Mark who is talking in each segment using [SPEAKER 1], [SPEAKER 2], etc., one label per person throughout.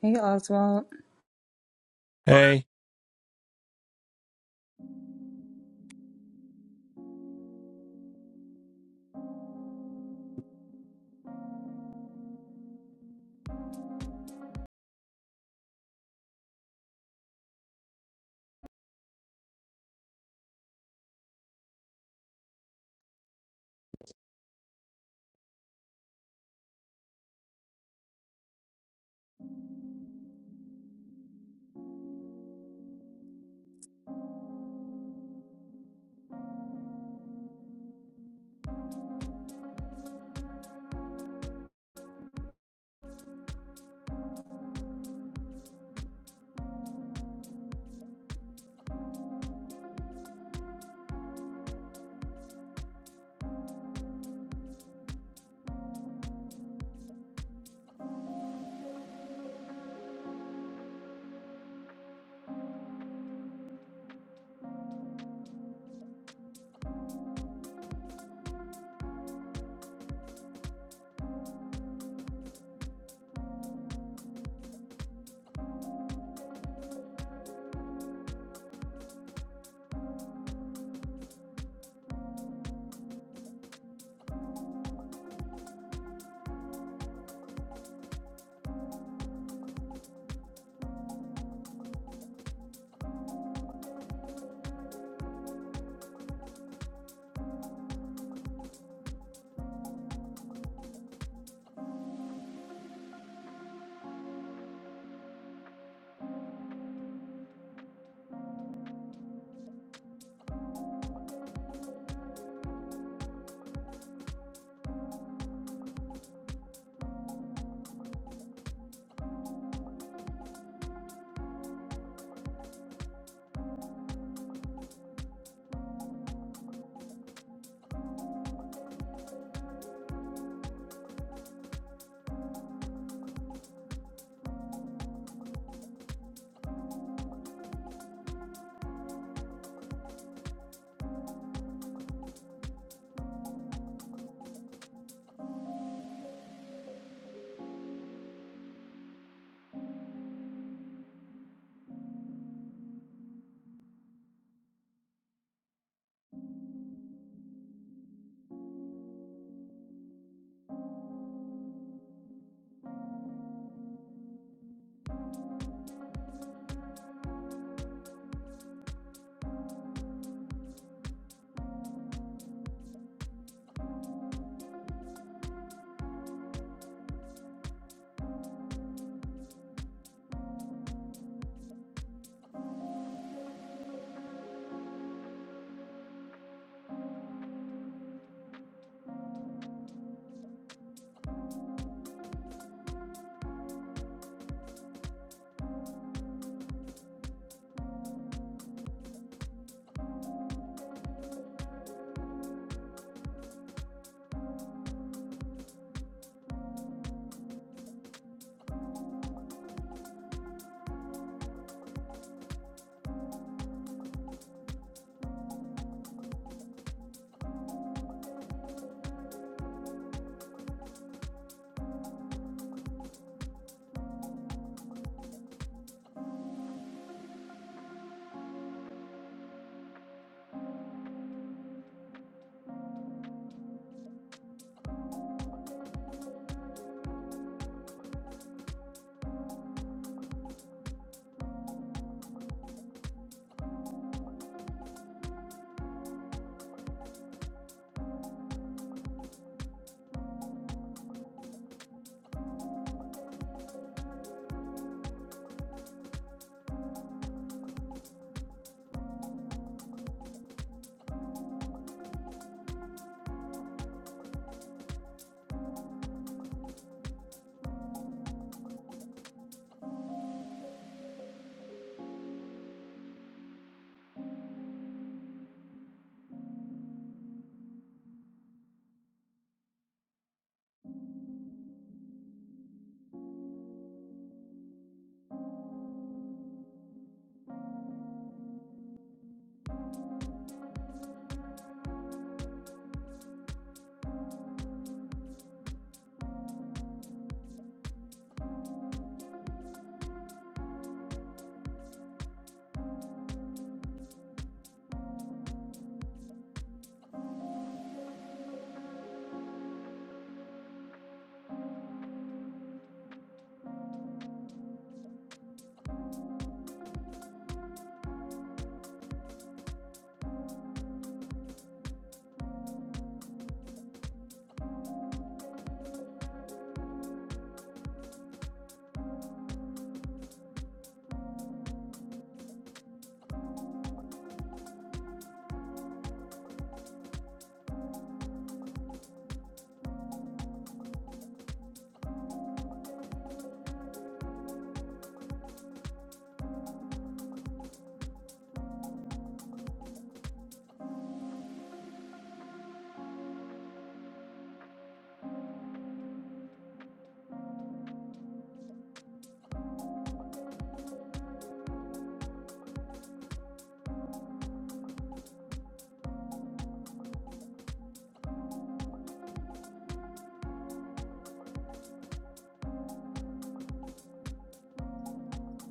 [SPEAKER 1] Hey Oswald.
[SPEAKER 2] Hey.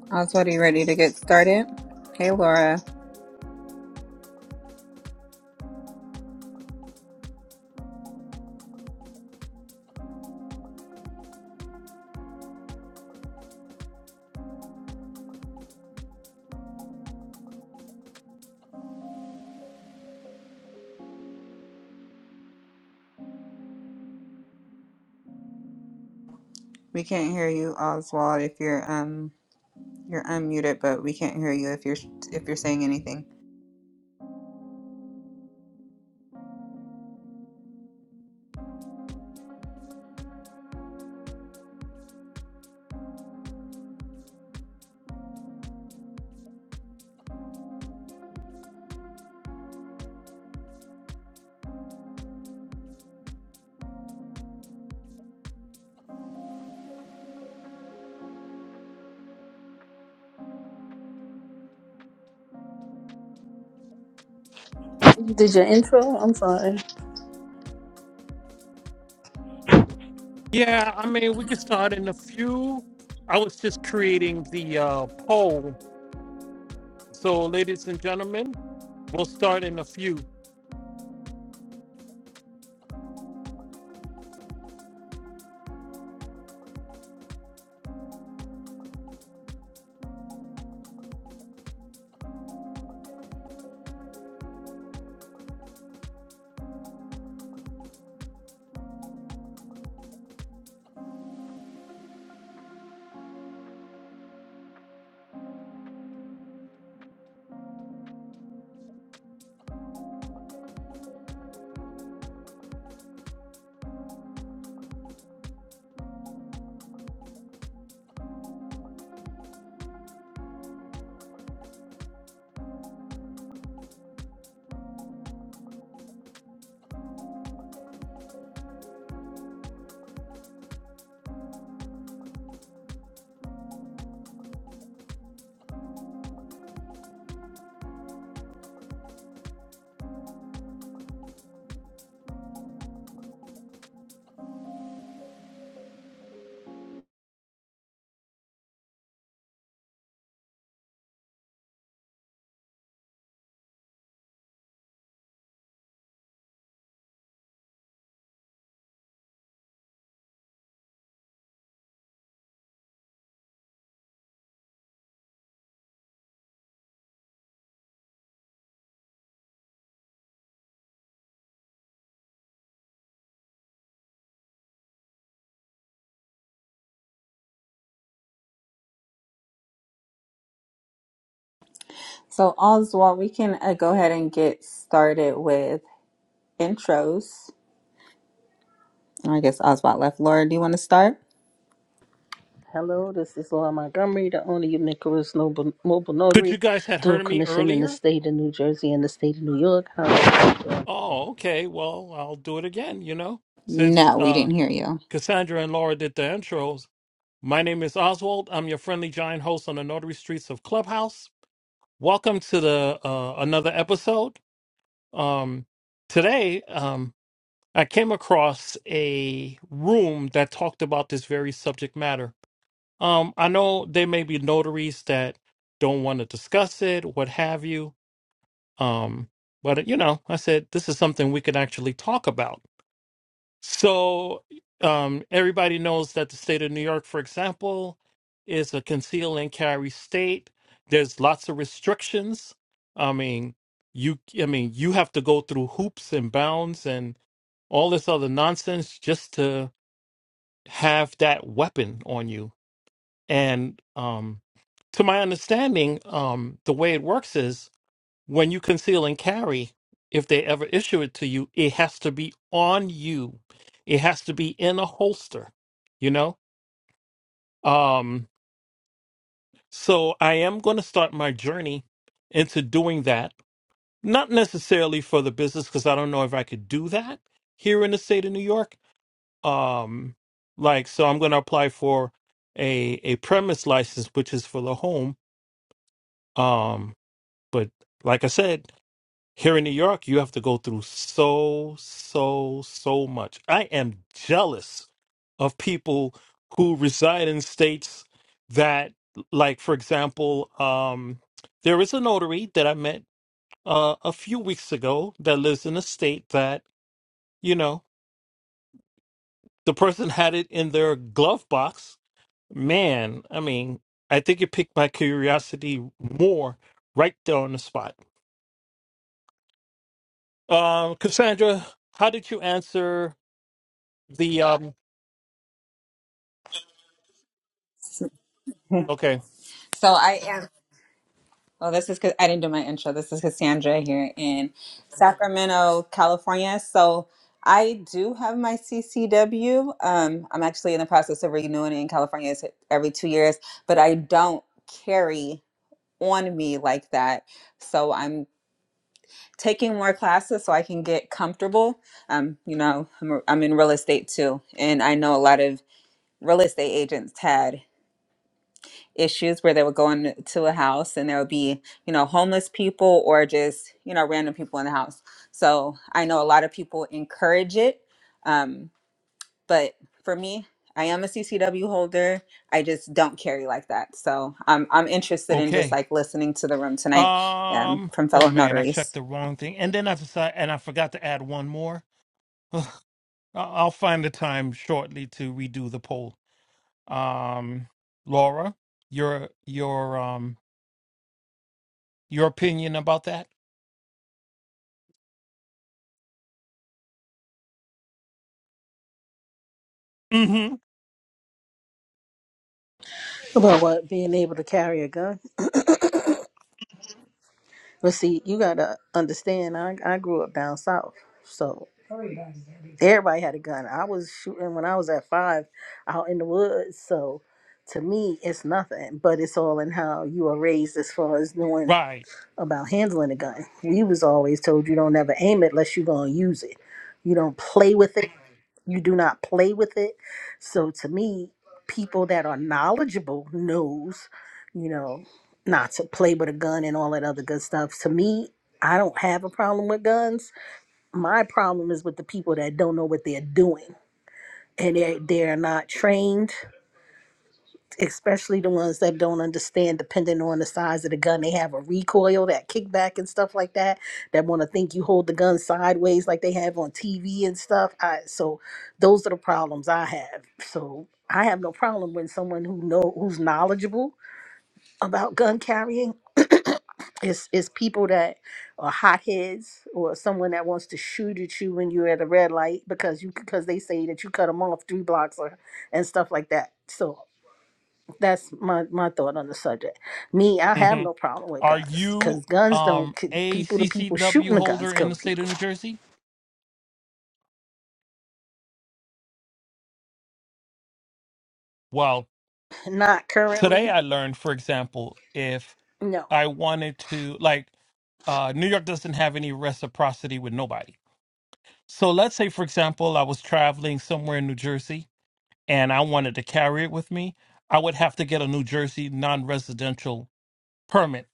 [SPEAKER 1] Oswald, are you ready to get started? Hey Laura. We can't hear you, Oswald, if you're um you're unmuted, but we can't hear you if you're if you're saying anything.
[SPEAKER 3] You did your intro? I'm sorry.
[SPEAKER 2] Yeah, I mean, we can start in a few. I was just creating the uh, poll. So, ladies and gentlemen, we'll start in a few.
[SPEAKER 1] So Oswald, we can uh, go ahead and get started with intros. I guess Oswald left. Laura, do you want to start?
[SPEAKER 3] Hello, this is Laura Montgomery, the owner of Nicholas Noble, Mobile
[SPEAKER 2] Could you
[SPEAKER 3] Notary,
[SPEAKER 2] guys had
[SPEAKER 3] dual
[SPEAKER 2] heard of me
[SPEAKER 3] commission in the
[SPEAKER 2] earlier?
[SPEAKER 3] state of New Jersey and the state of New York. How are you doing?
[SPEAKER 2] Oh, okay. Well, I'll do it again, you know, since
[SPEAKER 1] No, we
[SPEAKER 2] uh,
[SPEAKER 1] didn't hear
[SPEAKER 2] Cassandra and Laura did the intros. My name is Oswald. I'm your friendly giant host on the Notary Streets of Clubhouse. Welcome to the uh, another episode. Um, today, um, I came across a room that talked about this very subject matter. Um, I know there may be notaries that don't want to discuss it, what have you. Um, but you know, I said this is something we can actually talk about. So, um, everybody knows that the state of New York, for example, is a conceal and carry state. There's lots of restrictions. I mean, you, I mean, you have to go through hoops and bounds and all this other nonsense just to have that weapon on you. And um, to my understanding, um, the way it works is when you conceal and carry, if they ever issue it to you, it has to be on you. It has to be in a holster, you know? Um, so I am going to start my journey into doing that. Not necessarily for the business, because I don't know if I could do that here in the state of New York um like so i'm going to apply for a a premise license which is for the home um but like i said here in new york you have to go through so so so much i am jealous of people who reside in states that like for example um there is a notary that i met uh, a few weeks ago that lives in a state that you know the person had it in their glove box Man, I mean, I think it piqued my curiosity more right there on the spot. Um, Cassandra, how did you answer the um
[SPEAKER 1] you.
[SPEAKER 2] okay.
[SPEAKER 1] So I am. Oh, this is because I didn't do my intro. This is Cassandra here in Sacramento, California. So I do have my CCW. Um, I'm actually in the process of renewing it in California It's every two years, but I don't carry on me like that. So I'm taking more classes so I can get comfortable. Um, you know, I'm, I'm in real estate too, and I know a lot of real estate agents had issues where they would go into a house and there would be, you know, homeless people or just, you know, random people in the house. So I know a lot of people encourage it. Um, but for me, I am a CCW holder. I just don't carry like that. So I'm, I'm interested in just
[SPEAKER 2] Okay.
[SPEAKER 1] like listening to the room tonight um,
[SPEAKER 2] Um
[SPEAKER 1] from
[SPEAKER 2] oh
[SPEAKER 1] fellow
[SPEAKER 2] man, I checked
[SPEAKER 1] notaries.
[SPEAKER 2] the wrong thing. And then I decided and I forgot to add one more. I- I'll find the time shortly to redo the poll. Um Laura, your your um your opinion about that? Mm-hmm.
[SPEAKER 3] About what? Being able to carry a gun? But see, you gotta understand, I, I grew up down south. So everybody had a gun. I was shooting when I was at five out in the woods. So to me, it's nothing, but it's all in how you are raised as far as knowing
[SPEAKER 2] Right.
[SPEAKER 3] about handling a gun. We was always told you don't ever aim it unless you're gonna use it. You don't play with it. You do not play with it. So to me, people that are knowledgeable knows, you know, not to play with a gun and all that other good stuff. To me, I don't have a problem with guns. My problem is with the people that don't know what they're doing and they they're not trained especially the ones that don't understand depending on the size of the gun they have a recoil that kickback and stuff like that that want to think you hold the gun sideways like they have on tv and stuff I, so those are the problems i have so i have no problem when someone who know who's knowledgeable about gun carrying is is people that are hotheads or someone that wants to shoot at you when you're at a red light because you because they say that you cut them off three blocks or and stuff like that. So that's my, my thought on the subject. Me, I have no problem with
[SPEAKER 2] Are
[SPEAKER 3] guns
[SPEAKER 2] you
[SPEAKER 3] because guns don't
[SPEAKER 2] um,
[SPEAKER 3] ki-
[SPEAKER 2] a
[SPEAKER 3] people. The people
[SPEAKER 2] CCW
[SPEAKER 3] shooting the guns
[SPEAKER 2] holder in
[SPEAKER 3] kill
[SPEAKER 2] the
[SPEAKER 3] the
[SPEAKER 2] state
[SPEAKER 3] people.
[SPEAKER 2] of New Jersey? Well,
[SPEAKER 3] Not
[SPEAKER 2] today
[SPEAKER 3] currently.
[SPEAKER 2] I learned, for example, if
[SPEAKER 3] No.
[SPEAKER 2] I wanted to, like, uh, New York doesn't have any reciprocity with nobody. So let's say, for example, I was traveling somewhere in New Jersey and I wanted to carry it with me. I would have to get a New Jersey non residential permit.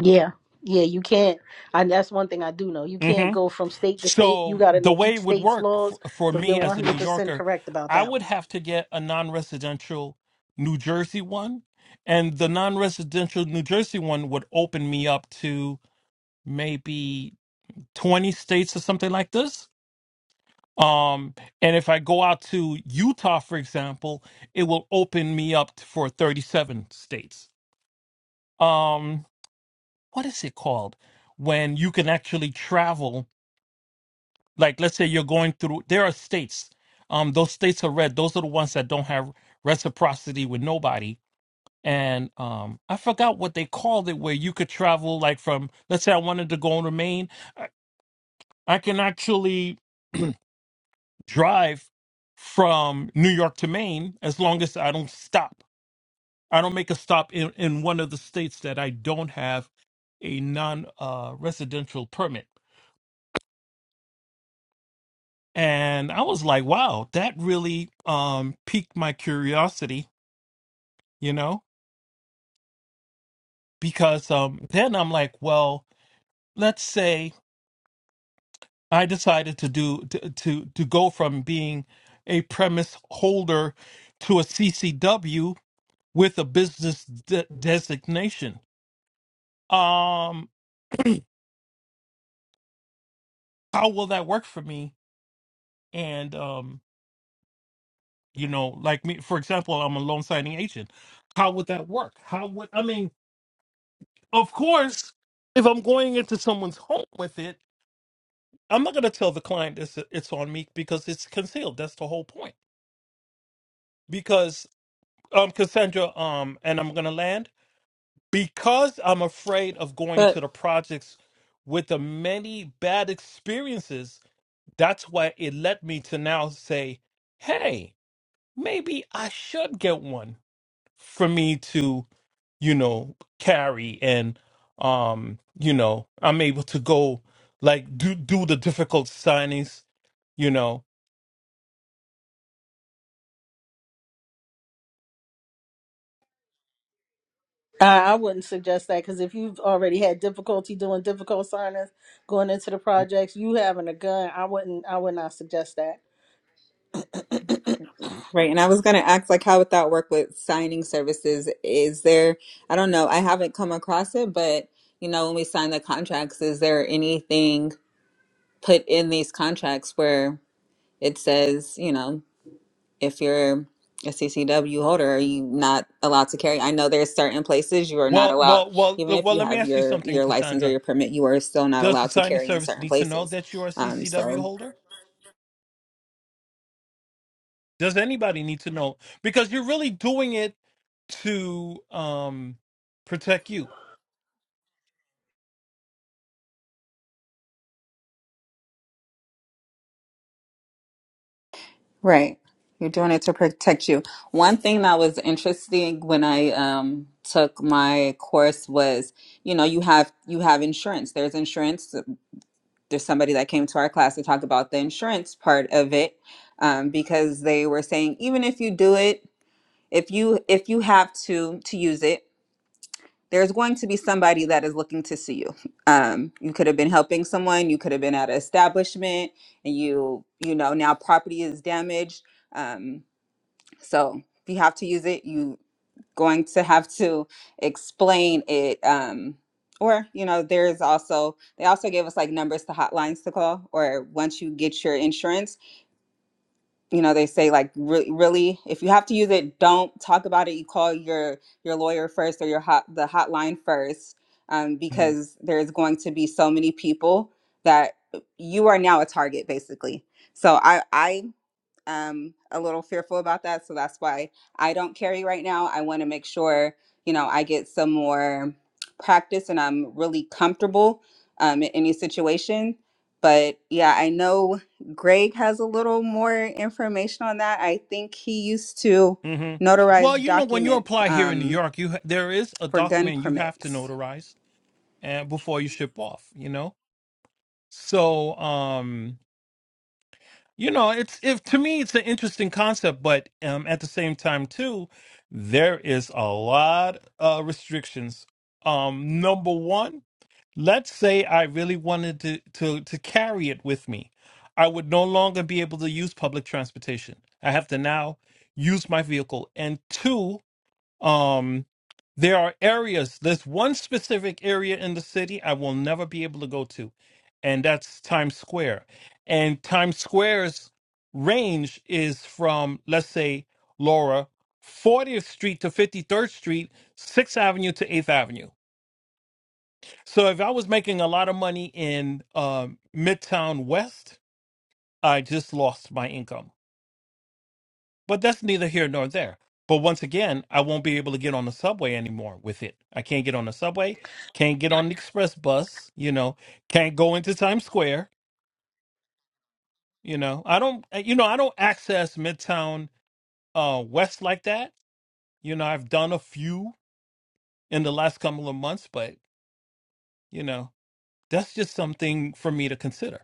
[SPEAKER 3] Yeah. Yeah. You can't. And that's one thing I do know. You can't go from state to state. You
[SPEAKER 2] So
[SPEAKER 3] got to
[SPEAKER 2] the
[SPEAKER 3] know
[SPEAKER 2] way
[SPEAKER 3] each
[SPEAKER 2] it would
[SPEAKER 3] state's
[SPEAKER 2] work for,
[SPEAKER 3] laws.
[SPEAKER 2] for
[SPEAKER 3] So you're
[SPEAKER 2] me as a New
[SPEAKER 3] 100 percent
[SPEAKER 2] Yorker,
[SPEAKER 3] correct about
[SPEAKER 2] I
[SPEAKER 3] that
[SPEAKER 2] would
[SPEAKER 3] one.
[SPEAKER 2] have to get a non-residential New Jersey one, and the non-residential New Jersey one would open me up to maybe 20 states or something like this. Um, and if I go out to Utah, for example, it will open me up to, for 37 states. Um, what is it called when you can actually travel? like let's say you're going through there are states um those states are red those are the ones that don't have reciprocity with nobody and um i forgot what they called it where you could travel like from let's say i wanted to go to maine i, I can actually drive from new york to maine as long as i don't stop i don't make a stop in, in one of the states that i don't have a non uh residential permit and I was like, wow, that really um piqued my curiosity, you know, because um then I'm like, well, let's say I decided to do to to, to go from being a premise holder to a CCW with a business de- designation. Um how will that work for me? And um, you know, like me, for example, I'm a loan signing agent. How would that work? How would I mean? of course, if I'm going into someone's home with it, I'm not going to tell the client it's, it's on me because it's concealed. That's the whole point. Because um, Cassandra, um, and I'm going to land because I'm afraid of going to
[SPEAKER 1] But
[SPEAKER 2] the projects with the many bad experiences. That's why it led me to now say, hey, maybe I should get one for me to you know, carry and um, you know, I'm able to go like do do the difficult signings, you know.
[SPEAKER 3] I I wouldn't suggest that because if you've already had difficulty doing difficult signings, going into the projects, you having a gun, I wouldn't. I would not suggest that.
[SPEAKER 1] right. And I was going to ask like how would that work with signing services? Is there, I don't know, I haven't come across it, but you know, when we sign the contracts, is there anything put in these contracts where it says, you know, if you're a CCW holder, are you not allowed to carry? I know there's certain places you are not
[SPEAKER 2] Well,
[SPEAKER 1] allowed,
[SPEAKER 2] well, well,
[SPEAKER 1] even
[SPEAKER 2] l-
[SPEAKER 1] if
[SPEAKER 2] well.
[SPEAKER 1] you
[SPEAKER 2] Let me
[SPEAKER 1] have
[SPEAKER 2] ask you
[SPEAKER 1] your
[SPEAKER 2] something,
[SPEAKER 1] your license or
[SPEAKER 2] Cassandra.
[SPEAKER 1] your permit, you are still not
[SPEAKER 2] Does the
[SPEAKER 1] allowed to
[SPEAKER 2] signing
[SPEAKER 1] carry in
[SPEAKER 2] service
[SPEAKER 1] certain
[SPEAKER 2] need to know
[SPEAKER 1] places.
[SPEAKER 2] that you're a
[SPEAKER 1] Um,
[SPEAKER 2] CCW
[SPEAKER 1] so
[SPEAKER 2] holder? Does anybody need to know? Because you're really doing it to um protect you.
[SPEAKER 1] right, you're doing it to protect you. One thing that was interesting when I um took my course was, you know, you have you have insurance. There's insurance there's somebody that came to our class to talk about the insurance part of it um, because they were saying even if you do it if you if you have to to use it there's going to be somebody that is looking to see you um, you could have been helping someone you could have been at an establishment and you you know now property is damaged um, so if you have to use it you going to have to explain it um or you know there's also they also gave us like numbers to hotlines to call or once you get your insurance you know they say like really really if you have to use it don't talk about it you call your your lawyer first or your hot the hotline first um,
[SPEAKER 2] hmm
[SPEAKER 1] because there's going to be so many people that you are now a target basically so i i um, a little fearful about that. So that's why I don't carry right now. I want to make sure, you know, I get some more practice and I'm really comfortable um, in any situation. But yeah, I know Greg has a little more information on that. I think he used to
[SPEAKER 2] hmm Well,
[SPEAKER 1] notarize
[SPEAKER 2] you know, when you
[SPEAKER 1] documents
[SPEAKER 2] apply here in New
[SPEAKER 1] um,
[SPEAKER 2] York, you ha- there is a
[SPEAKER 1] for gun
[SPEAKER 2] document you have to
[SPEAKER 1] permits.
[SPEAKER 2] notarize and before you ship off. You know, So, um, you know, it's if to me it's an interesting concept, but um, at the same time too, there is a lot of restrictions. Um, number one, let's say I really wanted to to to carry it with me, I would no longer be able to use public transportation. I have to now use my vehicle. And two, um, there are areas. There's one specific area in the city I will never be able to go to, and that's Times Square. And Times Square's range is from, let's say, Laura, 40th Street to 53rd Street, 6th Avenue to 8th Avenue. So if I was making a lot of money in um, Midtown West, I just lost my income. But that's neither here nor there. But once again, I won't be able to get on the subway anymore with it. I can't get on the subway, can't get on the express bus, you know, can't go into Times Square, you know. I don't eh, you know, I don't access Midtown uh West like that. You know, I've done a few in the last couple of months, but you know, that's just something for me to consider.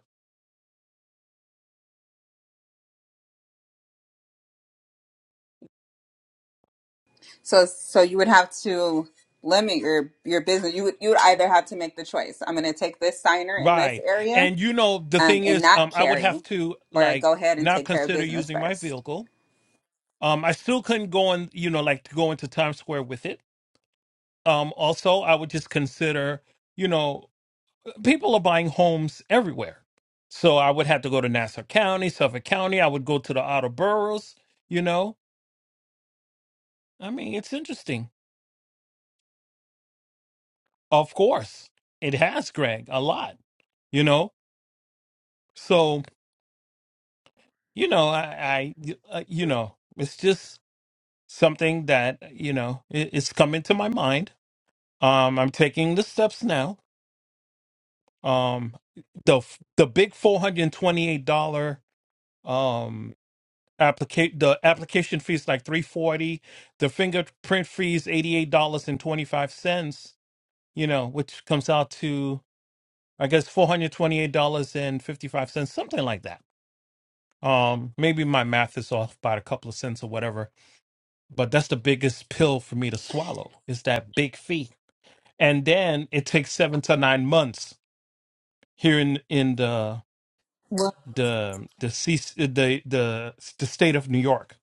[SPEAKER 1] So, so you would have to limit your your business. You would you would either have to make the choice. I'm going to take this signer in this
[SPEAKER 2] Right.
[SPEAKER 1] area,
[SPEAKER 2] And you know, the
[SPEAKER 1] um,
[SPEAKER 2] thing
[SPEAKER 1] and
[SPEAKER 2] is,
[SPEAKER 1] not
[SPEAKER 2] um I would have
[SPEAKER 1] carry
[SPEAKER 2] to
[SPEAKER 1] or
[SPEAKER 2] like
[SPEAKER 1] go ahead and
[SPEAKER 2] not
[SPEAKER 1] take care of
[SPEAKER 2] consider
[SPEAKER 1] business
[SPEAKER 2] using my
[SPEAKER 1] first.
[SPEAKER 2] vehicle Um, I still couldn't go on, you know, like to go into Times Square with it. Um, also, I would just consider, you know, people are buying homes everywhere. So I would have to go to Nassau County, Suffolk County. I would go to the outer boroughs, you know. I mean, it's interesting. Of course, it has, Greg, a lot, you know. So, you know, I, I uh, you know, it's just something that, you know, i it's coming to my mind. Um, I'm taking the steps now um the the big four hundred and twenty eight dollar um applicate the application fee is like three forty the fingerprint fees eighty eight dollars and twenty five cents you know which comes out to I guess four hundred twenty eight dollars and fifty five cents something like that um maybe my math is off by a couple of cents or whatever but that's the biggest pill for me to swallow is that big fee and then it takes seven to nine months here in in the the the ceas- the the the state of New York.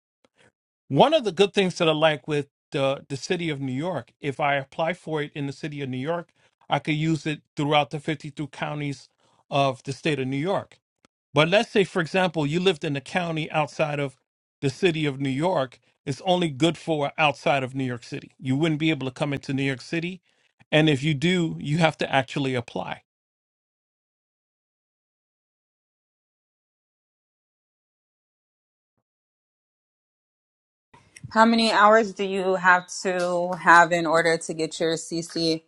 [SPEAKER 2] One of the good things that I like with the the city of New York, if I apply for it in the city of New York, I could use it throughout the 52 counties of the state of New York. But let's say, for example, you lived in a county outside of the city of New York. It's only good for outside of New York City. You wouldn't be able to come into New York City, and if you do, you have to actually apply.
[SPEAKER 1] How many hours do you have to have in order to get your CCW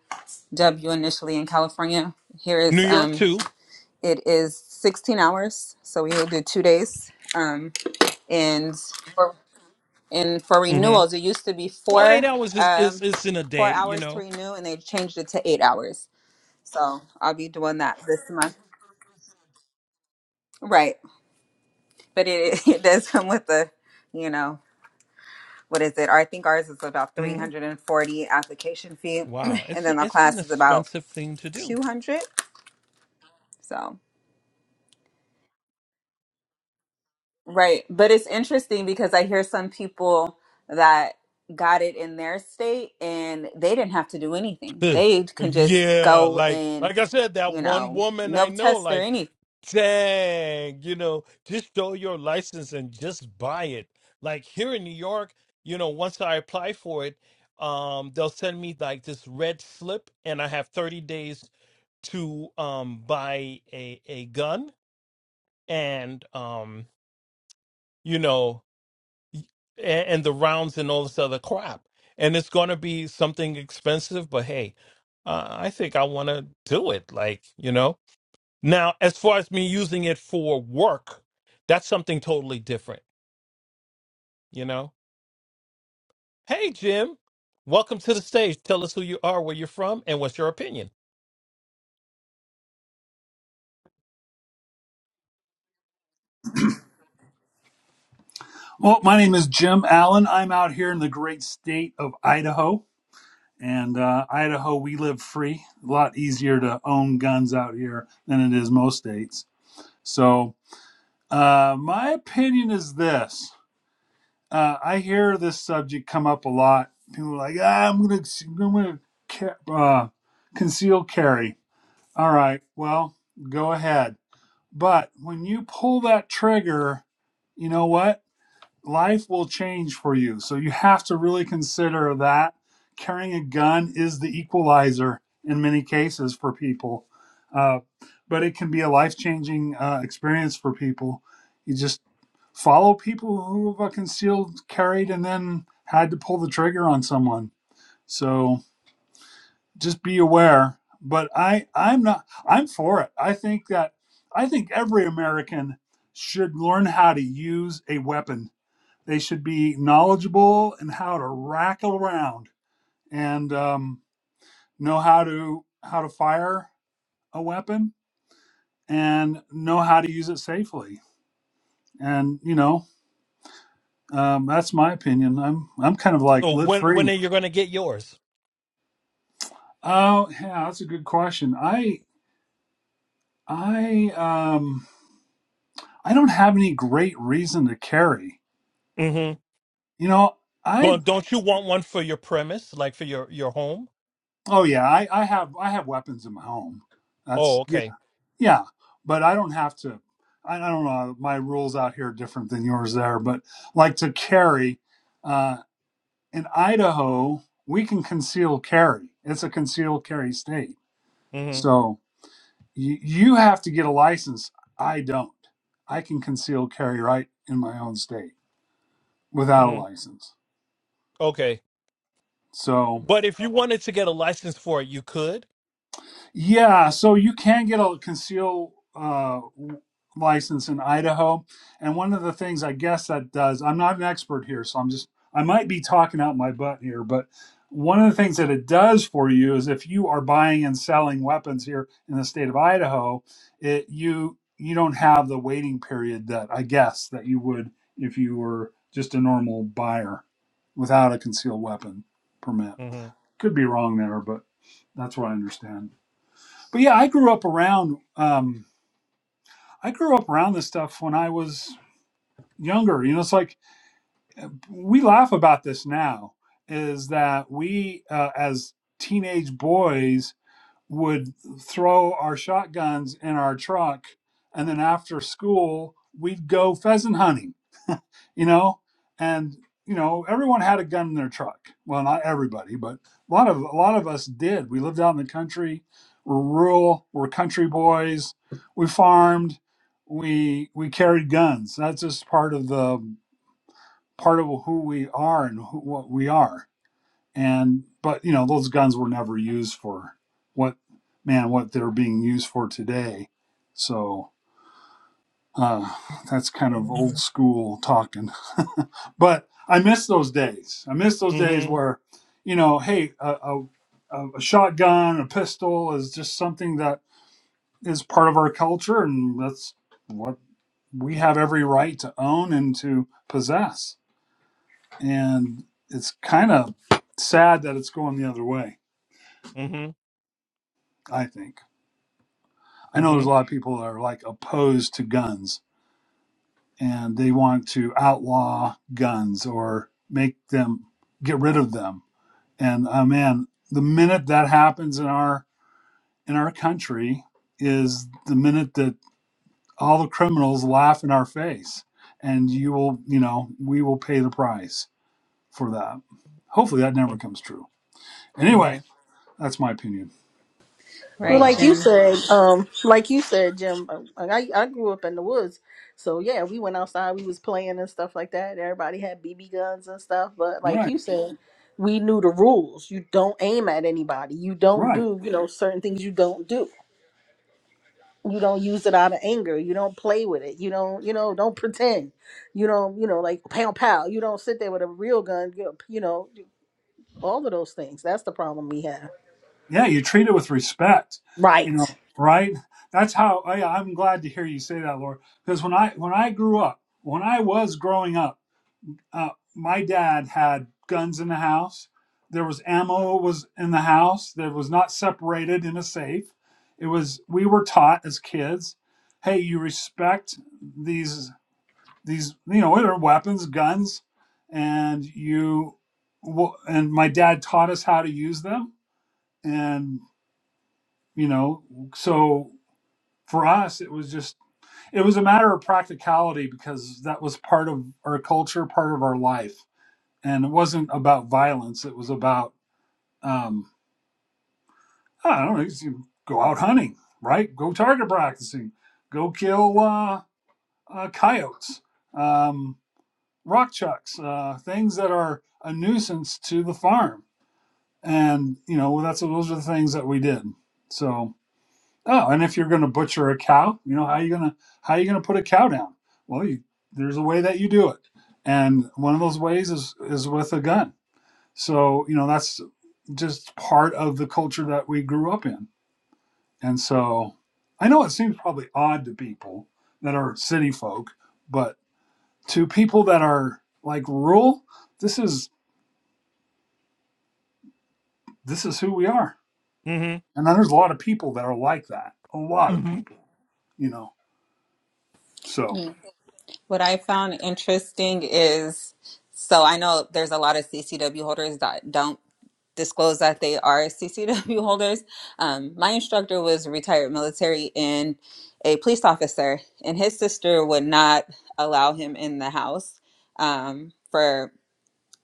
[SPEAKER 1] initially in California? Here
[SPEAKER 2] New
[SPEAKER 1] is
[SPEAKER 2] York
[SPEAKER 1] um,
[SPEAKER 2] too.
[SPEAKER 1] it is 16 hours, so we will do two days. Um, and for, and for
[SPEAKER 2] hmm
[SPEAKER 1] renewals, it used to be
[SPEAKER 2] Well, eight
[SPEAKER 1] four
[SPEAKER 2] hours is, is
[SPEAKER 1] um,
[SPEAKER 2] is in a
[SPEAKER 1] four
[SPEAKER 2] day, you
[SPEAKER 1] hours to
[SPEAKER 2] know.
[SPEAKER 1] renew, and they changed it to eight hours. So I'll be doing that this month, right? But it it does come with a you know what is it? I think ours is about
[SPEAKER 2] hmm
[SPEAKER 1] 340 application fee,
[SPEAKER 2] Wow,
[SPEAKER 1] and
[SPEAKER 2] it's
[SPEAKER 1] then our
[SPEAKER 2] it's an
[SPEAKER 1] class is about
[SPEAKER 2] expensive thing to do.
[SPEAKER 1] 200. So, right. But it's interesting because I hear some people that got it in their state and they didn't have to do anything. They can just
[SPEAKER 2] yeah,
[SPEAKER 1] go
[SPEAKER 2] like
[SPEAKER 1] and,
[SPEAKER 2] like I said, that
[SPEAKER 1] you
[SPEAKER 2] one
[SPEAKER 1] know,
[SPEAKER 2] woman I
[SPEAKER 1] no
[SPEAKER 2] know,
[SPEAKER 1] test or
[SPEAKER 2] like,
[SPEAKER 1] anything.
[SPEAKER 2] dang, you know, just show your license and just buy it. Like here in New York, you know, once I apply for it, um, they'll send me like this red slip, and I have thirty days to um buy a a gun, and um, you know and, and the rounds and all this other crap. And it's going to be something expensive, but hey, uh, I think I want to do it. Like, you know, now as far as me using it for work, that's something totally different, you know? Hey, Jim. Welcome to the stage. Tell us who you are, where you're from, and what's your opinion.
[SPEAKER 4] Well, my name is Jim Allen. I'm out here in the great state of Idaho. And uh, Idaho, we live free. A lot easier to own guns out here than it is most states. So, uh, my opinion is this uh, I hear this subject come up a lot. People are like, ah, I'm going to I'm gonna ca- uh, conceal carry. All right, well, go ahead. But when you pull that trigger, you know what? life will change for you. So you have to really consider that carrying a gun is the equalizer in many cases for people. Uh, but it can be a life changing uh, experience for people. You just follow people who have uh, concealed, carried, and then had to pull the trigger on someone. So just be aware. But I, I'm not. I'm for it. I think that I think every American should learn how to use a weapon they should be knowledgeable in how to rack around and um, know how to how to fire a weapon and know how to use it safely. And you know, um, that's my opinion. I'm I'm kind of like
[SPEAKER 2] So
[SPEAKER 4] live
[SPEAKER 2] when when
[SPEAKER 4] free.
[SPEAKER 2] are you going to get yours?
[SPEAKER 4] Oh yeah, that's a good question. I I um I don't have any great reason to carry.
[SPEAKER 2] Mm-hmm.
[SPEAKER 4] You know,
[SPEAKER 2] Well,
[SPEAKER 4] I
[SPEAKER 2] don't you want one for your premise, like for your your home?
[SPEAKER 4] oh yeah, I, I have I have weapons in my home.
[SPEAKER 2] Oh,
[SPEAKER 4] That's
[SPEAKER 2] okay.
[SPEAKER 4] Yeah, but I don't have to. I, I don't know. My rules out here are different than yours there, but like to carry uh, in Idaho, we can conceal carry. It's a concealed carry state.
[SPEAKER 2] Mm-hmm.
[SPEAKER 4] So you, you have to get a license. I don't. I can conceal carry right in my own state without a
[SPEAKER 2] Mm-hmm.
[SPEAKER 4] license.
[SPEAKER 2] Okay.
[SPEAKER 4] So
[SPEAKER 2] But if you wanted to get a license for it, you could.
[SPEAKER 4] Yeah, so you can get a conceal uh, license in Idaho, and one of the things I guess that does, I'm not an expert here, so I'm just I might be talking out my butt here, but one of the things that it does for you is if you are buying and selling weapons here in the state of Idaho, it you you don't have the waiting period that I guess that you would if you were just a normal buyer without a concealed weapon permit.
[SPEAKER 2] Mm-hmm.
[SPEAKER 4] Could be wrong there, but that's what I understand but yeah, I grew up around um, I grew up around this stuff when I was younger. You know, it's like we laugh about this now. Is that we uh, as teenage boys would throw our shotguns in our truck, and then after school we'd go pheasant hunting you know and you know everyone had a gun in their truck well not everybody but a lot of a lot of us did we lived out in the country we're rural we're country boys we farmed we we carried guns that's just part of the part of who we are and who, what we are and but you know those guns were never used for what man what they're being used for today so uh that's kind of old school talking but I miss those days. I miss those days
[SPEAKER 2] Mm-hmm.
[SPEAKER 4] where, you know, hey, a, a, a shotgun, a pistol is just something that is part of our culture, and that's what we have every right to own and to possess. And it's kind of sad that it's going the other way,
[SPEAKER 2] Mm-hmm.
[SPEAKER 4] I think. I know there's a
[SPEAKER 2] Mm-hmm.
[SPEAKER 4] lot of people that are like opposed to guns and they want to outlaw guns or make them get rid of them And oh man, the minute that happens in our in our country is the minute that all the criminals laugh in our face. And you will, you know, we will pay the price for that. Hopefully that never comes true.
[SPEAKER 2] Mm-hmm.
[SPEAKER 4] Anyway, that's my opinion.
[SPEAKER 3] Well,
[SPEAKER 1] Right,
[SPEAKER 3] like
[SPEAKER 2] Wow.
[SPEAKER 3] you
[SPEAKER 1] Jim?
[SPEAKER 3] said, um, like you said, Jim, um, I I grew up in the woods, so yeah, we went outside, we was playing and stuff like that. Everybody had BB guns and stuff, but like
[SPEAKER 4] Right.
[SPEAKER 3] you said, we knew the rules. You don't aim at anybody. You don't
[SPEAKER 4] Right.
[SPEAKER 3] do, you know, certain things. You don't do. You don't use it out of anger. You don't play with it. You don't, you know, don't pretend. You don't, you know, like pow pow. You don't sit there with a real gun. You know, you know all of those things. That's the problem we have.
[SPEAKER 4] Yeah, you treat it with respect. You
[SPEAKER 3] Right.
[SPEAKER 4] know, right? That's how oh yeah, I'm glad to hear you say that, Laura. Because when I when I grew up, when I was growing up uh, my dad had guns in the house. There was ammo was in the house. There was not separated in a safe. It was we were taught as kids, hey, you respect these these you know they're weapons, guns, and you wo- and my dad taught us how to use them, and you know so for us it was just it was a matter of practicality because that was part of our culture part of our life and it wasn't about violence. It was about um, I don't know, go out hunting, right? Go target practicing, go kill uh, uh, coyotes, um, rock chucks, uh, things that are a nuisance to the farm, and you know that's those are the things that we did. So oh, and if you're going to butcher a cow, you know how are you gonna how are you gonna put a cow down? Well, you, there's a way that you do it, and one of those ways is is with a gun So, you know, that's just part of the culture that we grew up in. And so I know it seems probably odd to people that are city folk, but to people that are like rural, this is this is who we are.
[SPEAKER 2] Mm-hmm.
[SPEAKER 4] And there's a lot of people that are like that. A lot of
[SPEAKER 2] Mm-hmm.
[SPEAKER 4] people, you know. So
[SPEAKER 1] Mm. What I found interesting is so I know there's a lot of CCW holders that don't. disclose that they are CCW holders. Um, my instructor was a retired military and a police officer, and his sister would not allow him in the house um, for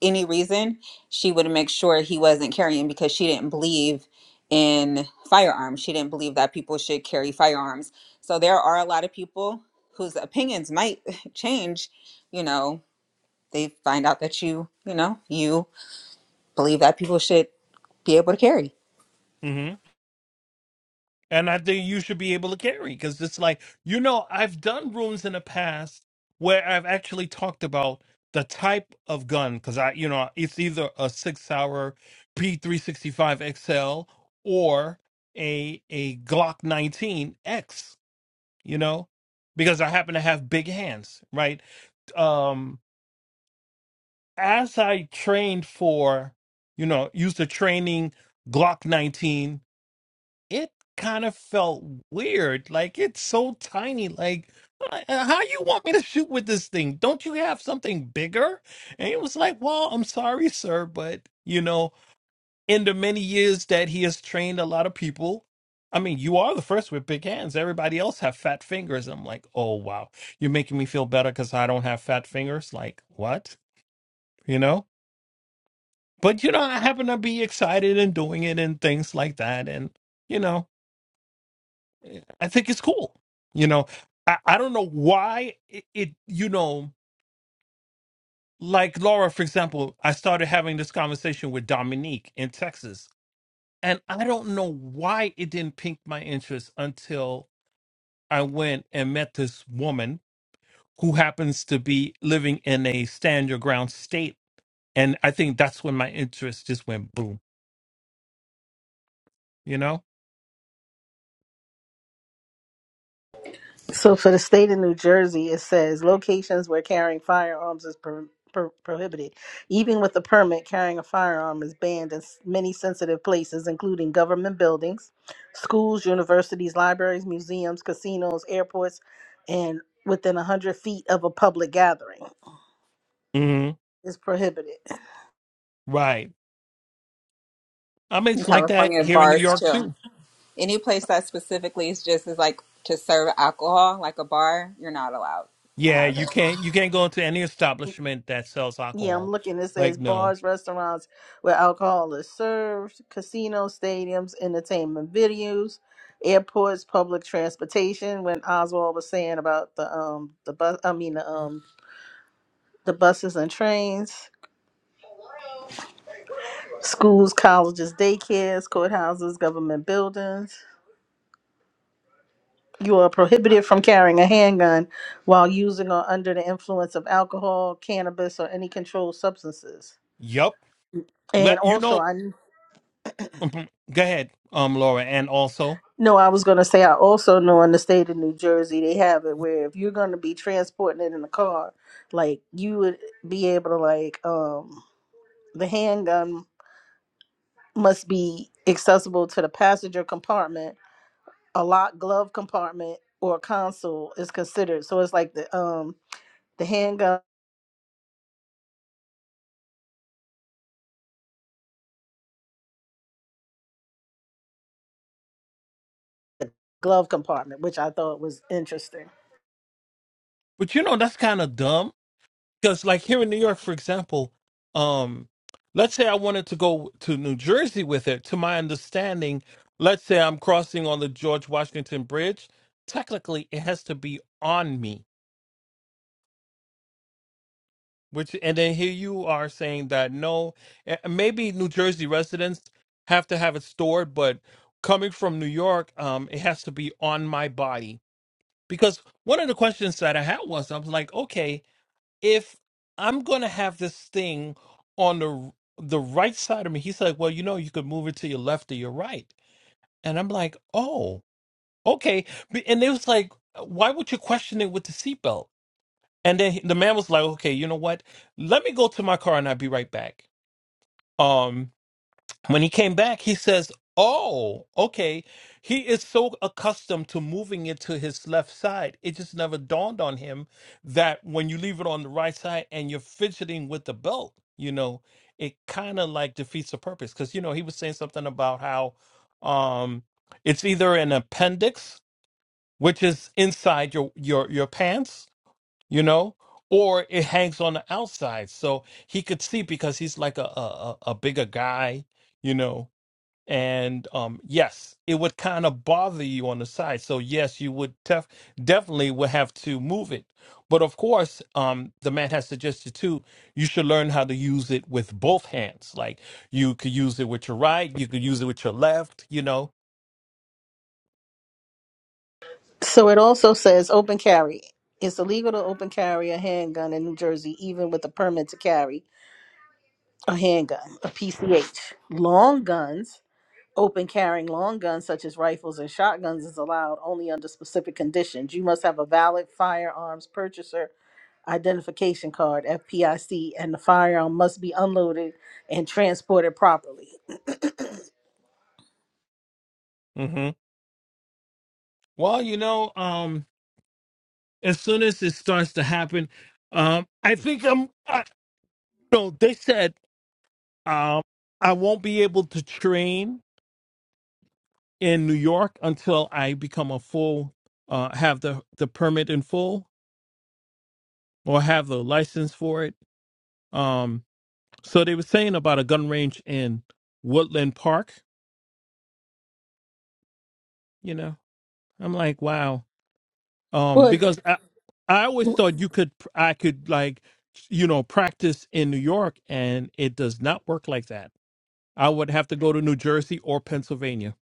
[SPEAKER 1] any reason. She would make sure he wasn't carrying because she didn't believe in firearms. She didn't believe that people should carry firearms. So there are a lot of people whose opinions might change. You know, they find out that you, you know, you believe that people should be able to carry.
[SPEAKER 2] Mm-hmm. And I think you should be able to carry because it's like, you know, I've done rooms in the past where I've actually talked about the type of gun because I, you know, it's either a six hour P365 XL or a a Glock 19X, you know, because I happen to have big hands, right? Um, as I trained for, you know, used to training Glock 19, it kind of felt weird. Like it's so tiny. Like, uh, how you want me to shoot with this thing? Don't you have something bigger? And it was like, well, I'm sorry, sir, but you know, in the many years that he has trained a lot of people. I mean, you are the first with big hands. Everybody else have fat fingers. I'm like, oh wow, you're making me feel better because I don't have fat fingers. Like what? You know? but you know i happen to be excited and doing it and things like that and you know eh, i think it's cool you know i, I don't know why it, it you know like laura for example i started having this conversation with dominique in texas and i don't know why it didn't pique my interest until i went and met this woman who happens to be living in a stand your ground state and i think that's when my interest just went boom you know
[SPEAKER 3] So for the state of New Jersey, it says locations where carrying firearms is pro- pro- prohibited. Even with a permit, carrying a firearm is banned in s- many sensitive places, including government buildings, schools, universities, libraries, museums, casinos, airports, and within 100 feet of a public gathering
[SPEAKER 2] hmm
[SPEAKER 3] is prohibited.
[SPEAKER 2] right I mean,
[SPEAKER 1] in
[SPEAKER 2] it's like that
[SPEAKER 1] California
[SPEAKER 2] here in New
[SPEAKER 1] bars
[SPEAKER 2] York
[SPEAKER 1] too.
[SPEAKER 2] too.
[SPEAKER 1] Any place that specifically is just is like to serve alcohol, like a bar, you're not allowed to
[SPEAKER 2] Yeah,
[SPEAKER 1] have
[SPEAKER 2] you
[SPEAKER 1] it.
[SPEAKER 2] can't you can't go into any establishment that sells
[SPEAKER 3] Yeah, I'm
[SPEAKER 2] alcohol.
[SPEAKER 3] looking. It says
[SPEAKER 2] Like no.
[SPEAKER 3] bars, restaurants where alcohol is served, casinos, stadiums, entertainment venues, airports, public transportation. When Oswald was saying about the um the bus, I mean the um the buses and trains, schools, colleges, daycares, courthouses, government buildings. You are prohibited from carrying a handgun while using or under the influence of alcohol, cannabis, or any controlled substances.
[SPEAKER 2] Yup. Let
[SPEAKER 3] And
[SPEAKER 2] you
[SPEAKER 3] also,
[SPEAKER 2] know.
[SPEAKER 3] I
[SPEAKER 2] Mhm. Go ahead, um, Laura, and also,
[SPEAKER 3] No, I was going to say, I also know in the state of New Jersey, they have it where if you're going to be transporting it in a car, like you would be able to, like, um, the handgun must be accessible to the passenger compartment, a locked glove compartment, or a console is considered. So it's like the, um, the handgun glove compartment, which I thought was interesting.
[SPEAKER 2] but you know that's kind of dumb because like here in New York, for example, um, let's say I wanted to go to New Jersey with it. To my understanding, let's say I'm crossing on the George Washington Bridge. Technically, it has to be on me Which and then here you are saying that no, eh, maybe New Jersey residents have to have it stored, but coming from New York, um, it has to be on my body. Because one of the questions that I had was, I was like, okay, if I'm gonna have this thing on the the right side of me, he's like, well, you know, you could move it to your left or your right, and I'm like, oh, okay. B- And it was like, why would you question it with the seatbelt? And then he- the man was like, okay, you know what? Let me go to my car and I'll be right back. Um, when he came back, he says, oh, okay. He is so accustomed to moving it to his left side. It just never dawned on him that when you leave it on the right side and you're fidgeting with the belt, you know, it kind of like defeats the purpose. Cause, you know, he was saying something about how um, it's either an appendix, which is inside your, your, your pants you know or it hangs on the outside so he could see because he's like a a, a a bigger guy you know and um yes it would kind of bother you on the side so yes you would tef- definitely would have to move it but of course um the man has suggested too you should learn how to use it with both hands like you could use it with your right you could use it with your left you know
[SPEAKER 3] So it also says open carry. It's illegal to open carry a handgun in New Jersey, even with a permit to carry a handgun, a PCH. Long guns, open carrying long guns such as rifles and shotguns is allowed only under specific conditions. You must have a valid firearms purchaser identification card, FPIC, and the firearm must be unloaded and transported properly.
[SPEAKER 2] hmm well you know um as soon as it starts to happen um, I think I'm. No, they said um, I won't be able to train in New York until I become a full, uh, have the the permit in full or have the license for it. Um, so they were saying about a gun range in Woodland Park. You know, I'm like, wow, um,
[SPEAKER 3] But
[SPEAKER 2] because I I always thought you could I could like you know practice in New York, and it does not work like that. I would have to go to New Jersey or Pennsylvania.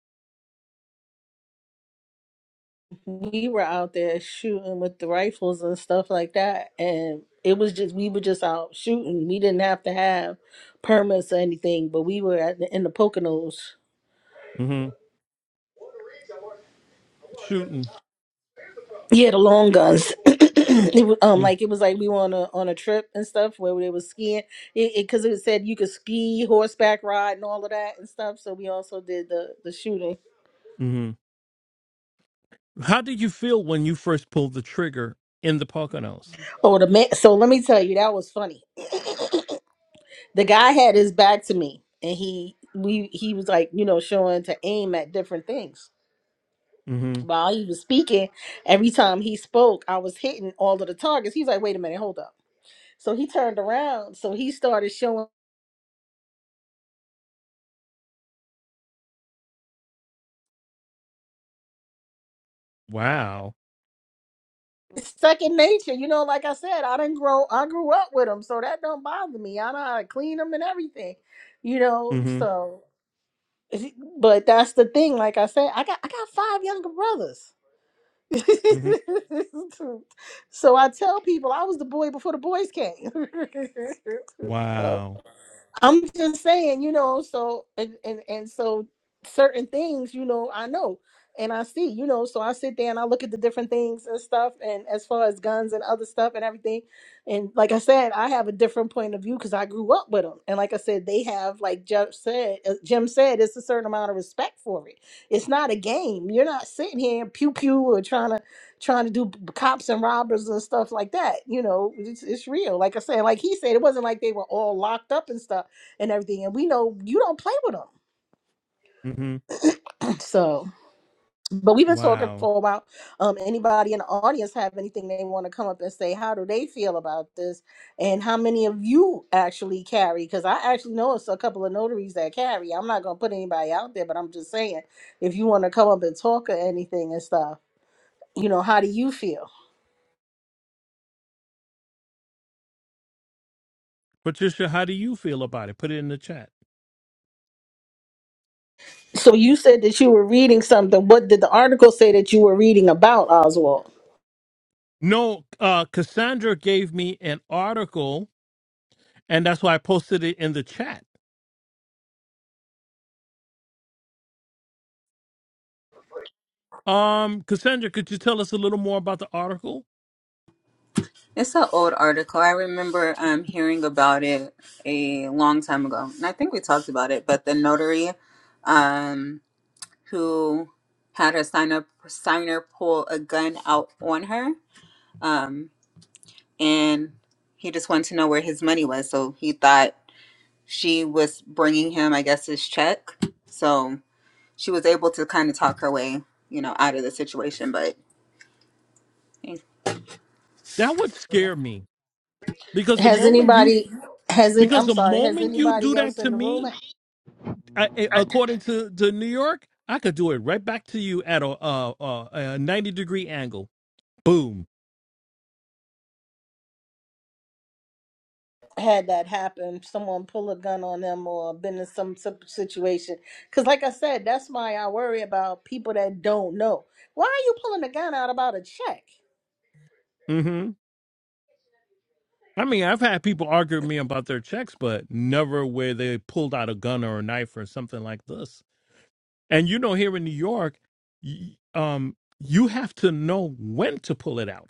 [SPEAKER 3] we were out there shooting with the rifles and stuff like that, and it was just we were just out shooting. We didn't have to have permits or anything, but we were at the, in the Poconos
[SPEAKER 2] hmm Shooting.
[SPEAKER 3] Yeah, the long guns. it was um like it was like we were on a on a trip and stuff where they was skiing. It because it, 'cause it said you could ski, horseback ride, and all of that and stuff. So we also did the the shooting.
[SPEAKER 2] Mm-hmm. How did you feel when you first pulled the trigger in the Poconos?
[SPEAKER 3] Oh, the man. So let me tell you, that was funny. The guy had his back to me, and he we he was like you know showing to aim at different things.
[SPEAKER 2] Mm-hmm.
[SPEAKER 3] While he was speaking, every time he spoke, I was hitting all of the targets. He was like, "Wait a minute, hold up." So he turned around. So he started showing.
[SPEAKER 2] Wow.
[SPEAKER 3] it's second nature. You know, like I said, I didn't grow. I grew up with them, so that don't bother me. I know how to clean them and everything. You know,
[SPEAKER 2] Mm-hmm.
[SPEAKER 3] so. eh, But that's the thing. Like I said, I got I got five younger brothers.
[SPEAKER 2] Mm-hmm.
[SPEAKER 3] so I tell people I was the boy before the boys came. so.
[SPEAKER 2] Wow.
[SPEAKER 3] I'm just saying, you know, so and, and and so certain things, you know, I know and I see, you know, so I sit there and I look at the different things and stuff and as far as guns and other stuff and everything. And like I said, I have a different point of view cuz I grew up with them. And like I said, they have like Jim said, uh, Jim said it's a certain amount of respect for it. It's not a game. You're not sitting here pew pew or trying to trying to do b- cops and robbers and stuff like that. You know, it's, it's real. Like I said, like he said it wasn't like they were all locked up and stuff and everything. And we know you don't play with them.
[SPEAKER 2] Mm-hmm.
[SPEAKER 3] So, but we've been talking
[SPEAKER 2] Wow.
[SPEAKER 3] for a while. Um, anybody in the audience have anything they want to come up and say? How do they feel about this? And how many of you actually carry? Because I actually know it's a couple of notaries that carry. I'm not gonna put anybody out there, but I'm just saying if you want to come up and talk or anything and stuff. You know, how do you feel?
[SPEAKER 2] Patricia, how do you feel about it? Put it in the chat.
[SPEAKER 3] So you said that you were reading something. What did the article say that you were reading about Oswald?
[SPEAKER 2] No, uh, Cassandra gave me an article, and that's why I posted it in the chat. Um, Cassandra, could you tell us a little more about the article?
[SPEAKER 1] It's an old article. I remember um, hearing about it a long time ago, and I think we talked about it. But the notary, um, who had a sign up signer pull a gun out on her, um, and he just wanted to know where his money was, so he thought she was bringing him, I guess, his check. So she was able to kind of talk her way, you know, out of the situation. But in,
[SPEAKER 2] That would scare me because the
[SPEAKER 3] Has
[SPEAKER 2] moment you
[SPEAKER 3] anybody has any,
[SPEAKER 2] because
[SPEAKER 3] I'm
[SPEAKER 2] the
[SPEAKER 3] sorry, has
[SPEAKER 2] moment you do
[SPEAKER 3] anybody
[SPEAKER 2] that
[SPEAKER 3] else
[SPEAKER 2] to
[SPEAKER 3] in the
[SPEAKER 2] me,
[SPEAKER 3] room
[SPEAKER 2] I, I- according to, to New York, I could do it right back to you at a, uh uh a 90 degree angle. Boom.
[SPEAKER 3] had that happen, someone pull a gun on them or been in some si- situation. Because, like I said, that's why I worry about people that don't know. Why are you pulling a gun out about a check?
[SPEAKER 2] hmm I mean, I've had people argue with me about their checks, but never where they pulled out a gun or a knife or something like this. And you know, here in New York, y- um, you have to know when to pull it out.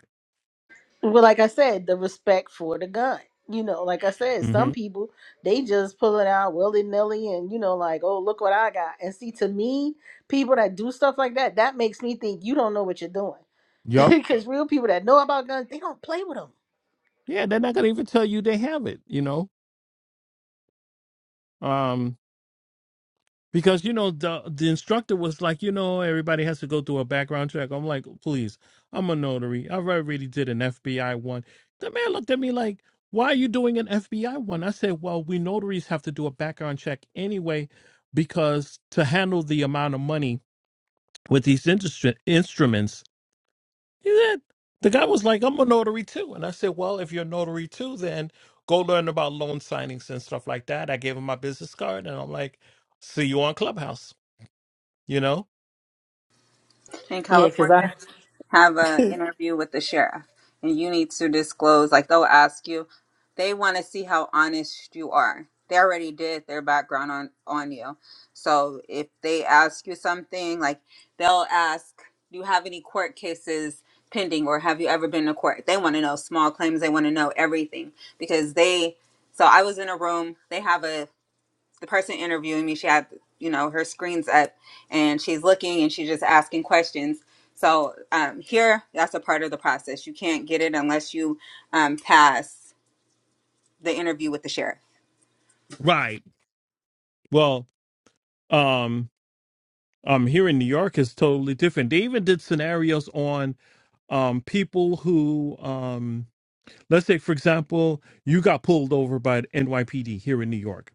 [SPEAKER 3] Well, like I said, the respect for the gun. You know, like I said, some
[SPEAKER 2] hmm
[SPEAKER 3] people they just pull it out willy nilly, and you know, like, oh, look what I got. And see, to me, people that do stuff like that, that makes me think you don't know what you're doing.
[SPEAKER 2] Yup.
[SPEAKER 3] Because real people that know about guns, they don't play with them.
[SPEAKER 2] Yeah, they're not gonna even tell you they have it. You know. Um, Because you know the the instructor was like, you know, everybody has to go through a background check. I'm like, please, I'm a notary. I already did an FBI one. The man looked at me like, why are you doing an FBI one? I said, well, we notaries have to do a background check anyway, because to handle the amount of money with these industri- instruments, he said, the guy was like, I'm a notary too, and I said, well, if you're a notary too, then go learn about loan signings and stuff like that. I gave him my business card, and I'm like, see you on Clubhouse you know?
[SPEAKER 1] in
[SPEAKER 3] Yeah, because I.
[SPEAKER 1] California, you have a interview with the sheriff, and you need to disclose. Like they'll ask you, they want to see how honest you are. They already did their background on on you, so if they ask you something, like they'll ask, do you have any court cases? pending or have you ever been to court they want to know small claims they want to know everything because they so i was in a room they have a the person interviewing me, she had, you know, her screens up and she's looking and she's just asking questions. So um, here, that's a part of the process. You can't get it unless you um, pass the interview with the sheriff.
[SPEAKER 2] Right. Well, um, um, here in New York is totally different. They even did scenarios on um people who um let's say for example, you got pulled over by the NYPD here in New York.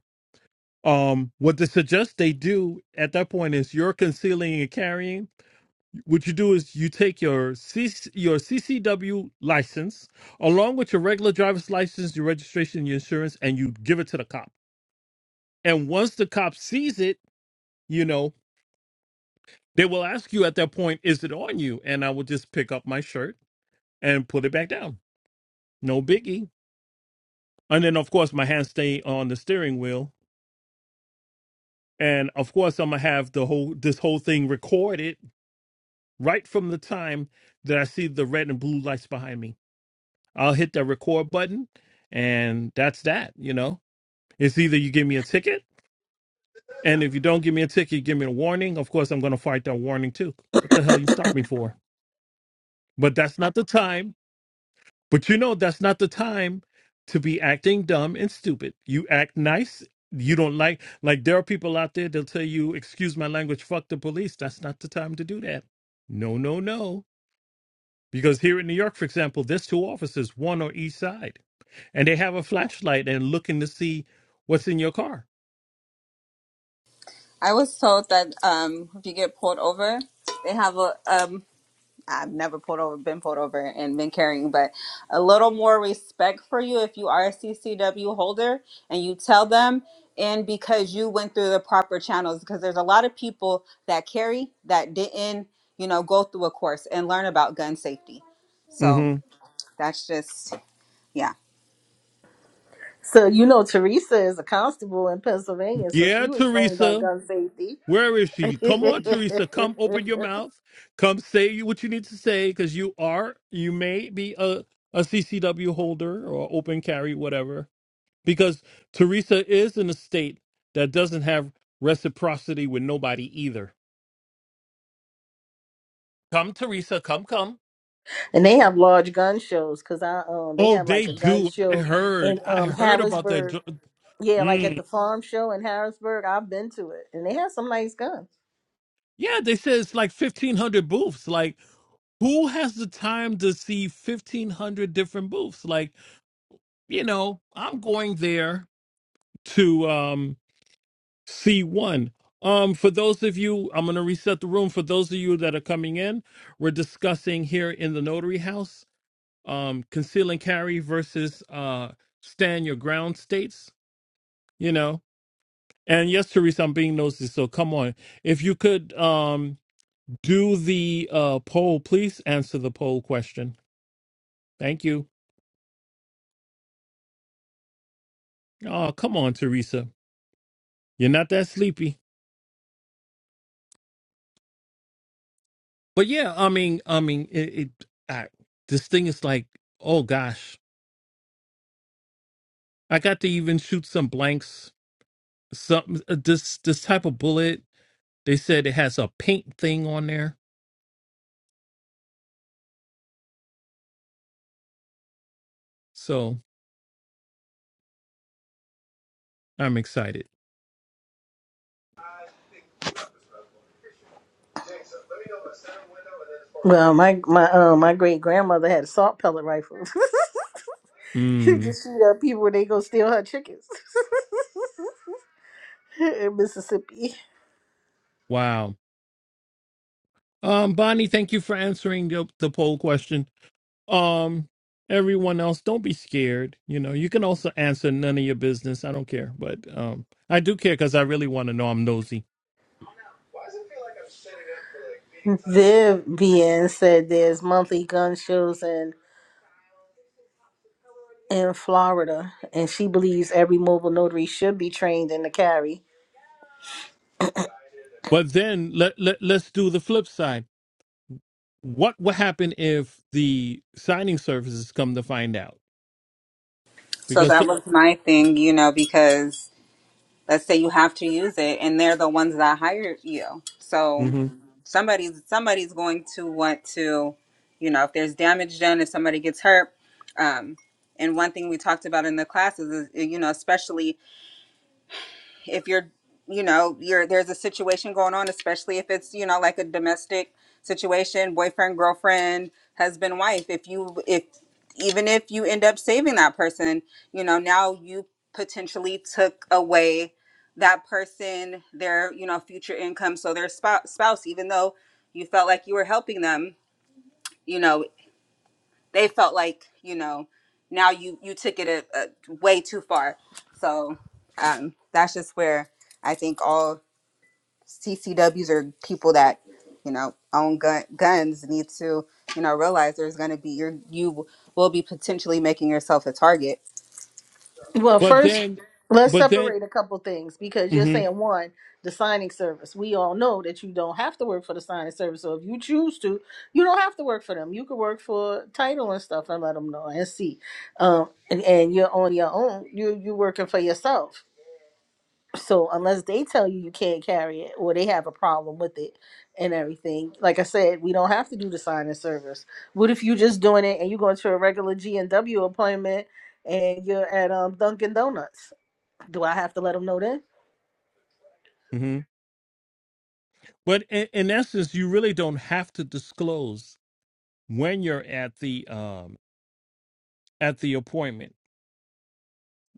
[SPEAKER 2] Um, what they suggest they do at that point is you're concealing and carrying. What you do is you take your C your CCW license along with your regular driver's license, your registration, your insurance, and you give it to the cop. And once the cop sees it, you know They will ask you at that point, is it on you? And I will just pick up my shirt and put it back down. No biggie. And then of course my hands stay on the steering wheel. And of course I'm gonna have the whole this whole thing recorded right from the time that I see the red and blue lights behind me. I'll hit the record button and that's that, you know. It's either you give me a ticket, and if you don't give me a ticket, you give me a warning. Of course I'm gonna fight that warning too. What the hell you stop me for? But that's not the time But you know that's not the time to be acting dumb and stupid. You act nice. You don't like like there are people out there they'll tell you, excuse my language, fuck the police. That's not the time to do that. No, no, no. Because here in New York, for example, there's two officers, one on each side, and they have a flashlight and looking to see what's in your car.
[SPEAKER 1] I was told that um, if you get pulled over, they have a, um, I've never pulled over, been pulled over, and been carrying, but a little more respect for you if you are a CCW holder and you tell them, and because you went through the proper channels, because there's a lot of people that carry that didn't, you know, go through a course and learn about gun safety. So
[SPEAKER 2] hmm
[SPEAKER 1] that's just, yeah.
[SPEAKER 3] So you know Teresa is a constable in Pennsylvania, so
[SPEAKER 2] Yeah,
[SPEAKER 3] she was trained on
[SPEAKER 2] Teresa.
[SPEAKER 3] gun safety.
[SPEAKER 2] Where is
[SPEAKER 3] and
[SPEAKER 2] she? Come on, Teresa. Come open your mouth. Come say you- what you need to say because you are, you may be a, a CCW holder or open carry, whatever. Because Teresa is in a state that doesn't have reciprocity with nobody either. Come, Teresa. Come, come.
[SPEAKER 3] they have large gun shows because I um they
[SPEAKER 2] Oh,
[SPEAKER 3] have
[SPEAKER 2] they
[SPEAKER 3] like a gun
[SPEAKER 2] do. I
[SPEAKER 3] show in
[SPEAKER 2] heard. I
[SPEAKER 3] um
[SPEAKER 2] heard about that.
[SPEAKER 3] Harrisburg.
[SPEAKER 2] dr-
[SPEAKER 3] Yeah, like at
[SPEAKER 2] Mm.
[SPEAKER 3] the farm show in Harrisburg. I've been to it and they have some nice guns.
[SPEAKER 2] Yeah, they said it's like 1,500 booths. Like, who has the time to see 1500 different booths like you know, I'm going there to um, see one. Um, for those of you, I'm going to reset the room. For those of you that are coming in, we're discussing here in the Notary House um, conceal and carry versus uh, stand your ground states, you know. And yes, Teresa, I'm being nosy, so come on. If you could um, do the uh, poll, please answer the poll question. Thank you. Oh, come on, Teresa. You're not that sleepy. But yeah, I mean, I mean, it, it I, this thing is like, oh gosh, I got to even shoot some blanks. Some uh, this this type of bullet, they said it has a paint thing on there, so I'm excited.
[SPEAKER 3] Well, my my um my great grandmother had assault pellet rifles. she
[SPEAKER 2] Mm,
[SPEAKER 3] just shoot up people when they go steal her chickens in Mississippi.
[SPEAKER 2] wow. Um, Bonnie, thank you for answering the, the poll question. Um, everyone else, don't be scared. You know, you can also answer none of your business. I don't care, but um, I do care because I really want to know. I'm nosy.
[SPEAKER 3] Viv BN said there's monthly gun shows in in Florida, and she believes every mobile notary should be trained in the carry.
[SPEAKER 2] But then let, let let's do the flip side what will happen if the signing services come to find out?
[SPEAKER 1] So
[SPEAKER 2] Because,
[SPEAKER 1] that was my thing, you know, because let's say you have to use it and they're the ones that hired you so
[SPEAKER 2] hmm
[SPEAKER 1] somebody's somebody's going to want to you know if there's damage done if somebody gets hurt um, and one thing we talked about in the classes is you know especially if you're you know you're there's a situation going on especially if it's you know like a domestic situation boyfriend girlfriend husband wife if you if even if you end up saving that person you know now you potentially took away that person their you know future income so their spou- spouse even though you felt like you were helping them you know they felt like you know now you you took it a, a way too far so um that's just where I think all CCWs or people that you know own gun, guns need to you know realize there's going to be your you will be potentially making yourself a target.
[SPEAKER 3] Well,
[SPEAKER 2] but
[SPEAKER 3] first,
[SPEAKER 2] then,
[SPEAKER 3] let's
[SPEAKER 2] but then,
[SPEAKER 3] separate a couple things because you're
[SPEAKER 2] hmm
[SPEAKER 3] saying one, the signing service. We all know that you don't have to work for the signing service, so if you choose to, you don't have to work for them. You could work for title and stuff and let them know and see. Um, and, and you're on your own. You you working for yourself. So unless they tell you you can't carry it or they have a problem with it and everything, like I said, we don't have to do the sign and service. What if you just doing it and you going to a regular G and W appointment and you're at um Dunkin' Donuts? Do I have to let them know then?
[SPEAKER 2] hmm but in, in essence, you really don't have to disclose when you're at the um at the appointment.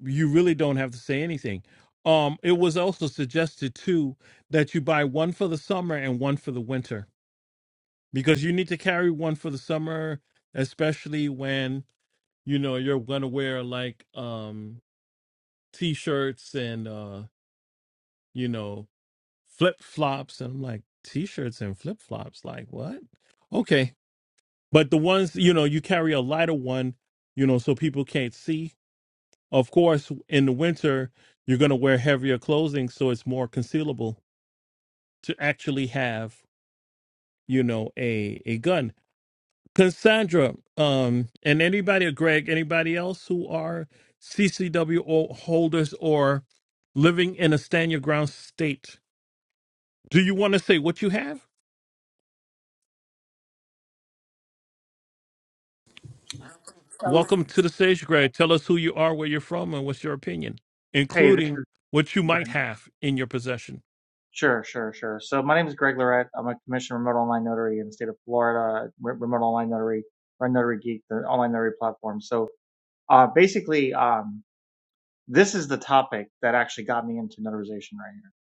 [SPEAKER 2] You really don't have to say anything. Um, it was also suggested too that you buy one for the summer and one for the winter because you need to carry one for the summer, especially when you know you're going to wear like um t-shirts and uh you know flip-flops and i'm like t-shirts and flip-flops like what okay but the ones you know you carry a lighter one you know so people can't see of course in the winter you're going to wear heavier clothing so it's more concealable to actually have you know a a gun cassandra um and anybody greg anybody else who are ccwo holders or living in a stand your ground state Do you want to say what you have? Welcome to the stage, Greg. Tell us who you are, where you're from, and what's your opinion,
[SPEAKER 5] Hey, this
[SPEAKER 2] including
[SPEAKER 5] is
[SPEAKER 2] what you
[SPEAKER 5] Greg.
[SPEAKER 2] might have in your possession.
[SPEAKER 5] Sure, sure, sure. So my name is Greg Lorette. I'm a commissioned remote online notary in the state of Florida, re- remote online notary, run Notary Geek, the online notary platform. So uh, basically, um, this is the topic that actually got me into notarization right here.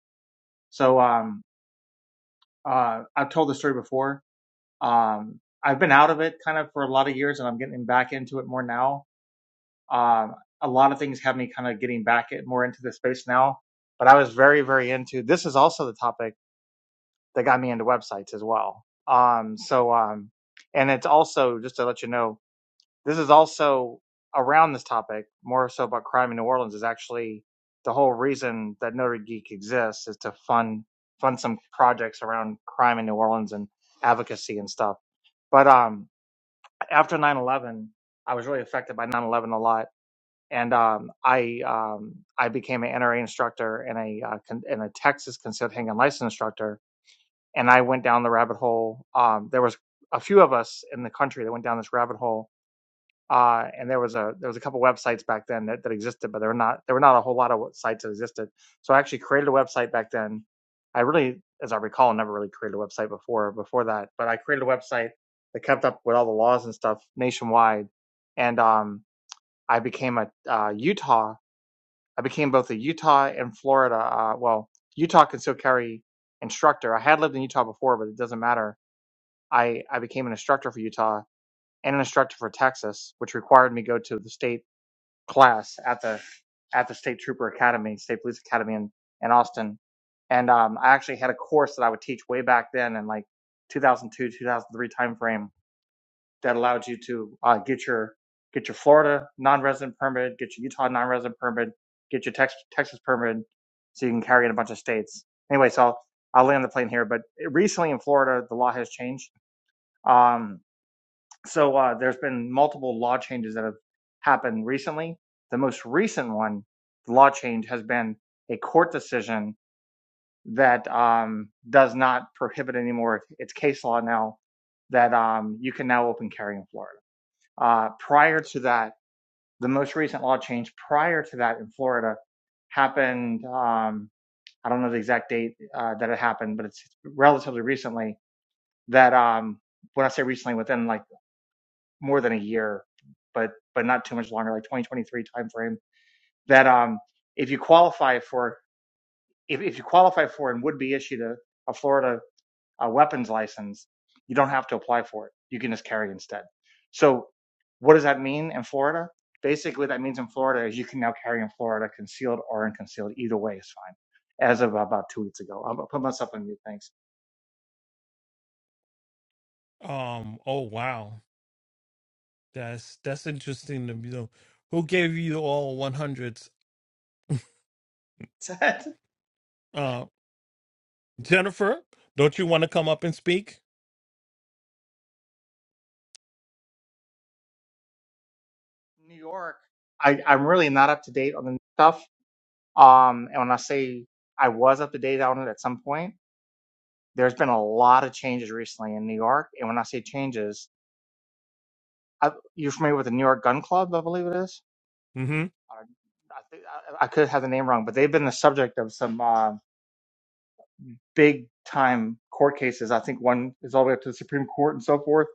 [SPEAKER 5] So um, uh, I've told the story before. Um, I've been out of it kind of for a lot of years, and I'm getting back into it more now. Um, a lot of things have me kind of getting back it more into the space now. But I was very, very into this is also the topic that got me into websites as well. Um, so, um, and it's also just to let you know, this is also around this topic more so about crime in New Orleans is actually the whole reason that Notre Geek exists is to fund fund some projects around crime in New Orleans and advocacy and stuff. But um, after nine eleven, I was really affected by nine eleven a lot, and um, I um, I became an NRA instructor and a uh, con- and a Texas concealed handgun license instructor and I went down the rabbit hole. Um, there was a few of us in the country that went down this rabbit hole, uh, and there was a there was a couple websites back then that, that existed, but there were not there were not a whole lot of sites that existed. So I actually created a website back then. I really, as I recall, never really created a website before before that, but I created a website that kept up with all the laws and stuff nationwide, and um, I became a uh, Utah. I became both a Utah and Florida. Uh, well, Utah can still carry instructor. I had lived in Utah before, but it doesn't matter I, I became an instructor for Utah and an instructor for Texas, which required me to go to the state class at the at the State Trooper Academy, State Police Academy in, in Austin. And um, I actually had a course that I would teach way back then in like 2002, 2003 timeframe that allowed you to uh, get your get your Florida non-resident permit, get your Utah non-resident permit, get your Tex- Texas permit, so you can carry in a bunch of states. Anyway, so I'll, I'll land the plane here. But recently in Florida, the law has changed. Um, so uh, there's been multiple law changes that have happened recently. The most recent one, the law change, has been a court decision that um, does not prohibit anymore. It's case law now that um, you can now open carry in Florida. Uh, prior to that, the most recent law change prior to that in Florida happened. Um, I don't know the exact date uh, that it happened, but it's relatively recently. That um, when I say recently, within like more than a year, but but not too much longer, like 2023 timeframe. That um, if you qualify for if, if you qualify for and would be issued a, a Florida uh weapons license, you don't have to apply for it. You can just carry instead. So what does that mean in Florida? Basically, that means in Florida is you can now carry in Florida concealed or unconcealed. Either way is fine. As of about two weeks ago, I'll put myself on mute. Thanks.
[SPEAKER 2] Um. Oh wow, that's that's interesting to know. Who gave you all one hundreds? Uh, Jennifer, don't you want to come up and speak?
[SPEAKER 5] New York. I, I'm really not up to date on the stuff Um, and when I say I was up to date on it at some point, there's been a lot of changes recently in New York. And when I say changes, I, you're familiar with the New York Gun Club, I believe it is.
[SPEAKER 2] Mm-hmm.
[SPEAKER 5] Uh, I, think- I I could have the name wrong, but they've been the subject of some uh, big time court cases. I think one is all the way up to the Supreme Court and so forth.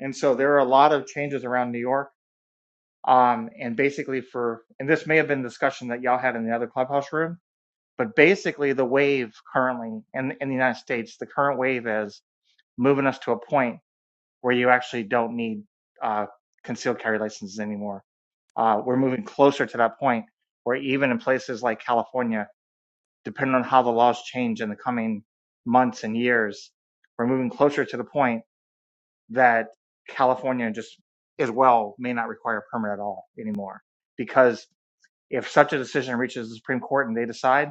[SPEAKER 5] And so there are a lot of changes around New York. Um, and basically, for and this may have been discussion that y'all had in the other clubhouse room But basically, the wave currently in, in the United States, the current wave is moving us to a point where you actually don't need uh, concealed carry licenses anymore. Uh, we're moving closer to that point where even in places like California, depending on how the laws change in the coming months and years, we're moving closer to the point that California just as well may not require a permit at all anymore. Because if such a decision reaches the Supreme Court and they decide,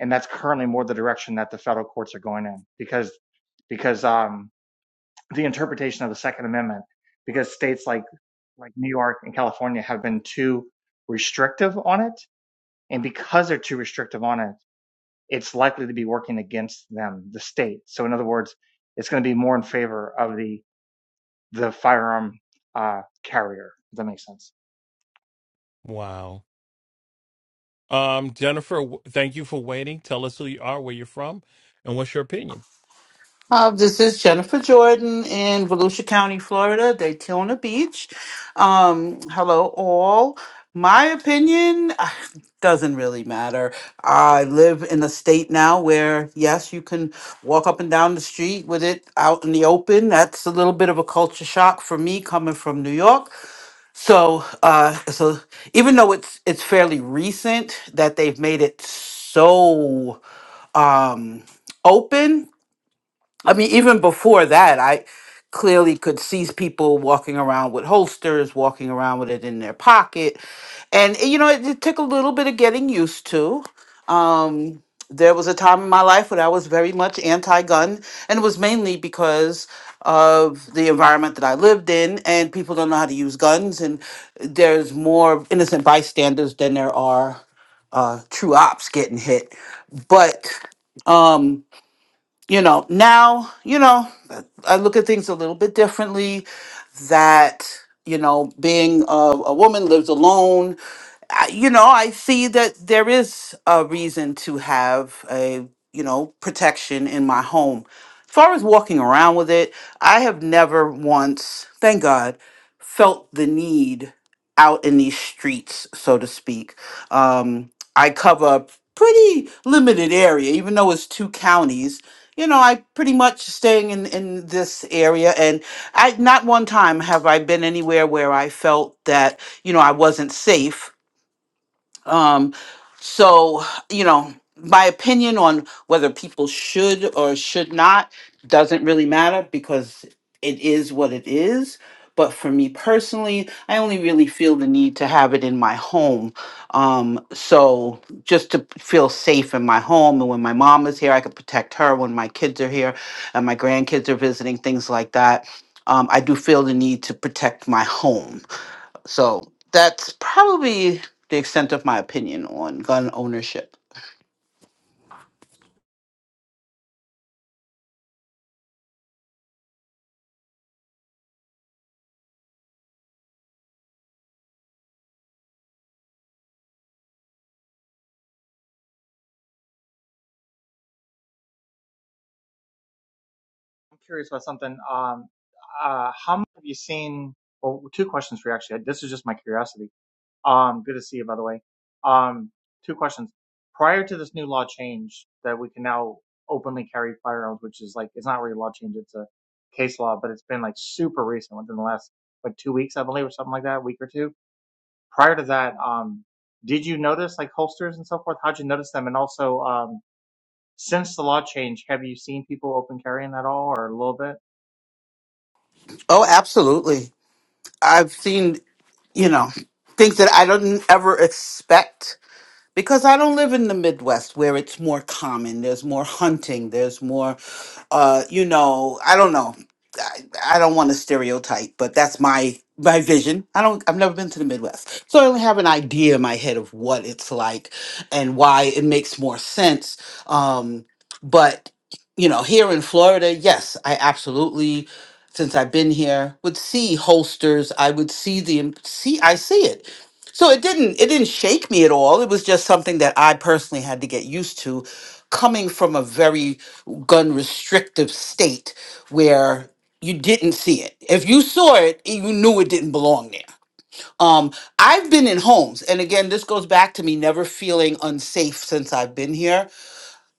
[SPEAKER 5] and that's currently more the direction that the federal courts are going in because because um, the interpretation of the Second Amendment because states like like New York and California have been too restrictive on it, and because they're too restrictive on it, it's likely to be working against them, the state. So in other words, it's going to be more in favor of the the firearm uh, carrier. If that makes sense.
[SPEAKER 2] Wow. Um, Jennifer, w- thank you for waiting. Tell us who you are, where you're from, and what's your opinion.
[SPEAKER 6] Uh, this is Jennifer Jordan in Volusia County, Florida, Daytona Beach. Um, hello, all. My opinion ah, doesn't really matter. I live in a state now where, yes, you can walk up and down the street with it out in the open. That's a little bit of a culture shock for me coming from New York. So, uh, so even though it's it's fairly recent that they've made it so um, open I mean, even before that, I clearly could see people walking around with holsters, walking around with it in their pocket. And, eh, you know, it, it took a little bit of getting used to. Um, there was a time in my life when I was very much anti gun, and it was mainly because of the environment that I lived in, and people don't know how to use guns, and there's more innocent bystanders than there are uh, true ops getting hit. But um, you know, now, you know, I look at things a little bit differently that, you know, being a, a woman lives alone I- you know, I see that there is a reason to have a, you know, protection in my home. As far as walking around with it, I have never once, thank God, felt the need out in these streets, so to speak. Um, I cover a pretty limited area, even though it's two counties. You know, I pretty much staying in, in this area, and I not one time have I been anywhere where I felt that you know I wasn't safe um, so, you know, my opinion on whether people should or should not doesn't really matter because it is what it is. But for me personally, I only really feel the need to have it in my home. Um, so just to feel safe in my home. And when my mom is here, I can protect her. When my kids are here and my grandkids are visiting, things like that. Um, I do feel the need to protect my home so that's probably the extent of my opinion on gun ownership.
[SPEAKER 5] I'm curious about something. Um, uh, how much have you seen? Well, two questions for you actually. This is just my curiosity Um, good to see you, by the way. Um, two questions. Prior to this new law change that we can now openly carry firearms, which is like, it's not really a law change, it's a case law, but it's been like super recent within the last like two weeks, I believe, or something like that, a week or two. Prior to that, um, did you notice like holsters and so forth? How'd you notice them? And also, um, since the law change, have you seen people open carrying at all or a little bit?
[SPEAKER 6] Oh, absolutely. I've seen, you know, things that I didn't ever expect because I don't live in the Midwest where it's more common. There's more hunting. There's more, uh, you know, I don't know. I, I don't want to stereotype, but that's my my vision. I don't. I've never been to the Midwest, so I only have an idea in my head of what it's like and why it makes more sense. Um, but you know, here in Florida, yes, I absolutely. Since I've been here, would see holsters. I would see the see. I see it so it didn't it didn't shake me at all. It was just something that I personally had to get used to coming from a very gun restrictive state where you didn't see it. If you saw it, you knew it didn't belong there. Um, I've been in homes, and again, this goes back to me never feeling unsafe since I've been here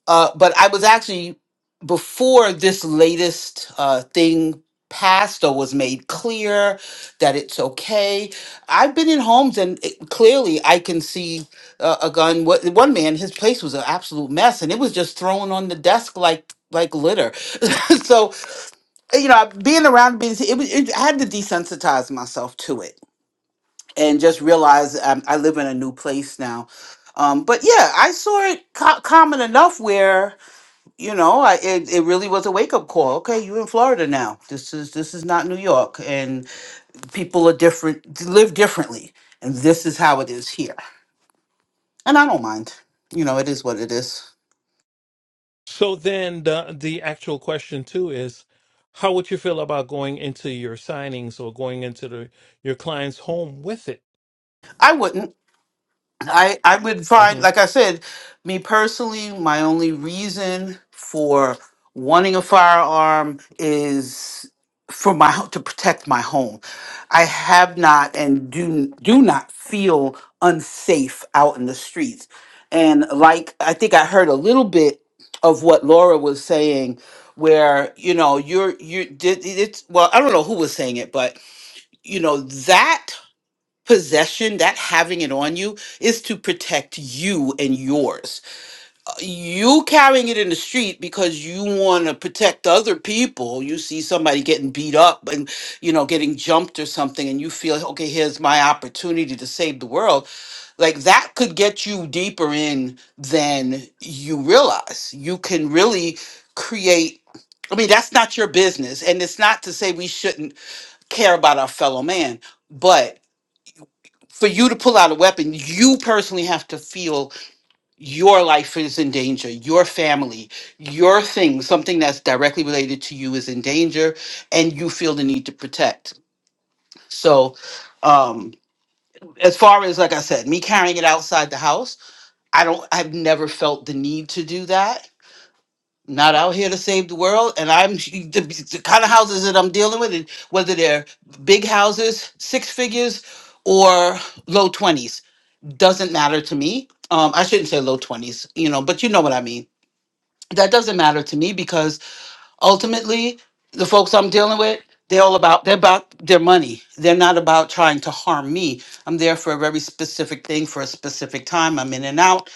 [SPEAKER 6] uh, but I was actually before this latest uh, thing passed or was made clear that it's okay. I've been in homes and it, clearly I can see uh, a gun. What one man, his place was an absolute mess, and it was just thrown on the desk like like litter. so you know, being around, being it, was- it, I had to desensitize myself to it and just realize um, I live in a new place now. Um, but yeah, I saw it co- common enough where you know, I it, it really was a wake up call. Okay, you're in Florida now. This is this is not New York, and people are different, live differently, and this is how it is here. And I don't mind. You know, it is what it is.
[SPEAKER 2] So then, the the actual question too is, how would you feel about going into your signings or going into the your client's home with it?
[SPEAKER 6] I wouldn't. I I would find,
[SPEAKER 2] hmm
[SPEAKER 6] like I said, me personally, my only reason for wanting a firearm is for my ho- to protect my home. I have not and do do not feel unsafe out in the streets. And like I think I heard a little bit of what Laura was saying where you know you're you did it's well I don't know who was saying it but you know that possession, that having it on you, is to protect you and yours. Uh, You carrying it in the street because you want to protect other people. You see somebody getting beat up and, you know, getting jumped or something, and you feel, okay, here's my opportunity to save the world. Like that could get you deeper in than you realize. You can really create. I mean, that's not your business. And it's not to say we shouldn't care about our fellow man, but for you to pull out a weapon, you personally have to feel your life is in danger, your family, your thing, something that's directly related to you is in danger, and you feel the need to protect. So, um, as far as like I said, me carrying it outside the house, I don't, I've never felt the need to do that. Not out here to save the world, and I'm the, the kind of houses that I'm dealing with, and whether they're big houses, six figures, or low 20s doesn't matter to me. Um, I shouldn't say low 20s, you know, but you know what I mean. That doesn't matter to me because ultimately the folks I'm dealing with, they're all about they're about their money. They're not about trying to harm me. I'm there for a very specific thing for a specific time. I'm in and out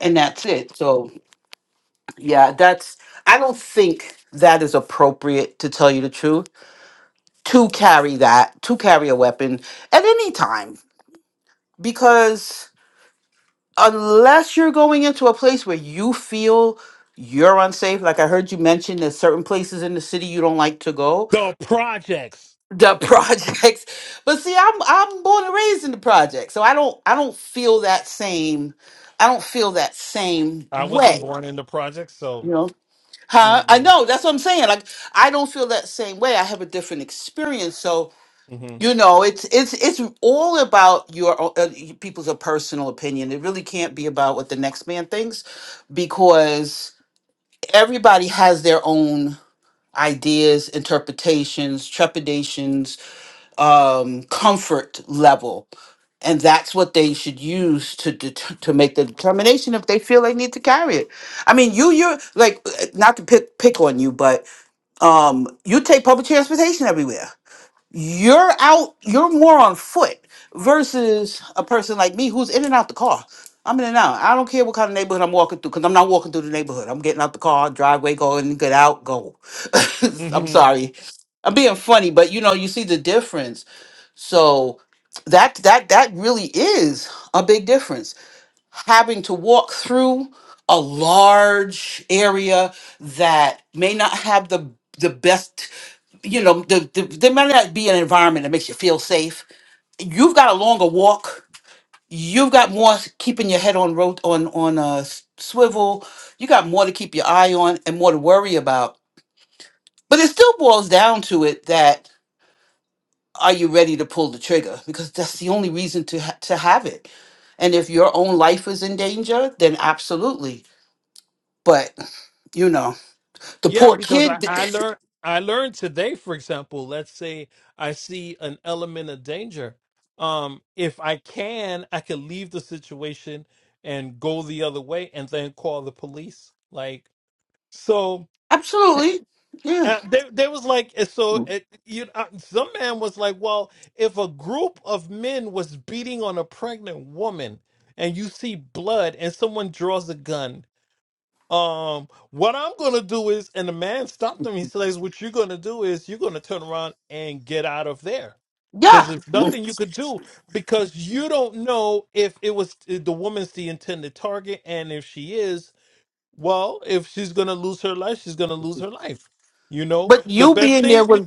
[SPEAKER 6] and that's it. So, yeah, that's I don't think that is appropriate to tell you the truth to carry that, to carry a weapon at any time because unless you're going into a place where you feel you're unsafe like i heard you mention there's certain places in the city you don't like to go
[SPEAKER 2] The projects.
[SPEAKER 6] the projects but see i'm i'm born and raised in the project so i don't i don't feel that same i don't feel that same
[SPEAKER 2] I wasn't
[SPEAKER 6] way
[SPEAKER 2] born in the projects,
[SPEAKER 6] you
[SPEAKER 2] so.
[SPEAKER 6] know huh i
[SPEAKER 2] mm
[SPEAKER 6] know that's what i'm saying like i don't feel that same way i have a different experience so.
[SPEAKER 2] Mm-hmm.
[SPEAKER 6] You know, it's it's it's all about your o- uh, y- people's a personal opinion. It really can't be about what the next man thinks, because everybody has their own ideas, interpretations, trepidations, um, comfort level, and that's what they should use to det- to make the determination if they feel they need to carry it. I mean, you you're like uh, not to pick pick on you, but um, you take public transportation everywhere you're out you're more on foot versus a person like me who's in and out the car i'm in and out i don't care what kind of neighborhood i'm walking through because i'm not walking through the neighborhood i'm getting out the car driveway go in get out go i'm
[SPEAKER 2] mm-hmm.
[SPEAKER 6] sorry i'm being funny but you know you see the difference so that that that really is a big difference having to walk through a large area that may not have the the best you know the, the there may not be an environment that makes you feel safe you've got a longer walk you've got more s- keeping your head on road on on a swivel you got more to keep your eye on and more to worry about but it still boils down to it that are you ready to pull the trigger because that's the only reason to ha- to have it and if your own life is in danger then absolutely But you know, the
[SPEAKER 2] Yeah,
[SPEAKER 6] poor
[SPEAKER 2] because I,
[SPEAKER 6] kid.
[SPEAKER 2] I learned I learned today, for example, let's say I see an element of danger. Um, if I can, I can leave the situation and go the other way and then call the police. Like so
[SPEAKER 6] Absolutely. Yeah.
[SPEAKER 2] uh, there, there was like uh, so it, you uh, some man was like, well, if a group of men was beating on a pregnant woman and you see blood and someone draws a gun um, what I'm gonna do is, and the man stopped him. He says, "What you're gonna do is you're gonna turn around and get out of there, because
[SPEAKER 6] Yeah.
[SPEAKER 2] there's nothing you could do because you don't know if it was if the woman's the intended target, and if she is, well, if she's gonna lose her life, she's gonna lose her life. You know,
[SPEAKER 6] But
[SPEAKER 2] the
[SPEAKER 6] you
[SPEAKER 2] best
[SPEAKER 6] being there
[SPEAKER 2] thing
[SPEAKER 6] was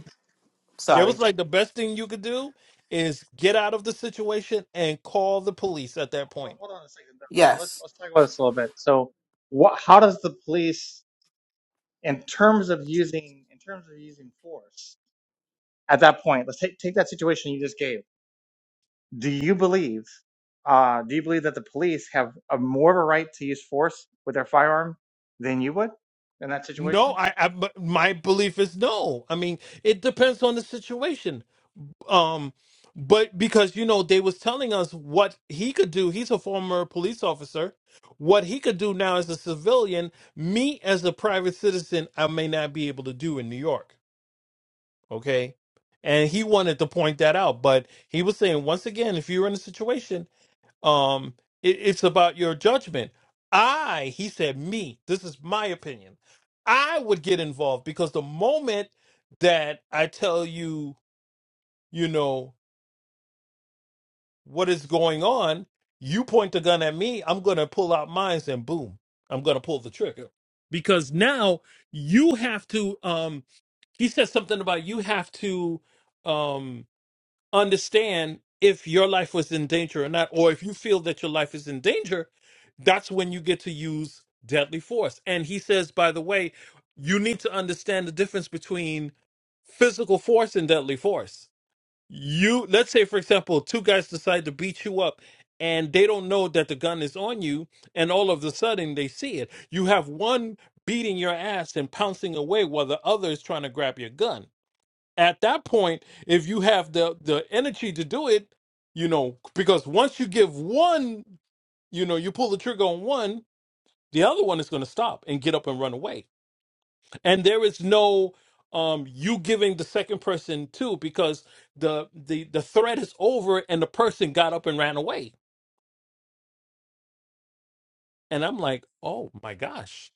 [SPEAKER 2] there was
[SPEAKER 6] sorry.
[SPEAKER 2] like the best thing you could do is get out of the situation and call the police at that point."
[SPEAKER 5] Well, hold on a second. So let's,
[SPEAKER 6] Yes.
[SPEAKER 5] let's talk about this a little bit. So what, how does the police in terms of using in terms of using force at that point let's take, take that situation you just gave do you believe uh, do you believe that the police have a more of a right to use force with their firearm than you would in that
[SPEAKER 2] No,
[SPEAKER 5] situation
[SPEAKER 2] I, I but my belief is no. I mean, it depends on the situation. Um, but because you know they was telling us what he could do. He's a former police officer. What he could do now as a civilian, me as a private citizen, I may not be able to do in New York. Okay, and he wanted to point that out, but he was saying once again, if you're in a situation um, it, it's about your judgment. I, he said, me, this is my opinion. I would get involved because the moment that I tell you, you know, what is going on, you point the gun at me, I'm going to pull out mines and boom, I'm going to pull the trigger. Because now you have to, um, he said something about you have to um, understand if your life was in danger or not, or if you feel that your life is in danger that's when you get to use deadly force. And he says, by the way, you need to understand the difference between physical force and deadly force. You, let's say, for example, two guys decide to beat you up and they don't know that the gun is on you, and all of a sudden they see it. You have one beating your ass and pouncing away while the other is trying to grab your gun. At that point, if you have the, the energy to do it, you know, because once you give one, you know, you pull the trigger on one, the other one is going to stop and get up and run away. And there is no um you giving the second person too because the the the threat is over and the person got up and ran away. And I'm like, "Oh my gosh."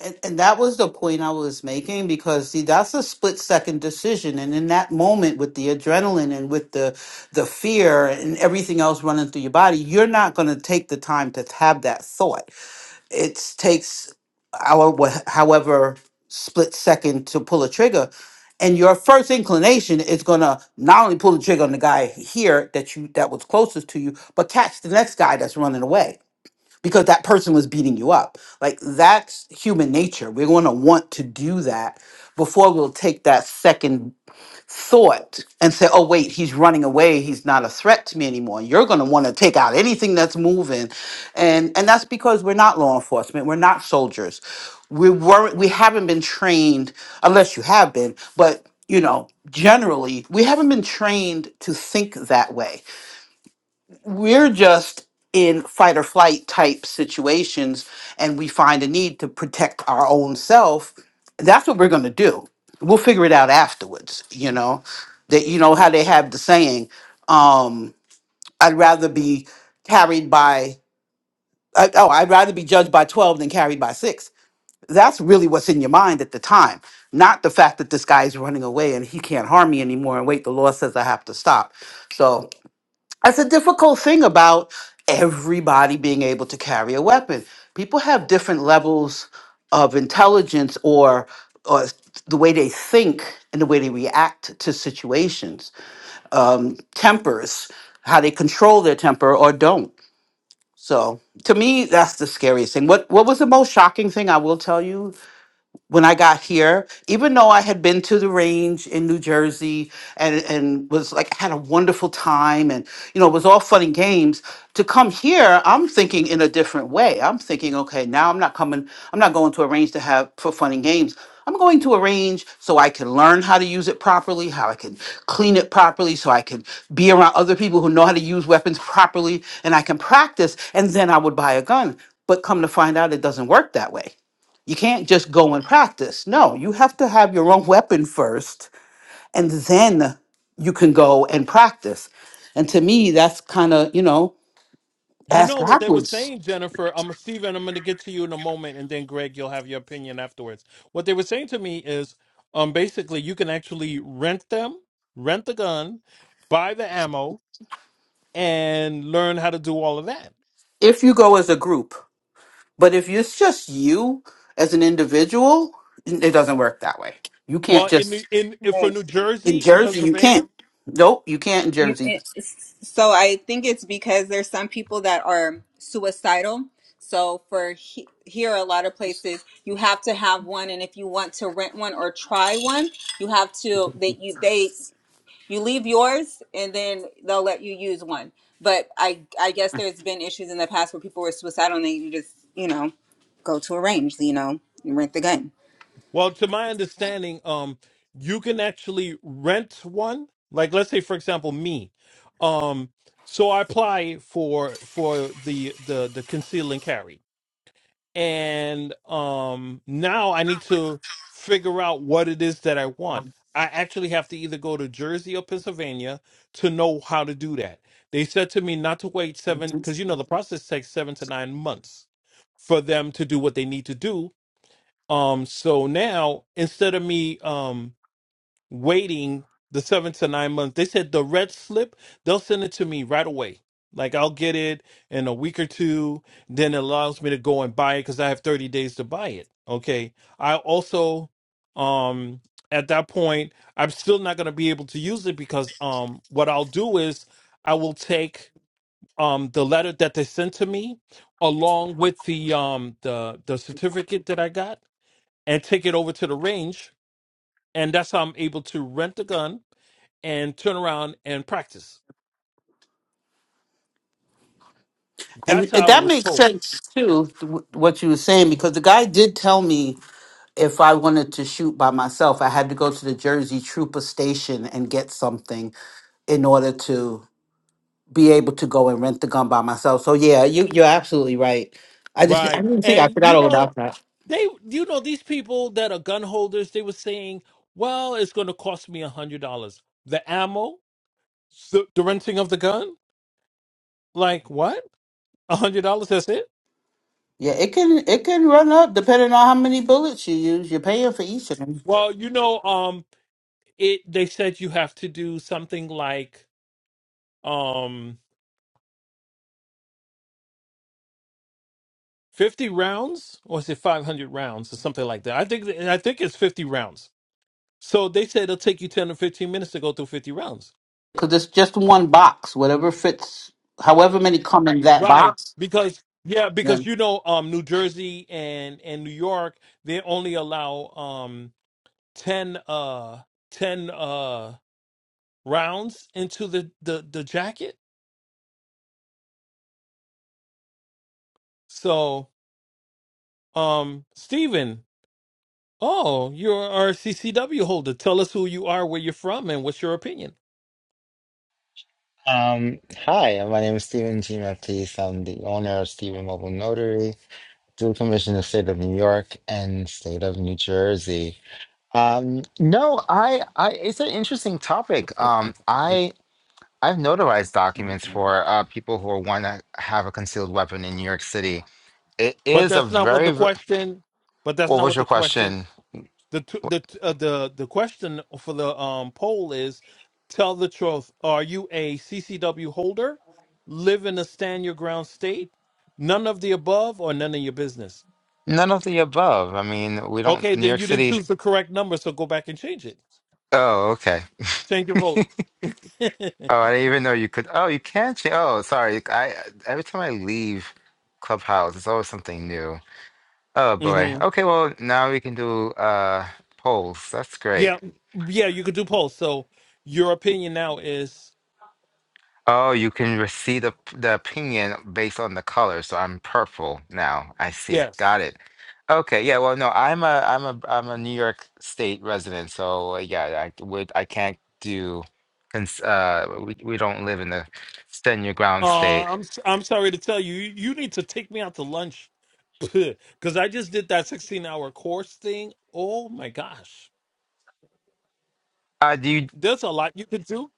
[SPEAKER 6] And, and that was the point I was making because see that's a split second decision and in that moment with the adrenaline and with the the fear and everything else running through your body you're not going to take the time to have that thought it takes our wha- however split second to pull a trigger and your first inclination is going to not only pull the trigger on the guy here that you that was closest to you but catch the next guy that's running away because that person was beating you up like that's human nature we're going to want to do that before we'll take that second thought and say, oh, wait, he's running away. He's not a threat to me anymore. You're going to want to take out anything that's moving. And, and that's because we're not law enforcement. We're not soldiers. We weren't, we haven't been trained, unless you have been, but you know, generally, we haven't been trained to think that way we're just in fight or flight type situations and we find a need to protect our own self that's what we're going to do we'll figure it out afterwards you know that you know how they have the saying um i'd rather be carried by uh, oh i'd rather be judged by 12 than carried by 6 that's really what's in your mind at the time not the fact that this guy's running away and he can't harm me anymore and wait the law says i have to stop So, that's a difficult thing about everybody being able to carry a weapon. People have different levels of intelligence or, or the way they think and the way they react to situations, um, tempers, how they control their temper or don't. So to me, that's the scariest thing. What what was the most shocking thing I will tell you? when I got here, even though I had been to the range in New Jersey and, and was like had a wonderful time and you know it was all fun and games, to come here, I'm thinking in a different way. I'm thinking, okay, now I'm not coming, I'm not going to a range to have for fun and games. I'm going to a range so I can learn how to use it properly, how I can clean it properly, so I can be around other people who know how to use weapons properly, and I can practice, and then I would buy a gun. But come to find out, it doesn't work that way you can't just go and practice. No, you have to have your own weapon first, and then you can go and practice. And to me, that's kind of, you know,
[SPEAKER 2] You
[SPEAKER 6] ass
[SPEAKER 2] know what they were
[SPEAKER 6] backwards.
[SPEAKER 2] saying, Jennifer. I'm Steven, I'm going to get to you in a moment and then Greg, you'll have your opinion afterwards. What they were saying to me is um basically you can actually rent them, rent the gun, buy the ammo and learn how to do all of that
[SPEAKER 6] If you go as a group, but if it's just you as an individual, it doesn't work that way. You
[SPEAKER 2] Well,
[SPEAKER 6] can't
[SPEAKER 2] in New-
[SPEAKER 6] just,
[SPEAKER 2] in if for
[SPEAKER 1] Right.
[SPEAKER 2] New
[SPEAKER 6] in
[SPEAKER 2] Jersey and
[SPEAKER 6] Jersey, you
[SPEAKER 2] Pennsylvania,
[SPEAKER 6] can't. Nope, you can't in
[SPEAKER 1] You,
[SPEAKER 6] Jersey.
[SPEAKER 1] it, so I think it's because there's some people that are suicidal. So for he, here, a lot of places you have to have one, and if you want to rent one or try one, you have to. that you they you leave yours and then they'll let you use one but i i guess there's been issues in the past where people were suicidal and they you just you know go to a range you know and rent the gun
[SPEAKER 2] well, to my understanding, um, you can actually rent one. Like, let's say, for example, me, um, so I apply for for the the the conceal and carry. and um now I need to figure out what it is that I want. I actually have to either go to Jersey or Pennsylvania to know how to do that. They said to me not to wait seven because you know the process takes seven to nine months for them to do what they need to do. Um, so now instead of me um waiting the seven to nine months. They said the red slip, they'll send it to me right away. Like I'll get it in a week or two. Then it allows me to go and buy it because I have 30 days to buy it. Okay. I also um at that point I'm still not gonna be able to use it because um what I'll do is I will take um the letter that they sent to me along with the um the the certificate that I got and take it over to the range and that's how I'm able to rent the gun and turn around and practice. That's
[SPEAKER 6] And
[SPEAKER 2] how I
[SPEAKER 6] that
[SPEAKER 2] was
[SPEAKER 6] makes
[SPEAKER 2] told.
[SPEAKER 6] sense too, th- what you were saying, because the guy did tell me if I wanted to shoot by myself, I had to go to the Jersey Trooper station and get something in order to be able to go and rent the gun by myself. So yeah, you you're absolutely right. I just I
[SPEAKER 2] Right.
[SPEAKER 6] didn't think I
[SPEAKER 2] And
[SPEAKER 6] forgot
[SPEAKER 2] you
[SPEAKER 6] all
[SPEAKER 2] know,
[SPEAKER 6] about that.
[SPEAKER 2] they you know, these people that are gun holders, they were saying, Well, it's gonna cost me a hundred dollars. The ammo, the, the renting of the gun? Like what? A hundred dollars, that's it?
[SPEAKER 6] Yeah, it can it can run up depending on how many bullets you use. You're paying for each of them
[SPEAKER 2] Well, you know, um it they said you have to do something like um 50 rounds or is it 500 rounds or something like that i think i think it's 50 rounds so they said it'll take you 10 or 15 minutes to go through 50 rounds
[SPEAKER 6] because it's just one box. Whatever fits, however many come in that
[SPEAKER 2] Right,
[SPEAKER 6] box.
[SPEAKER 2] because yeah, because
[SPEAKER 6] Then
[SPEAKER 2] you know, um, New Jersey and and New York, they only allow um ten uh ten uh rounds into the the the jacket. So, um, Stephen, oh, you're our CCW holder. Tell us who you are, where you're from, and what's your opinion.
[SPEAKER 7] Um, hi, my name is Stephen G. Matisse. I'm the owner of Stephen Mobile Notary, dual commission of state of New York and state of New Jersey. Um, no, I, I, it's an interesting topic. Um, I, I've notarized documents for uh, people who want to have a concealed weapon in New York City. It
[SPEAKER 2] But
[SPEAKER 7] is a
[SPEAKER 2] that's not what the
[SPEAKER 7] very, ver-
[SPEAKER 2] question. But that's
[SPEAKER 7] what
[SPEAKER 2] not
[SPEAKER 7] was
[SPEAKER 2] what
[SPEAKER 7] your
[SPEAKER 2] the question
[SPEAKER 7] question?
[SPEAKER 2] the t- the t- uh, the the question for the um poll is tell the truth are you a ccw holder live in a stand your ground state none of the above or none of your business
[SPEAKER 7] None of the above. I mean, we don't,
[SPEAKER 2] okay
[SPEAKER 7] New
[SPEAKER 2] then
[SPEAKER 7] York
[SPEAKER 2] you didn't
[SPEAKER 7] City.
[SPEAKER 2] choose the correct number so go back and change it
[SPEAKER 7] Oh, okay.
[SPEAKER 2] change your vote
[SPEAKER 7] Oh, I didn't even know you could. Oh, you can change. Oh, sorry. I every time I leave Clubhouse, it's always something new. Oh boy.
[SPEAKER 2] hmm
[SPEAKER 7] Okay, well now we can do uh polls. That's great.
[SPEAKER 2] yeah yeah you could do polls so your opinion now is
[SPEAKER 7] Oh, you can re- see the the opinion based on the color. So I'm purple now. I see.
[SPEAKER 2] yes
[SPEAKER 7] Got it. Okay. Yeah. Well, no, I'm a I'm a I'm a New York State resident. So uh, yeah, I would I can't do. cons- Uh, we we don't live in the stand your ground
[SPEAKER 2] Uh,
[SPEAKER 7] state.
[SPEAKER 2] I'm s- I'm sorry to tell you, you you need to take me out to lunch because I just did that 16 hour course thing. Oh my gosh,
[SPEAKER 7] Uh, do you?
[SPEAKER 2] there's a lot you could do,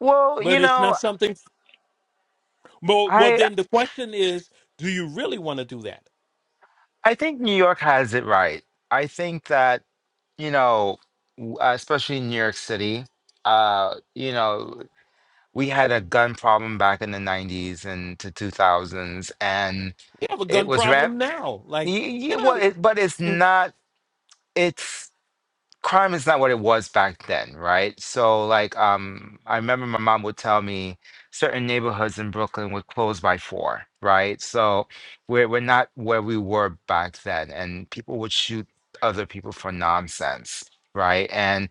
[SPEAKER 7] Well,
[SPEAKER 2] but
[SPEAKER 7] you
[SPEAKER 2] it's not
[SPEAKER 7] know.
[SPEAKER 2] something. Well, well,
[SPEAKER 7] I
[SPEAKER 2] then the question is, do you really want to do that?
[SPEAKER 7] I think New York has it right. I think that you know, w- uh, especially in New York City, uh, you know, we had a gun problem back in the '90s and to 2000s, and
[SPEAKER 2] We have a
[SPEAKER 7] it
[SPEAKER 2] gun
[SPEAKER 7] was rap.
[SPEAKER 2] problem now.
[SPEAKER 7] y-
[SPEAKER 2] Like,
[SPEAKER 7] y-
[SPEAKER 2] get
[SPEAKER 7] well,
[SPEAKER 2] out.
[SPEAKER 7] it- But it's
[SPEAKER 2] Of,
[SPEAKER 7] not. It's crime is not what it was back then, right? So like um I remember my mom would tell me certain neighborhoods in Brooklyn would close by four, right? So we're we're not where we were back then and people would shoot other people for nonsense. Right. And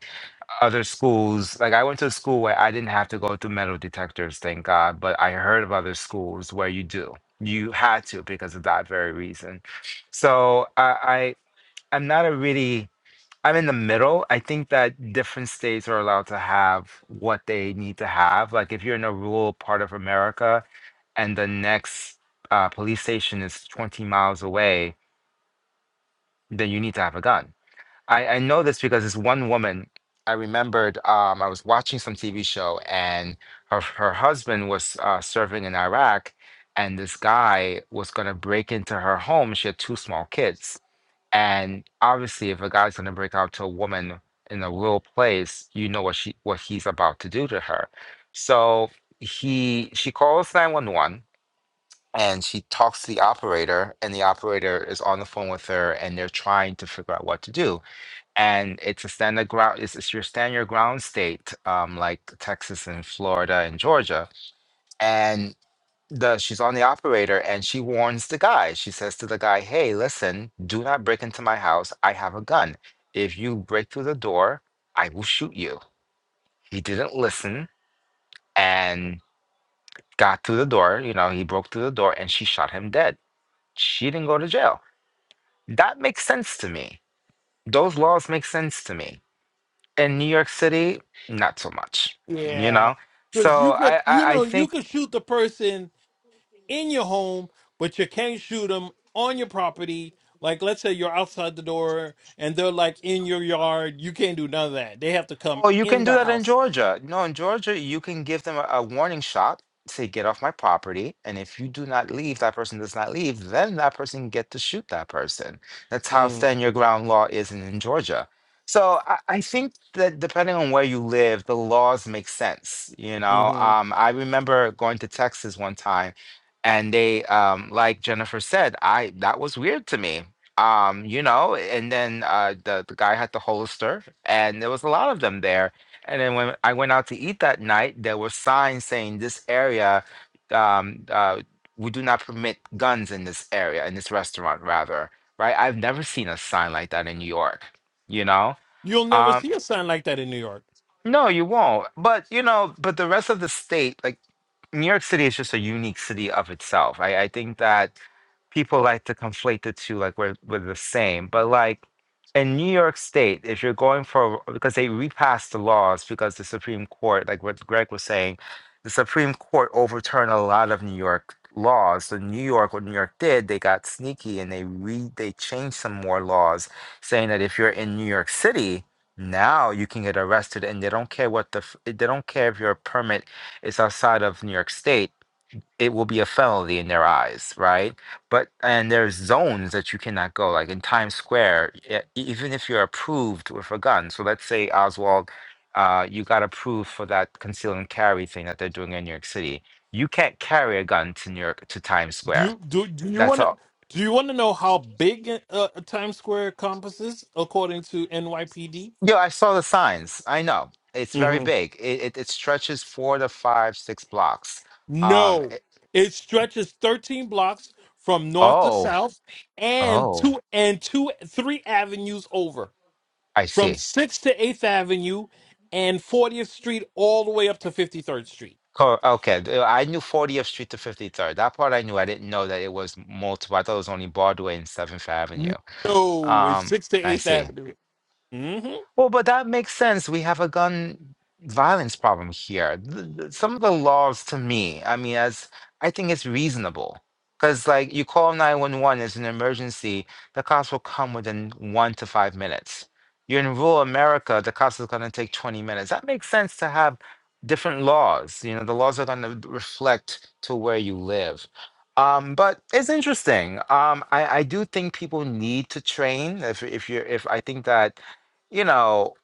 [SPEAKER 7] other schools, like I went to a school where I didn't have to go through metal detectors, thank God, but I heard of other schools where you do. You had to because of that very reason. So I, I I'm not a really I'm in the middle. I think that different states are allowed to have what they need to have. Like if you're in a rural part of America and the next uh, police station is 20 miles away, then you need to have a gun. I, I know this because this one woman, I remembered um, I was watching some TV show and her, her husband was uh, serving in Iraq and this guy was going to break into her home. She had two small kids and obviously, if a guy's gonna break out to a woman in a real place, you know what she what he's about to do to her. So he she calls 911 and she talks to the operator, and the operator is on the phone with her and they're trying to figure out what to do. And it's a standard ground, it's, it's your stand your ground state, um, like Texas and Florida and Georgia. and the she's on the operator and she warns the guy. She says to the guy, "Hey, listen, do not break into my house. I have a gun. If you break through the door, I will shoot you." He didn't listen and got through the door, you know, he broke through the door and she shot him dead. She didn't go to jail. That makes sense to me. Those laws make sense to me. In New York City, not so much, you
[SPEAKER 2] yeah,
[SPEAKER 7] know?
[SPEAKER 2] because
[SPEAKER 7] So
[SPEAKER 2] you could,
[SPEAKER 7] I
[SPEAKER 2] you
[SPEAKER 7] I, I
[SPEAKER 2] know, you
[SPEAKER 7] think
[SPEAKER 2] could shoot the person in your home, but you can't shoot them on your property. Like, let's say you're outside the door and they're like in your yard. You can't do none of that. They have to come
[SPEAKER 7] Well, you
[SPEAKER 2] in
[SPEAKER 7] can do
[SPEAKER 2] the
[SPEAKER 7] that in
[SPEAKER 2] house.
[SPEAKER 7] Georgia. No, in Georgia, you can give them a, a warning shot, say, get off my property. And if you do not leave, that person does not leave, then that person can get to shoot that person. That's how
[SPEAKER 2] Mm,
[SPEAKER 7] stand your ground law is in, in Georgia. So I, I think that depending on where you live, the laws make sense. You know,
[SPEAKER 2] hmm
[SPEAKER 7] um, I remember going to Texas one time and they, um, like Jennifer said, I, that was weird to me um, you know, and then uh, the the guy had the holster, and there was a lot of them there. And then when I went out to eat that night, there were signs saying this area, um, uh, we do not permit guns in this area, in this restaurant, rather, right? I've never seen a sign like that in New York, you know?
[SPEAKER 2] You'll never
[SPEAKER 7] Um,
[SPEAKER 2] see a sign like that in New York.
[SPEAKER 7] no, you won't. But, you know, but the rest of the state, like New York City is just a unique city of itself. I, I think that people like to conflate the two like we're, we're the same but like in new york state if you're going for because they repassed the laws because the supreme court like what greg was saying the supreme court overturned a lot of new york laws so new york what new york did they got sneaky and they re they changed some more laws saying that if you're in new york city now you can get arrested and they don't care what the f- they don't care if your permit is outside of new york state it will be a felony in their eyes, right? But and there's zones that you cannot go, like in Times Square, e- even if you're approved with a gun. So let's say Oswald, uh, you got approved for that conceal and carry thing that they're doing in New York City. You can't carry a gun to New York to Times Square.
[SPEAKER 2] You do? Do you
[SPEAKER 7] That's
[SPEAKER 2] want to?
[SPEAKER 7] all.
[SPEAKER 2] Do you want to know how big uh, uh, Times Square encompasses according to NYPD?
[SPEAKER 7] Yeah, I saw the signs. I know it's very
[SPEAKER 2] hmm
[SPEAKER 7] big. It it, it stretches four to five, six blocks. Um.
[SPEAKER 2] No,
[SPEAKER 7] it-
[SPEAKER 2] it stretches 13 blocks from north to
[SPEAKER 7] oh,
[SPEAKER 2] south and
[SPEAKER 7] oh,
[SPEAKER 2] two and two three avenues over.
[SPEAKER 7] I
[SPEAKER 2] from
[SPEAKER 7] see.
[SPEAKER 2] 6th to 8th Avenue and 40th Street all the way up to 53rd Street.
[SPEAKER 7] Co- Okay, th- I knew 40th Street to 53rd. That part I knew. I didn't know that it was multiple. I thought it was only Broadway and 7th Avenue.
[SPEAKER 2] No, it's
[SPEAKER 7] Um,
[SPEAKER 2] 6th to
[SPEAKER 7] I
[SPEAKER 2] 8th
[SPEAKER 7] see.
[SPEAKER 2] Avenue. hmm
[SPEAKER 7] Well, but that makes sense. We have a gun violence problem here. Th- th- Some of the laws to me, I mean, as I think it's reasonable. Because, like, you call 911 as an emergency, the cops will come within one to five minutes. You're in rural America, the cops are going to take 20 minutes. That makes sense to have different laws. You know, the laws are going to reflect to where you live. Um, but it's interesting. Um, I, I do think people need to train. If, if you're, if I think that you know,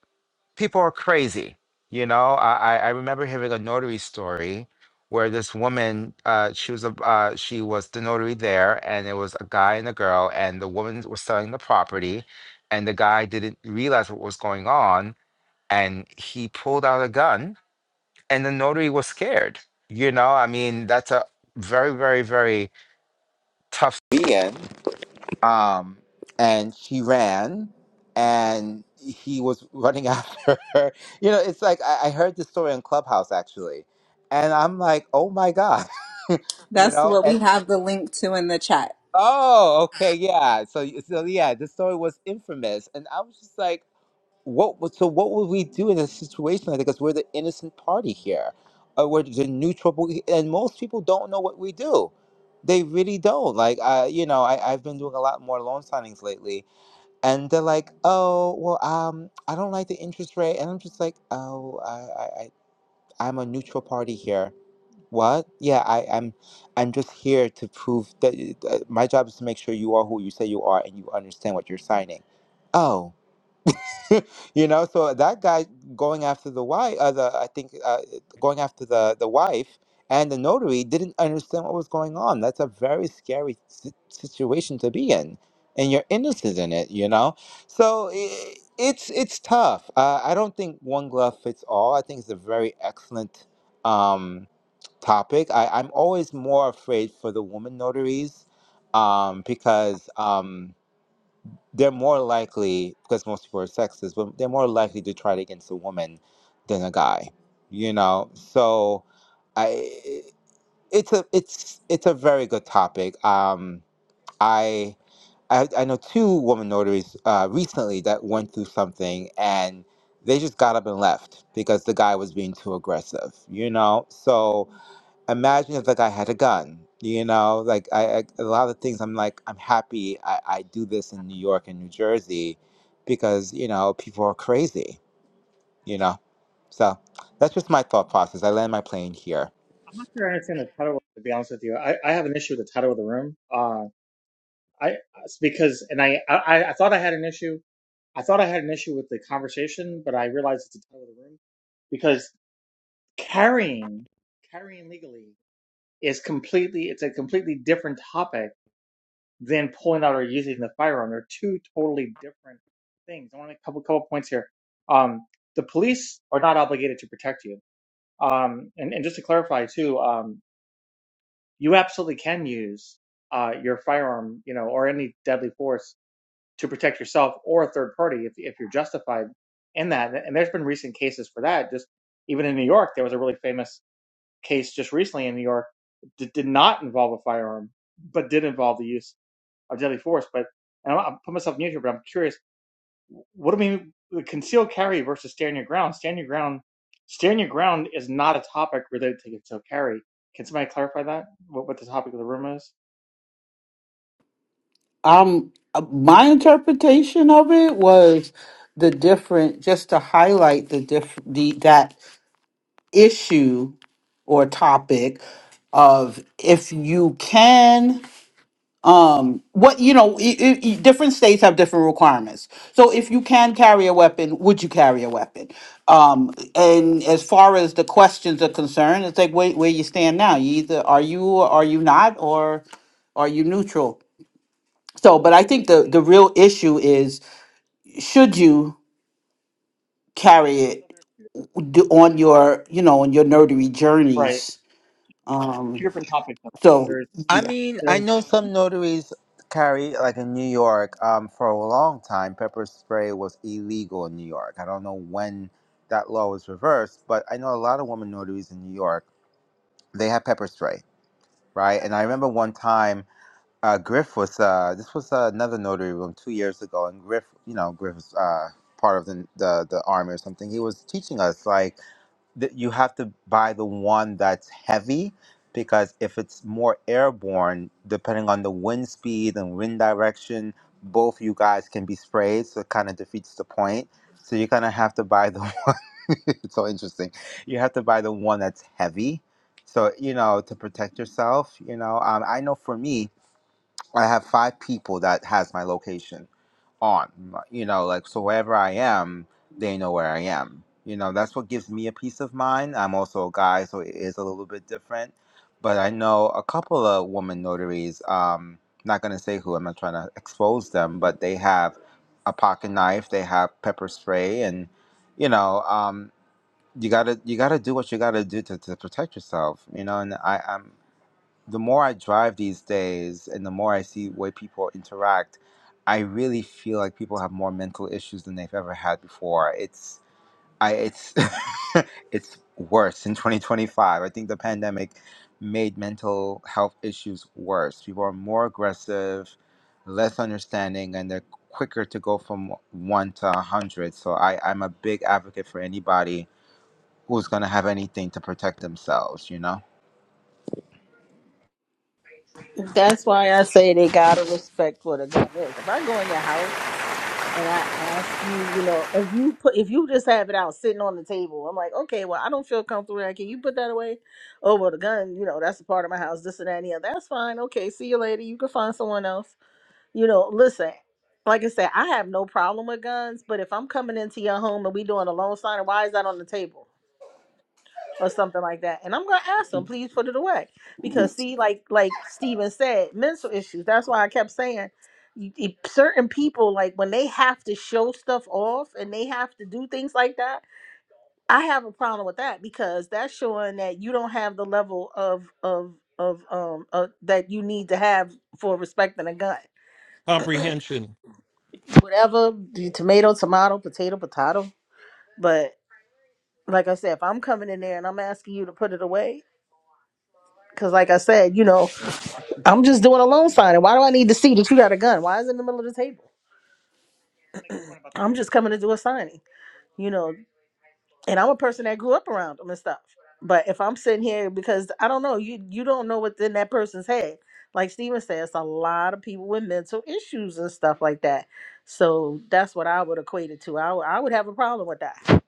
[SPEAKER 7] people are crazy. You know, I I I remember hearing a notary story where this woman, uh, she was a uh, she was the notary there, and it was a guy and a girl, and the woman was selling the property, and the guy didn't realize what was going on, and he pulled out a gun, and the notary was scared. You know, I mean, that's a very, very, very tough um, and she ran and he was running after her you know it's like I, I heard this story in clubhouse actually and i'm like oh my god you
[SPEAKER 1] that's
[SPEAKER 7] know
[SPEAKER 1] what
[SPEAKER 7] and,
[SPEAKER 1] we have the link to in the chat
[SPEAKER 7] oh okay yeah so y- so yeah this story was infamous and i was just like what would- so what would we do in a situation like that because we're the innocent party here or we're the neutral party, and most people don't know what we do they really don't like uh, you know I, i've been doing a lot more loan signings lately and they're like, "Oh, well, um, I don't like the interest rate," and I'm just like, "Oh, I, I, I I'm a neutral party here." What? Yeah, I, I'm, I'm just here to prove that uh, my job is to make sure you are who you say you are and you understand what you're signing. Oh. you know so that guy going after the wife uh, the i think uh, going after the the wife and the notary didn't understand what was going on that's a very scary si- situation to be in and you're innocent in it you know so i it's it's tough uh, i don't think one glove fits all i think it's a very excellent um topic I, i'm always more afraid for the woman notaries um because Um, they're more likely because most people are sexist, but they're more likely to try it against a woman than a guy. You know, so I it's a it's it's a very good topic. Um, I I, I know two woman notaries uh, recently that went through something and they just got up and left because the guy was being too aggressive. You know, so imagine if like I had a gun. You know, like I, I a lot of things I'm like I'm happy I, I do this in New York and New Jersey because, you know, people are crazy, you know. So that's just my thought process. I land my plane here.
[SPEAKER 5] I'm not sure I understand the title. To be honest with you, I, I have an issue with the title of the room. Uh, I it's because and I, I I thought I had an issue. I thought I had an issue with the conversation, but I realized it's the title of the room because carrying carrying legally. is completely it's a completely different topic than pulling out or using the firearm. They're two totally different things. I want to make a couple couple points here. Um, the police are not obligated to protect you. Um, and, and just to clarify too, um, you absolutely can use uh, your firearm, you know, or any deadly force to protect yourself or a third party if if you're justified in that. And there's been recent cases for that. Just even in New York, there was a really famous case just recently in New York did, did not involve a firearm, but did involve the use of deadly force. But and i will put myself mute here, but I'm curious. What do we mean with concealed carry versus stand your ground? Stand your ground. Stand your ground is not a topic related to concealed carry. Can somebody clarify that? What, what the topic of the room is?
[SPEAKER 6] um, uh, my interpretation of it was the different just to highlight the diff the that issue or topic of if you can um what you know i i i- different states have different requirements so if you can carry a weapon would you carry a weapon um and as far as the questions are concerned it's like where, where you stand now you either are you or are you not or are you neutral so but i think the the real issue is should you carry it d- on your you know on your nerdery
[SPEAKER 5] Right.
[SPEAKER 6] journeys um
[SPEAKER 5] Two different topics.
[SPEAKER 6] So
[SPEAKER 5] There's
[SPEAKER 7] I
[SPEAKER 6] yeah,
[SPEAKER 7] mean, I
[SPEAKER 5] there's
[SPEAKER 7] know some notaries carry like in New York, um, for a long time pepper spray was illegal in New York. I don't know when that law was reversed, but I know a lot of women notaries in New York, they have pepper spray, right? And I remember one time uh, Griff was uh, this was uh, another notary room two years ago, and Griff, you know, Griff was uh, part of the, the the army or something. He was teaching us like that you have to buy the one that's heavy because if it's more airborne, depending on the wind speed and wind direction, both you guys can be sprayed, so it kind of defeats the point. So you kind of have to buy the one. it's so interesting. You have to buy the one that's heavy. So you know to protect yourself. You know, um, I know for me, I have five people that has my location on. You know, like so wherever I am, they know where I am. You know, that's what gives me a peace of mind. I'm also a guy, so it is a little bit different. But I know a couple of woman notaries. Um, not gonna say who. I'm not trying to expose them, but they have a pocket knife. They have pepper spray, and you know, um, you gotta you gotta do what you gotta do to, to protect yourself. You know, and I am the more I drive these days and the more I see the way people interact, I really feel like people have more mental issues than they've ever had before. It's I it's it's worse in 2025. I think the pandemic made mental health issues worse. People are more aggressive, less understanding, and they're quicker to go from one to a hundred. So I, I'm a big advocate for anybody who's gonna have anything to protect themselves, you know?
[SPEAKER 5] a
[SPEAKER 3] That's
[SPEAKER 5] quick point
[SPEAKER 3] why I
[SPEAKER 5] about the
[SPEAKER 3] say
[SPEAKER 5] police.
[SPEAKER 3] they gotta respect what a gun is. If I go in your house and I ask you, you know, if you put if you just have it out sitting on the table, I'm like, okay, well, I don't feel comfortable. with that. Can you put that away? Oh well, the gun, you know, that's a part of my house. This and that, and the other. That's fine. Okay, see you later. You can find someone else. You know, listen. Like I said, I have no problem with guns, but if I'm coming into your home and we doing a loan sign, why is that on the table? or something like that. And I'm gonna ask them, please put it away. Because see, like like Steven said, mental issues. That's why I kept saying you- you- certain people like when they have to show stuff off and they have to do things like that i have a problem with that because that's showing that you don't have the level of of of um of, that you need to have for respecting a gun
[SPEAKER 2] Comprehension.
[SPEAKER 3] whatever the tomato tomato potato potato but like i said if i'm coming in there and i'm asking you to put it away because like i said you know I'm just doing a loan signing. Why do I need to see that you got a gun? Why is it in the middle of the table?
[SPEAKER 5] Make a point about the
[SPEAKER 3] I'm
[SPEAKER 5] police.
[SPEAKER 3] just coming
[SPEAKER 5] real
[SPEAKER 3] to
[SPEAKER 5] quick.
[SPEAKER 3] do a signing, you know. And I'm a person that grew up around them and stuff. But if I'm sitting here because I don't know, you you don't know what's in that person's head. Like Steven says, a lot of people with mental issues and stuff like that. So that's what I would equate it to. I, would- I would have a problem with that.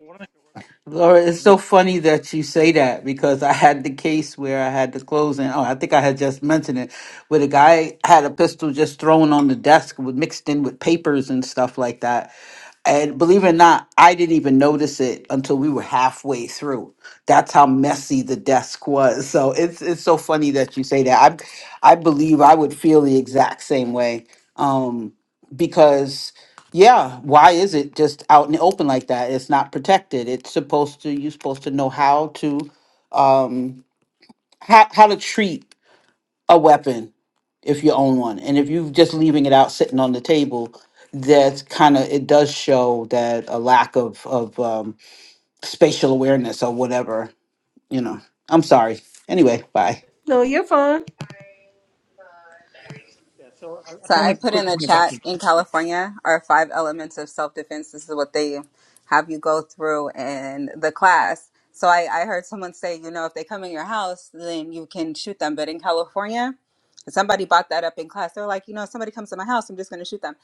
[SPEAKER 5] I wanna make a real quick
[SPEAKER 6] Laura, it's so
[SPEAKER 5] point.
[SPEAKER 6] funny that you say that because I had the case where I had to close and oh, I think I had just mentioned it, where the guy had a pistol just thrown on the desk with mixed in with papers and stuff like that. And believe it or not, I didn't even notice it until we were halfway through. That's how messy the desk was. So it's it's so funny that you say that. I I believe I would feel the exact same way. Um, because Yeah, why is it just out in the open like that? It's not protected. It's supposed to you're supposed to know how to um how how to treat a weapon if you own one. And if you're just leaving it out sitting on the table, that's kind of it does show that a lack of of um spatial awareness or whatever, you know. I'm sorry. Anyway, bye.
[SPEAKER 3] No, you're fine.
[SPEAKER 5] Yeah. So I, I
[SPEAKER 1] So
[SPEAKER 5] want
[SPEAKER 1] I
[SPEAKER 5] to make a
[SPEAKER 1] put
[SPEAKER 5] quick
[SPEAKER 1] in a
[SPEAKER 5] point about.
[SPEAKER 1] chat in California are five elements of self defense. This is what they have you go through in the class. So I, I heard someone say, you know, if they come in your house, then you can shoot them. But in California, somebody brought that up in class. They're like, you know, if somebody comes to my house, I'm just going to shoot them.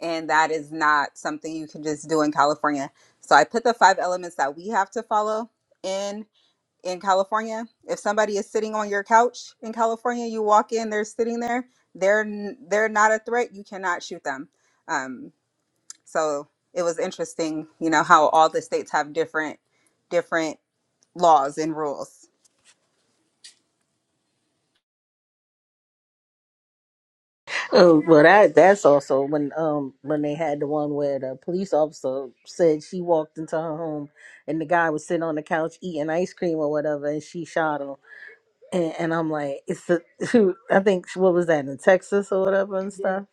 [SPEAKER 1] And that is not something you can just do in California. So I put the five elements that we have to follow in in California. If somebody is sitting on your couch in California, you walk in, they're sitting there. They're n- they're not a threat. You cannot shoot them. Um, so it was interesting, you know, how all the states have different different laws and rules.
[SPEAKER 3] Oh, well, that that's also when um when they had the one where the police officer said she walked into her home and the guy was sitting on the couch eating ice cream or whatever and she shot him and, and I'm like it's the I think what was that in Texas or whatever and Yeah. stuff.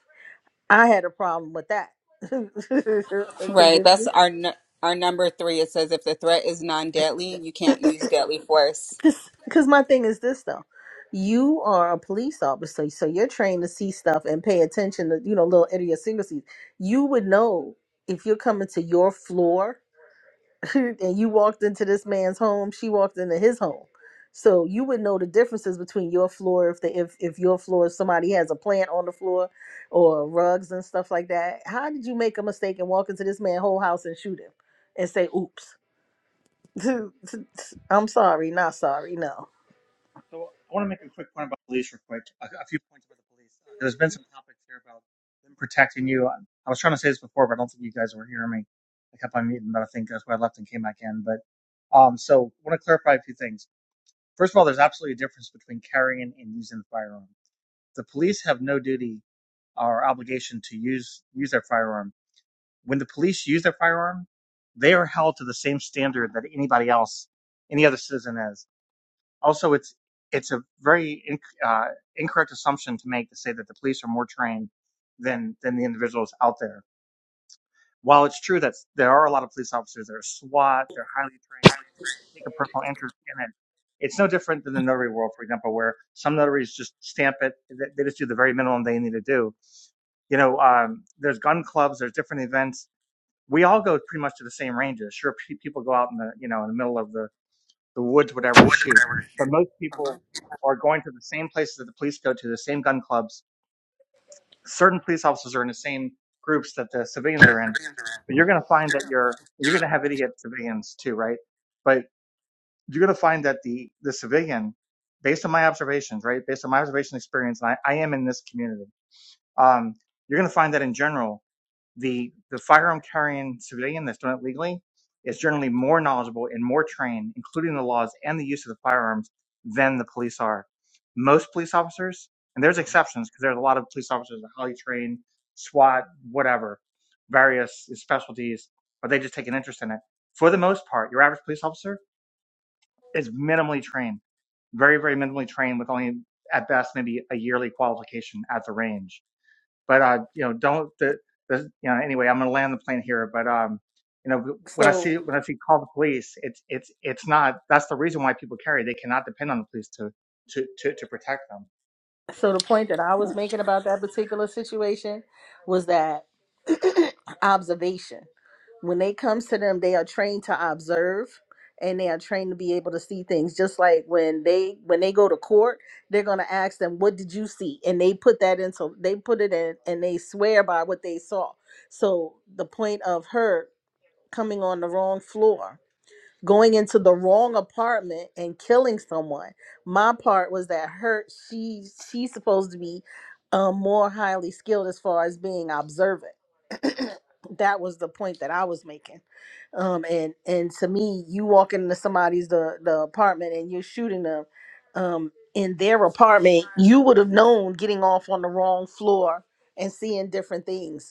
[SPEAKER 3] I had a problem with that because
[SPEAKER 1] Right. That's
[SPEAKER 3] if
[SPEAKER 1] our n- our number three. It says if the threat is non-deadly, you can't use deadly force.
[SPEAKER 3] because my thing is this though. You are a police officer, so you're trained to see stuff and pay attention to, you know, little idiosyncrasies. You would know if you're coming to your floor and you walked into this man's home, she walked into his home. So you would know the differences between your floor if the if, if your floor if somebody has a plant on the floor or rugs and stuff like that. How did you make a mistake and walk into this man's whole house and shoot him and say, oops. I'm sorry, not sorry, no.
[SPEAKER 5] So I want to make a quick point about police, real quick. A, a few points about the police. Uh, there's been some topics here about them protecting you. I, I was trying to say this before, but I don't think you guys were hearing me. I kept on muting, but I think that's why I left and came back in. But um, so I want to clarify a few things. First of all, there's absolutely a difference between carrying and using the firearm. The police have no duty or obligation to use use their firearm. When the police use their firearm, they are held to the same standard that anybody else, any other citizen is. Also, it's it's a very inc uh, incorrect assumption to make to say that the police are more trained than than the individuals out there. While it's true that there are a lot of police officers that are SWAT, they're highly trained, they take a personal interest in it. It's no different than the notary world, for example, where some notaries just stamp it. They they just do the very minimum they need to do. You know, um, there's gun clubs, there's different events. We all go pretty much to the same ranges. Sure, pe- people go out in the you know in the middle of the the woods, whatever, to shoot. But most people are going to the same places that the police go to, the same gun clubs. Certain police officers are in the same groups that the civilians are in. But you're going to find that you're you're going to have idiot civilians too, right? But you're going to find that the the civilian, based on my observations, right, based on my observation experience, and I, I am in this community, um, you're going to find that in general the the firearm carrying civilian that's done it legally is generally more knowledgeable and more trained, including the laws and the use of the firearms, than the police are. Most police officers, and there's exceptions because there's a lot of police officers that are highly trained, SWAT, whatever, various specialties, but they just take an interest in it. For the most part, your average police officer is minimally trained, very, very minimally trained with only at best maybe a yearly qualification at the range but uh, you know, don't the, the you know. Anyway, I'm going to land the plane here. But um, you know, when I see
[SPEAKER 3] So
[SPEAKER 5] when I see call the police, it's it's it's not. That's the reason why people carry. They cannot depend on the police to to to, to protect them.
[SPEAKER 3] so the point that I was making about that particular situation was that observation. when they comes to them they are trained to observe and they are trained to be able to see things just like when they when they go to court they're going to ask them what did you see and they put that into they put it in and they swear by what they saw so the point of her coming on the wrong floor going into the wrong apartment and killing someone. My part was that her she she's supposed to be um, more highly skilled as far as being observant. that was the point that I was making. Um, and and to me, you walk into somebody's the the apartment and you're shooting them um, in their apartment. You would have known getting off on the wrong floor and seeing different things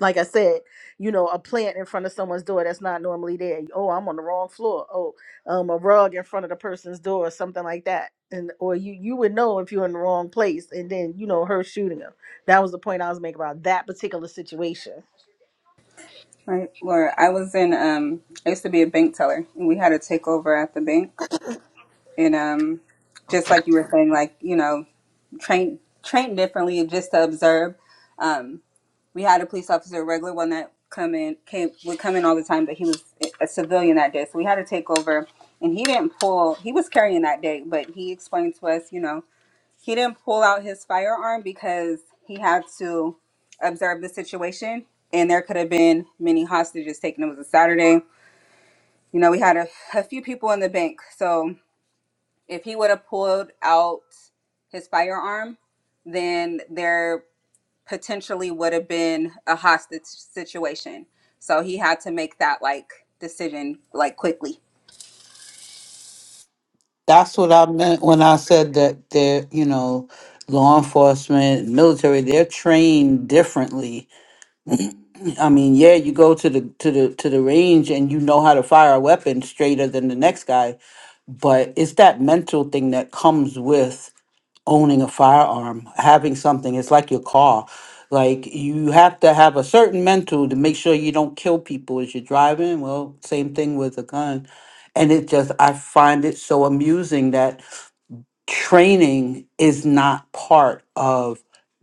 [SPEAKER 3] and like I said, you know, a plant in front of someone's door that's not normally there. Oh, I'm on the wrong floor. Oh, um, a rug in front of the person's door, or something like that. And or you you would know if you're in the wrong place. And then you know her shooting him. That was the point I was making about that particular situation.
[SPEAKER 1] Right, Laura. I was in. Um, I used to be a bank teller, and we had a takeover at the bank, and um, just like you were saying, like you know, trained trained differently just to observe. Um, we had a police officer, a regular one that come in came would come in all the time, but he was a civilian that day, so we had to take over. And he didn't pull. He was carrying that day, but he explained to us, you know, he didn't pull out his firearm because he had to observe the situation, and there could have been many hostages taken. It was a Saturday. You know, we had a, a few people in the bank, so if he would have pulled out his firearm, then there potentially would have been a hostage situation. So he had to make that like decision like quickly.
[SPEAKER 6] That's what I meant
[SPEAKER 5] you
[SPEAKER 6] when
[SPEAKER 5] guys
[SPEAKER 6] I
[SPEAKER 5] are big on
[SPEAKER 6] said
[SPEAKER 5] YouTube,
[SPEAKER 6] that they're, you know, law enforcement, military, they're trained differently I mean, yeah, you go to the to the to the range and you know how to fire a weapon straighter than the next guy, but it's that mental thing that comes with owning a firearm, having something. It's like your car. Like you have to have a certain mental to make sure you don't kill people as you're driving. Well, same thing with a gun. And it just I find it so amusing that training is not part of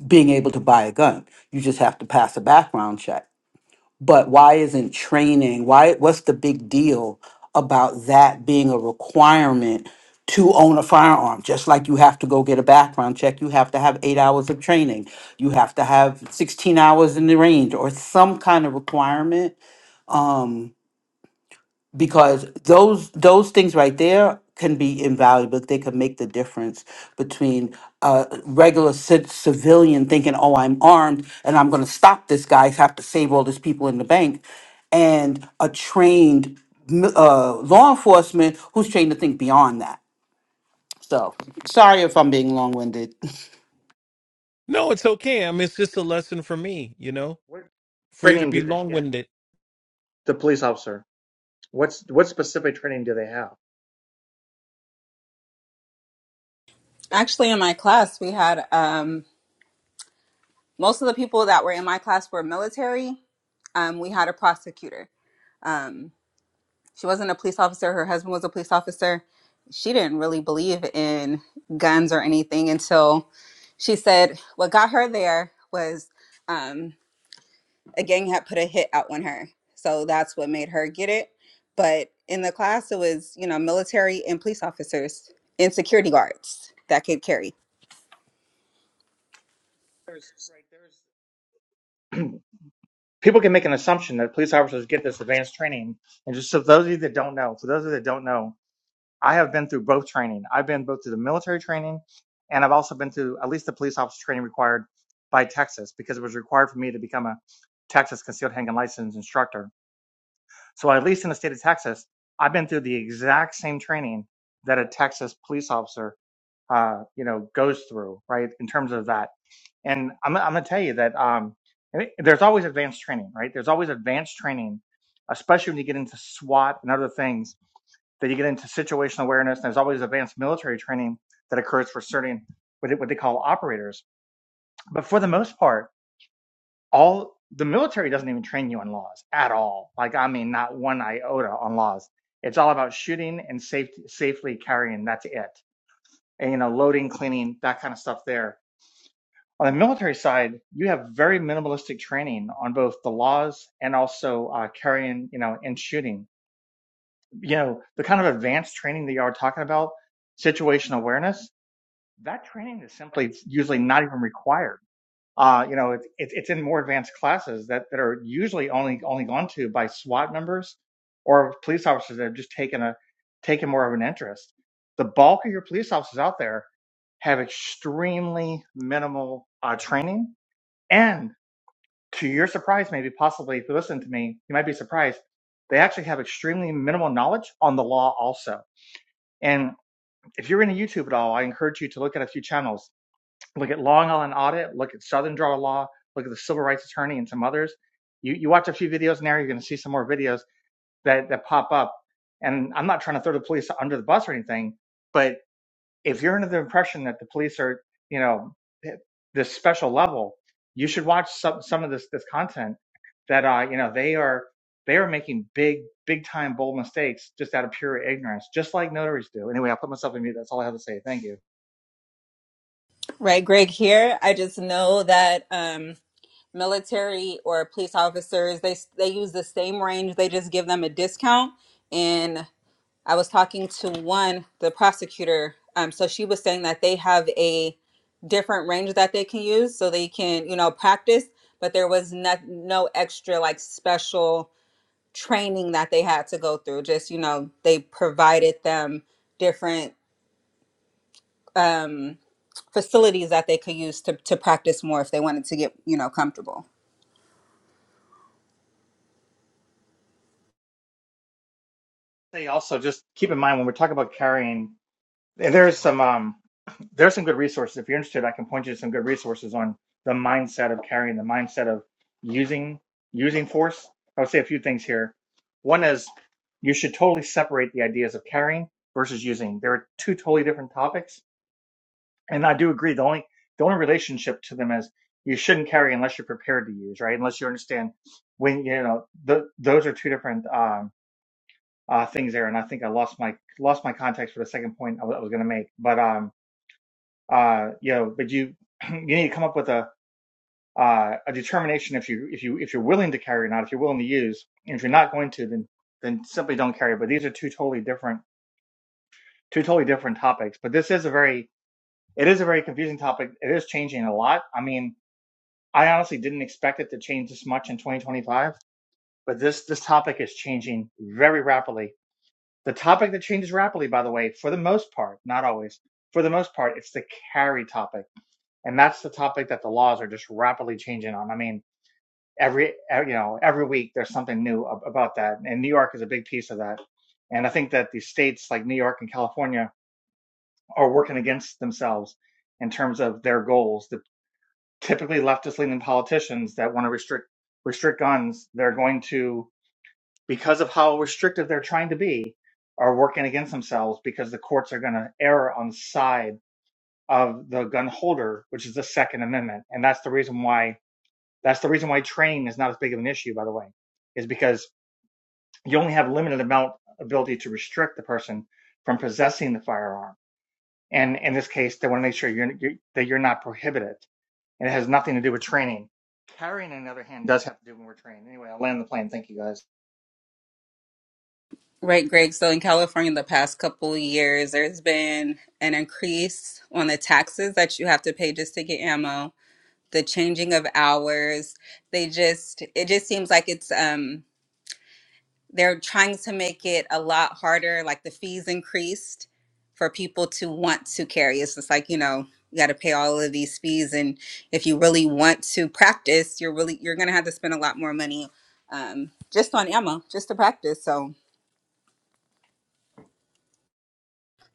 [SPEAKER 6] being able to buy a gun. You just have to pass a background check but why isn't training why what's the big deal about that being a requirement to own a firearm just like you have to go get a background check you have to have 8 hours of training you have to have 16 hours in the range or some kind of requirement because those those things right there can be invaluable. They can make the difference between a regular ci- civilian thinking, "Oh, I'm armed and I'm going to stop this guy. I have to save all these people in the bank," and a trained mi- uh, law enforcement who's trained to think beyond that. So, sorry if I'm being long-winded.
[SPEAKER 2] No, it's okay. I mean, it's just a lesson for me, you know,
[SPEAKER 5] what
[SPEAKER 2] for you to
[SPEAKER 5] training
[SPEAKER 2] be
[SPEAKER 5] do they
[SPEAKER 2] long
[SPEAKER 5] get?
[SPEAKER 2] winded.
[SPEAKER 5] The police officer. What's what specific training do they have?
[SPEAKER 1] Actually, in my class, we had um, most of the people that were in my class were military. Um, we had a prosecutor. Um, she wasn't a police officer. Her husband was a police officer. She didn't really believe in guns or anything until she said what got her there was um, a gang had put a hit out on her. So that's what made her get it. But in the class, it was, you know, military and police officers and security guards that could carry.
[SPEAKER 5] people can make an assumption that police officers get this advanced training. And just so those of you that don't know, for those of you that don't know, I have been through both training. I've been both to the military training and I've also been to at least the police officer training required by Texas because it was required for me to become a Texas concealed handgun license instructor. So at least in the state of Texas, I've been through the exact same training that a Texas police officer, uh, you know, goes through, right? In terms of that. And I'm, I'm going to tell you that, um, and it- there's always advanced training, right? There's always advanced training, especially when you get into SWAT and other things that you get into situational awareness. And there's always advanced military training that occurs for certain what they call operators. But for the most part, all the military doesn't even train you on laws at all. Like I mean, not one iota on laws. It's all about shooting and safe, safely carrying. That's it. And you know, loading, cleaning, that kind of stuff. There on the military side, you have very minimalistic training on both the laws and also uh, carrying, you know, and shooting you know, the kind of advanced training that you are talking about, situational awareness, that training is simply usually not even required. Uh, you know, it's it's it's in more advanced classes that, that are usually only only gone to by SWAT members or police officers that have just taken a taken more of an interest. The bulk of your police officers out there have extremely minimal uh, training, and to your surprise, maybe possibly if you listen to me, you might be surprised. They actually have extremely minimal knowledge on the law also and if you're into YouTube at all, I encourage you to look at a few channels. Look at Long Island Audit, look at Southern Draw Law, look at the Civil Rights Attorney, and some others. You, you watch a few videos now, you're going to see some more videos that, that pop up. And I'm not trying to throw the police under the bus or anything, but if you're under the impression that the police are, you know, this special level, you should watch some some of this this content that uh, you know, they are they are making big big time bold mistakes just out of pure ignorance, just like notaries do. Anyway, I'll put myself in mute. That's all I have to say. Thank you.
[SPEAKER 1] Right, Greg, here, I just know that um, military or police officers, they, they use the same range, they just give them a discount. and. I was talking to one, the prosecutor. Um, so she was saying that they have a different range that they can use, so they can, you know, practice. But there was not no extra like special training that they had to go through. Just you know, they provided them different um, facilities that they could use to to practice more if they wanted to get you know comfortable.
[SPEAKER 5] Say also just keep in mind when we're talking about carrying And there's some um there's some good resources if you're interested i can point you to some good resources on the mindset of carrying the mindset of using using force i would say a few things here one is you should totally separate the ideas of carrying versus using there are two totally different topics and i do agree the only the only relationship to them is you shouldn't carry unless you're prepared to use right unless you understand when you know th- those are two different um uh, things there and i think i lost my lost my context for the second point i was going to make but um uh, you know, but you you need to come up with a uh, a determination if you if you if you're willing to carry or not, if you're willing to use. And if you're not going to, then then simply don't carry. But these are two totally different two totally different topics. But this is a very it is a very confusing topic. It is changing a lot. I mean, I honestly didn't expect it to change this much in 2025, but this this topic is changing very rapidly. The topic that changes rapidly, by the way, for the most part, not always, for the most part, it's the carry topic and that's the topic that the laws are just rapidly changing on. I mean, every e, you know every week there's something new about that, and New York is a big piece of that. And I think that the states like New York and California are working against themselves in terms of their goals. The typically leftist leaning politicians that want to restrict restrict guns, they're going to because of how restrictive they're trying to be, are working against themselves because the courts are going to err on the side of the gun holder, which is the Second Amendment, and that's the reason why That's the reason why training is not as big of an issue, by the way, is because you only have limited amount ability to restrict the person from possessing the firearm. And in this case, they want to make sure you're, you that you're not prohibited, and it has nothing to do with training. Carrying, on the other hand, does have to do when we're training. Anyway, I'll land the plane. Thank you, guys.
[SPEAKER 1] Right, Greg. So in California, the past couple of years, there's been an increase on the taxes that you have to pay just to get ammo the changing of hours they just it just seems like it's um they're trying to make it a lot harder like the fees increased for people to want to carry it's just like you know you got to pay all of these fees and if you really want to practice you're really you're gonna have to spend a lot more money um, just on ammo just to practice so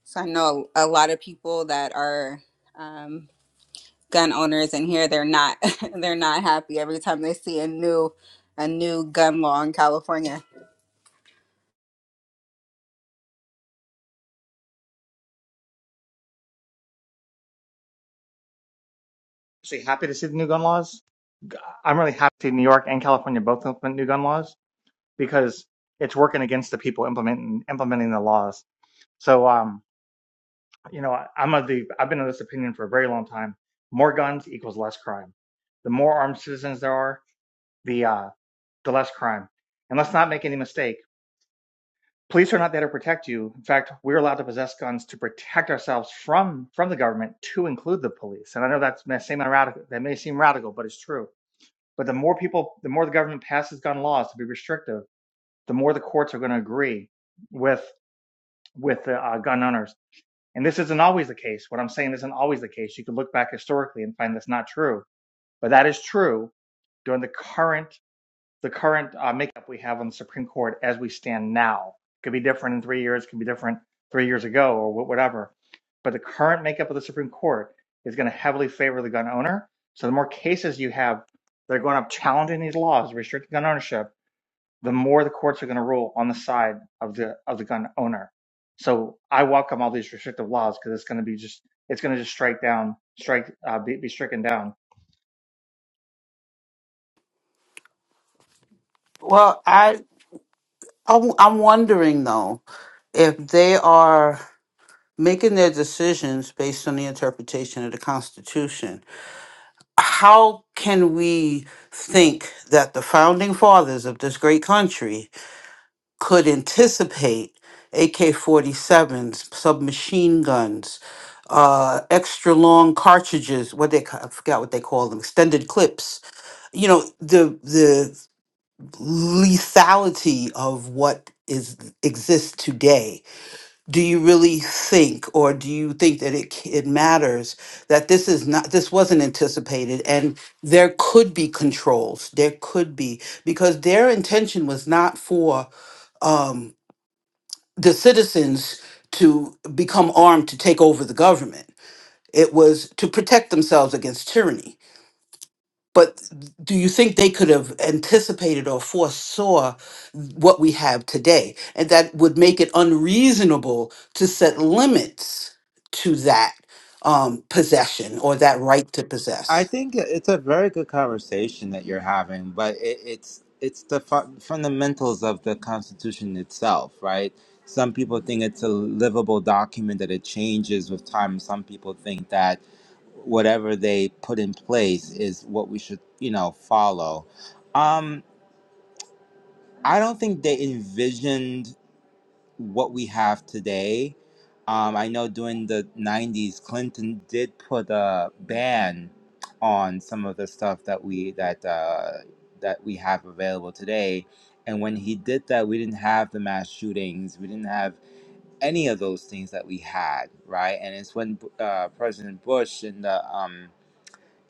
[SPEAKER 1] so i know a lot of people that are um, gun owners in here they're not they're not happy every time they see a new a new gun law in California.
[SPEAKER 5] Actually, happy to see the new gun laws. I'm really happy to see New York and California both implement new gun laws because it's working against the people implementing implementing the laws. So, um, you know, I- am of the I've been of this opinion for a very long time. More guns equals less crime. The more armed citizens there are, the uh, the less crime. And let's not make any mistake. Police are not there to protect you. In fact, we're allowed to possess guns to protect ourselves from from the government, to include the police. And I know that's may seem radical. That may seem radical, but it's true. But the more people, the more the government passes gun laws to be restrictive, the more the courts are going to agree with with the uh, gun owners. And this isn't always the case. What I'm saying isn't always the case. You can look back historically and find that's not true, but that is true during the current the current uh, makeup we have on the Supreme Court as we stand now. It Could be different in three years. It Could be different three years ago or whatever. But the current makeup of the Supreme Court is going to heavily favor the gun owner. So the more cases you have, they're going up challenging these laws restricting gun ownership the more the courts are going to rule on the side of the of the gun owner. So I welcome all these restrictive laws because it's going to be just it's going to just strike down strike uh, be, be stricken down
[SPEAKER 6] Well, I I'm I'm wondering though if they are making their decisions based on the interpretation of the Constitution how can we think that the founding fathers of this great country could anticipate AK 47s, submachine guns, uh, extra long cartridges, what they, ca- I forgot what they call them, extended clips? You know, the, the lethality of what is exists today do you really think or do you think that it c- it matters that this is not this wasn't anticipated and there could be controls there could be because their intention was not for um the citizens to become armed to take over the government it was to protect themselves against tyranny but do you think they could have anticipated or foresaw what we have today? And that would make it unreasonable to set limits to that um, possession or that right to
[SPEAKER 7] I
[SPEAKER 6] possess.
[SPEAKER 7] think it's a very good conversation that you're having, but it, it's it's the fu- fundamentals of the Constitution itself, right? Some people think it's a livable document that it changes with time. Some people think that whatever they put in place is what we should, you know, follow. Um, I don't think they envisioned what we have today. Um, I know during the 90s, Clinton did put a ban on some of the stuff that we that uh, that we have available today. And when he did that, we didn't have the mass shootings. We didn't have any of those things that we had, right? And it's when uh, President Bush and the um,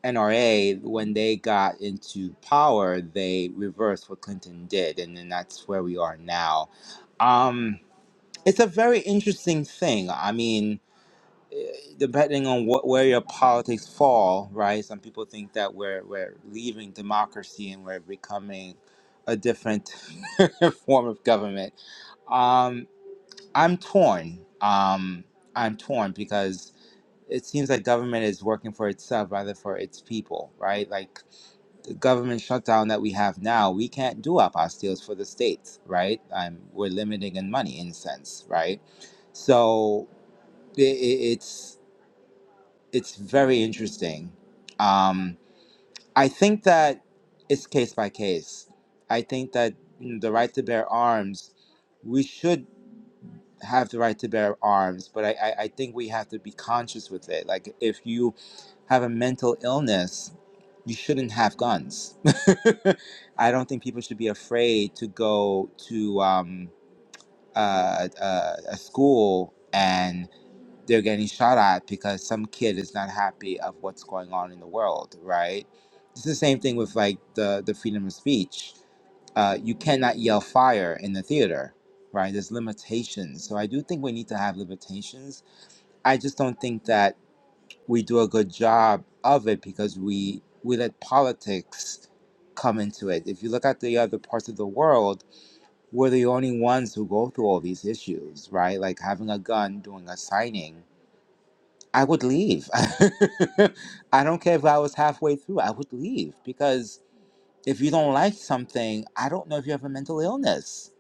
[SPEAKER 7] NRA, when they got into power, they reversed what Clinton did, and then that's where we are now. Um, it's a very interesting thing. I mean, eh, depending on what where your politics fall, right? Some people think that we're we're leaving democracy and we're becoming a different form of government. Um, I'm torn. Um, I'm torn because it seems like government is working for itself rather for its people, right? Like the government shutdown that we have now, we can't do apostilles for the states, right? Um, we're limiting in money in a sense, right? So i- i- it's it's very interesting. Um, I think that it's case by case. I think that mm, the right to bear arms, we should have the right to bear arms, but I, I, I think we have to be conscious with it. Like if you have a mental illness, you shouldn't have guns. I don't think people should be afraid to go to um, uh, uh, a school they're getting shot at because some kid is not happy of what's going on in the world, right? It's the same thing with like the the freedom of speech. Uh, you cannot yell fire in the theater, right? There's limitations. So I do think we need to have limitations. I just don't think that we do a good job of it because we we let politics come into it. If you look at the other parts of the world, we're the only ones who go through all these issues, right? Like having a gun, doing a signing I would leave. I don't care if I was halfway through, I would leave because if you don't like something, I don't know if you have a mental illness.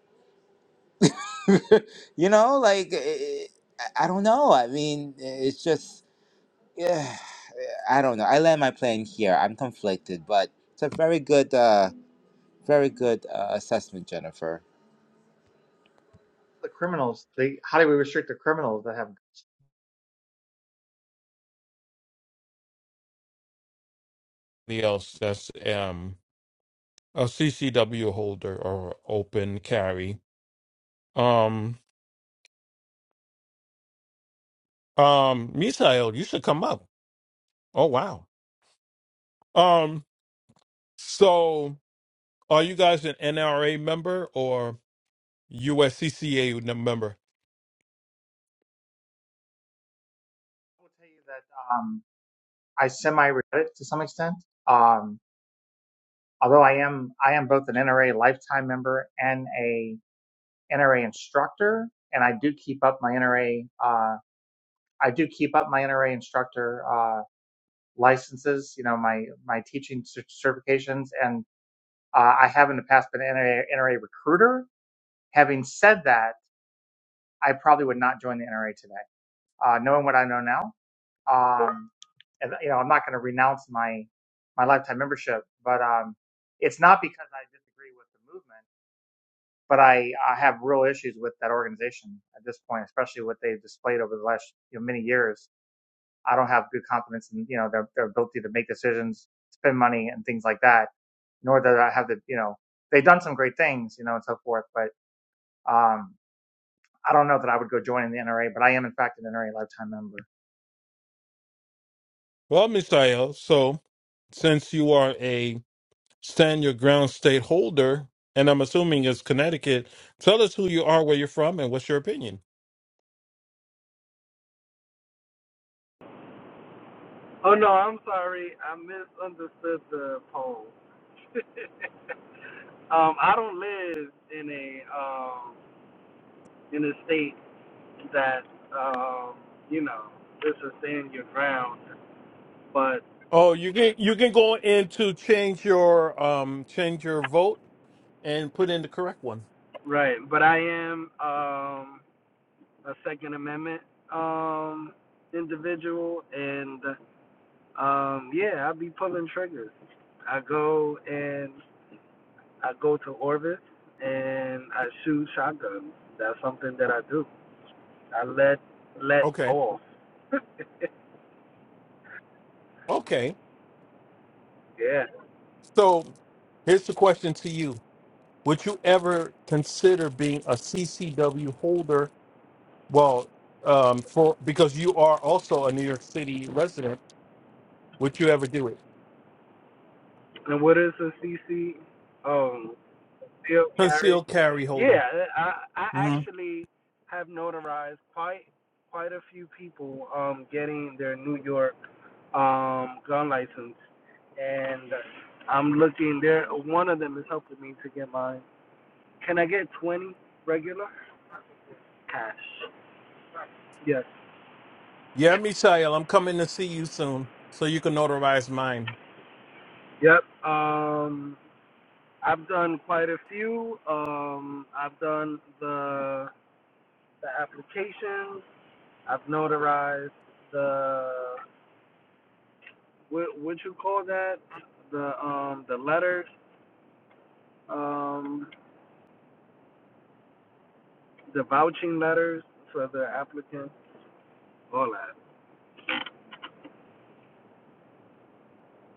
[SPEAKER 7] you know, like, eh, eh, I I don't know. I mean, eh, it's just, yeah, I don't know. I land my plane here. I'm conflicted, but it's a very good, uh, very good uh, assessment, Jennifer.
[SPEAKER 5] the criminals. They how do we restrict the criminals that have? I
[SPEAKER 2] The else that's um, a CCW holder or open carry. Um, um, Misael, you should come up. Oh, wow. Um, so are you guys an NRA member or USCCA member?
[SPEAKER 5] will tell you that um, I semi regret it to some extent. Um, although I am I am both an NRA lifetime member and a NRA instructor, and I do keep up my NRA. Uh, I do keep up my NRA instructor Uh, licenses, you know, my my teaching certifications, and uh, I have in the past been an NRA, recruiter. Having said that, I probably would not join the NRA today, uh, knowing what I know now. Um, and you know, I'm not going to renounce my my lifetime membership, but um, it's not because I disagree with the movement, but I, I have real issues with that organization at this point, especially what they've displayed over the last you know, many years. I don't have good confidence in you know their, their ability to make decisions, spend money, and things like that nor that I have the, you know, they've done some great things, you know, and so forth. But um, I don't know that I would go join in the NRA, but I am in fact an NRA lifetime member.
[SPEAKER 2] Well, Misael, so since you are a stand your ground state holder, and I'm assuming it's Connecticut, tell us who you are, where you're from, and what's your opinion.
[SPEAKER 8] Oh no, I'm sorry. I misunderstood the poll. um, I don't live in a um in a state that um you know this is stand your ground, but
[SPEAKER 2] Oh, you can you can go in to change your um change your vote and put in the correct one.
[SPEAKER 8] right, but I am um a Second Amendment um individual, and um yeah, I be pulling triggers. I go and I go to orbit and I shoot shotguns. That's something that I do. I let let
[SPEAKER 2] Okay.
[SPEAKER 8] off.
[SPEAKER 2] Okay.
[SPEAKER 8] yeah.
[SPEAKER 2] So here's the question to you. Would you ever consider being a CCW holder Well, um, for because you are also a New York City resident, would you ever do it?
[SPEAKER 8] And what is a CC? Um, still carry.
[SPEAKER 2] Concealed carry holder.
[SPEAKER 8] Yeah, I I
[SPEAKER 2] hmm
[SPEAKER 8] actually have notarized quite quite a few people um getting their New York um gun license, and I'm looking there. One of them is helping me to get mine. Can I get 20 regular cash? Yes.
[SPEAKER 2] Yeah, Michelle, I'm coming to see you soon, so you can notarize mine.
[SPEAKER 8] Yep. Um. I've done quite a few. Um, I've done the the applications. I've notarized the what would you call that? The um the letters, um the vouching letters for the applicants. All that.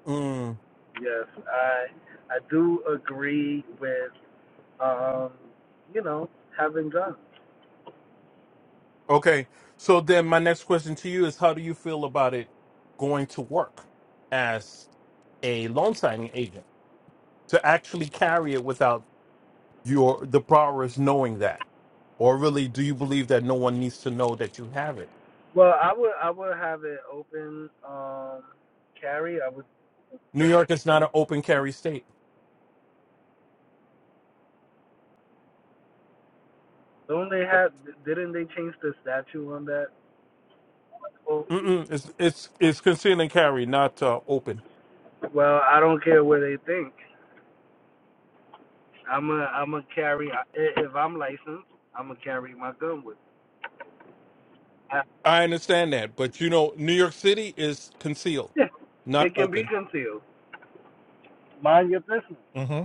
[SPEAKER 2] Mm.
[SPEAKER 8] Yes, I I do agree with um you know having guns.
[SPEAKER 2] Okay. So then, my next question to you is: How do you feel about it going to work as a loan signing agent to actually carry it without your the borrowers knowing that? Or really, do you believe that no one needs to know that you have it?
[SPEAKER 8] Well, I would I would have it open um carry. I would.
[SPEAKER 2] New York is not an open carry state.
[SPEAKER 8] Don't they have? Didn't they change the statue on that? Oh,
[SPEAKER 2] Mm-mm, it's it's it's conceal and carry, not uh, open.
[SPEAKER 8] well, I don't care what they think. I'm a I'm a carry. If I'm licensed, I'm gonna carry my gun with. Me.
[SPEAKER 2] I understand that, but you know, New York City is concealed,
[SPEAKER 8] I-
[SPEAKER 2] not
[SPEAKER 8] It can be
[SPEAKER 2] open.
[SPEAKER 8] concealed. Mind your business.
[SPEAKER 2] hmm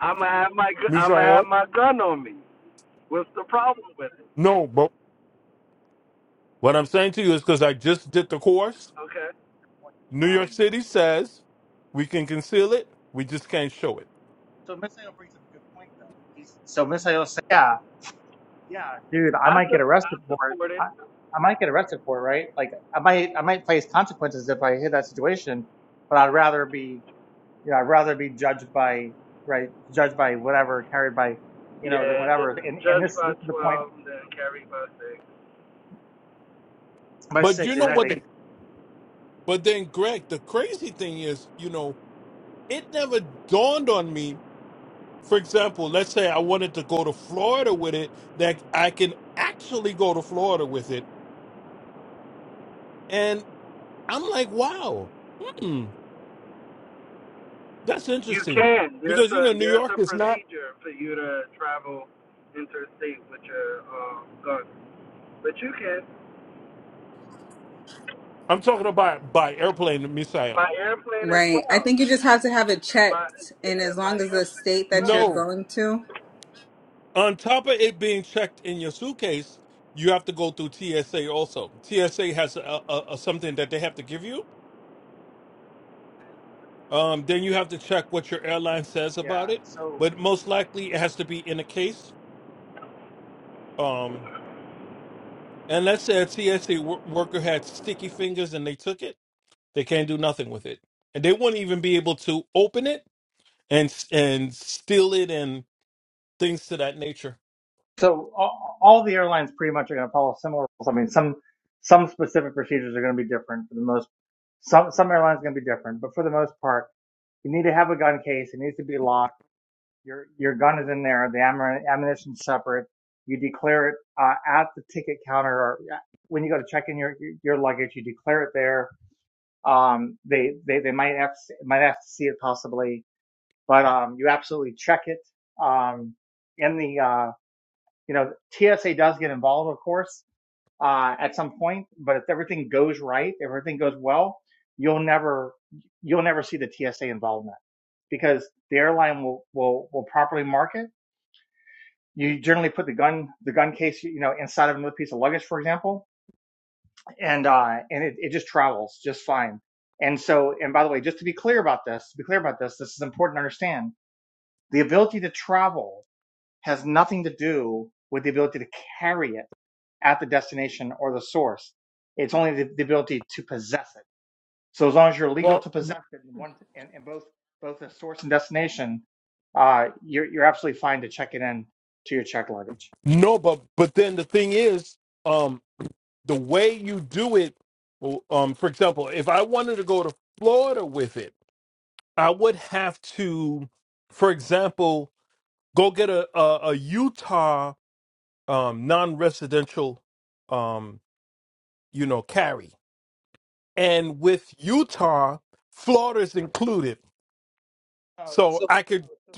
[SPEAKER 8] I'm gonna have my I'm gonna have
[SPEAKER 2] Misael,
[SPEAKER 8] my gun on me. What's the problem with it?
[SPEAKER 2] no, but what I'm saying to you is because I just did the course.
[SPEAKER 8] Okay.
[SPEAKER 2] New York
[SPEAKER 5] Um,
[SPEAKER 2] City says we can conceal it, we just can't show it.
[SPEAKER 5] so Misael brings up a good point though. He's, so Misael said, yeah, yeah, dude, I
[SPEAKER 8] I
[SPEAKER 5] might get
[SPEAKER 8] su- I
[SPEAKER 5] arrested for it.
[SPEAKER 8] support it.
[SPEAKER 5] I, I might get arrested for it, right? Like I might, I might face consequences if I hit that situation, but I'd rather be, you know, I'd rather be judged by, right, judged by whatever, carried by, you know, than
[SPEAKER 8] Yeah,
[SPEAKER 5] whatever.
[SPEAKER 8] it's
[SPEAKER 5] And, and
[SPEAKER 8] judge
[SPEAKER 5] this,
[SPEAKER 8] by
[SPEAKER 5] this is the point
[SPEAKER 8] twelve, then carry by six.
[SPEAKER 5] by
[SPEAKER 2] But you
[SPEAKER 5] six,
[SPEAKER 2] know what?
[SPEAKER 5] exactly.
[SPEAKER 2] the- but then, Greg, the crazy thing is, you know, it never dawned on me. For example, let's say I wanted to go to Florida with it, that I can actually go to Florida with it I'm like, wow, hmm, that's
[SPEAKER 8] You
[SPEAKER 2] interesting.
[SPEAKER 8] can. There's
[SPEAKER 2] Because, you
[SPEAKER 8] a
[SPEAKER 2] know, New
[SPEAKER 8] there's
[SPEAKER 2] York
[SPEAKER 8] a
[SPEAKER 2] is not,
[SPEAKER 8] procedure for you to travel interstate with your um, gun, but you can
[SPEAKER 2] I'm talking about by airplane missile.
[SPEAKER 8] by airplane as
[SPEAKER 1] Right. I
[SPEAKER 8] well.
[SPEAKER 1] think you just have to have it
[SPEAKER 8] By
[SPEAKER 1] checked and as
[SPEAKER 8] yeah, by
[SPEAKER 1] long as the
[SPEAKER 8] airplane as
[SPEAKER 1] state that
[SPEAKER 8] well.
[SPEAKER 1] you're
[SPEAKER 2] No,
[SPEAKER 1] going to.
[SPEAKER 2] on top of it being checked in your suitcase, you have to go through TSA also. TSA has a, a, a something that they have to give you. Um, then you have to check what your airline says
[SPEAKER 5] Yeah.
[SPEAKER 2] about it.
[SPEAKER 5] So.
[SPEAKER 2] But most likely it has to be in a case. Um, and let's say a TSA wor- worker had sticky fingers and they took it, they can't do nothing with it. And they wouldn't even be able to open it and and steal it and things to that nature.
[SPEAKER 5] so all, all the airlines pretty much are going to follow similar rules. I mean, some some specific procedures are going to be different for the most. Some some airlines are going to be different, but for the most part, you need to have a gun case. It needs to be locked. Your your gun is in there. The ammunition ammunition's separate. You declare it uh, at the ticket counter or uh, when you go to check in your your luggage. You declare it there. Um, they they they might have to, might have to see it possibly, but um, you absolutely check it um, in the uh, you know, TSA does get involved, of course, uh, at some point, but if everything goes right, if everything goes well, you'll never, you'll never see the TSA involvement because the airline will, will, will properly mark it. You generally put the gun, the gun case, you know, inside of another piece of luggage, for example, and, uh, and it, it just travels just fine. And so, and by the way, just to be clear about this, to be clear about this, this is important to understand. The ability to travel has nothing to do with the ability to carry it at the destination or the source. It's only the, the ability to possess it. So as long as you're legal
[SPEAKER 2] Well,
[SPEAKER 5] to possess it in one in, in both both the source and destination, uh, you're you're absolutely fine to check it in to your checked luggage.
[SPEAKER 2] No, but but then the thing is, um, the way you do it, well, um, for example, if I wanted to go to Florida with it, I would have to, for example, go get a a, a Utah um, non-residential, um, you know, carry, and with Utah, Florida's included,
[SPEAKER 5] Uh,
[SPEAKER 2] so
[SPEAKER 5] so, no,
[SPEAKER 2] I could.
[SPEAKER 5] so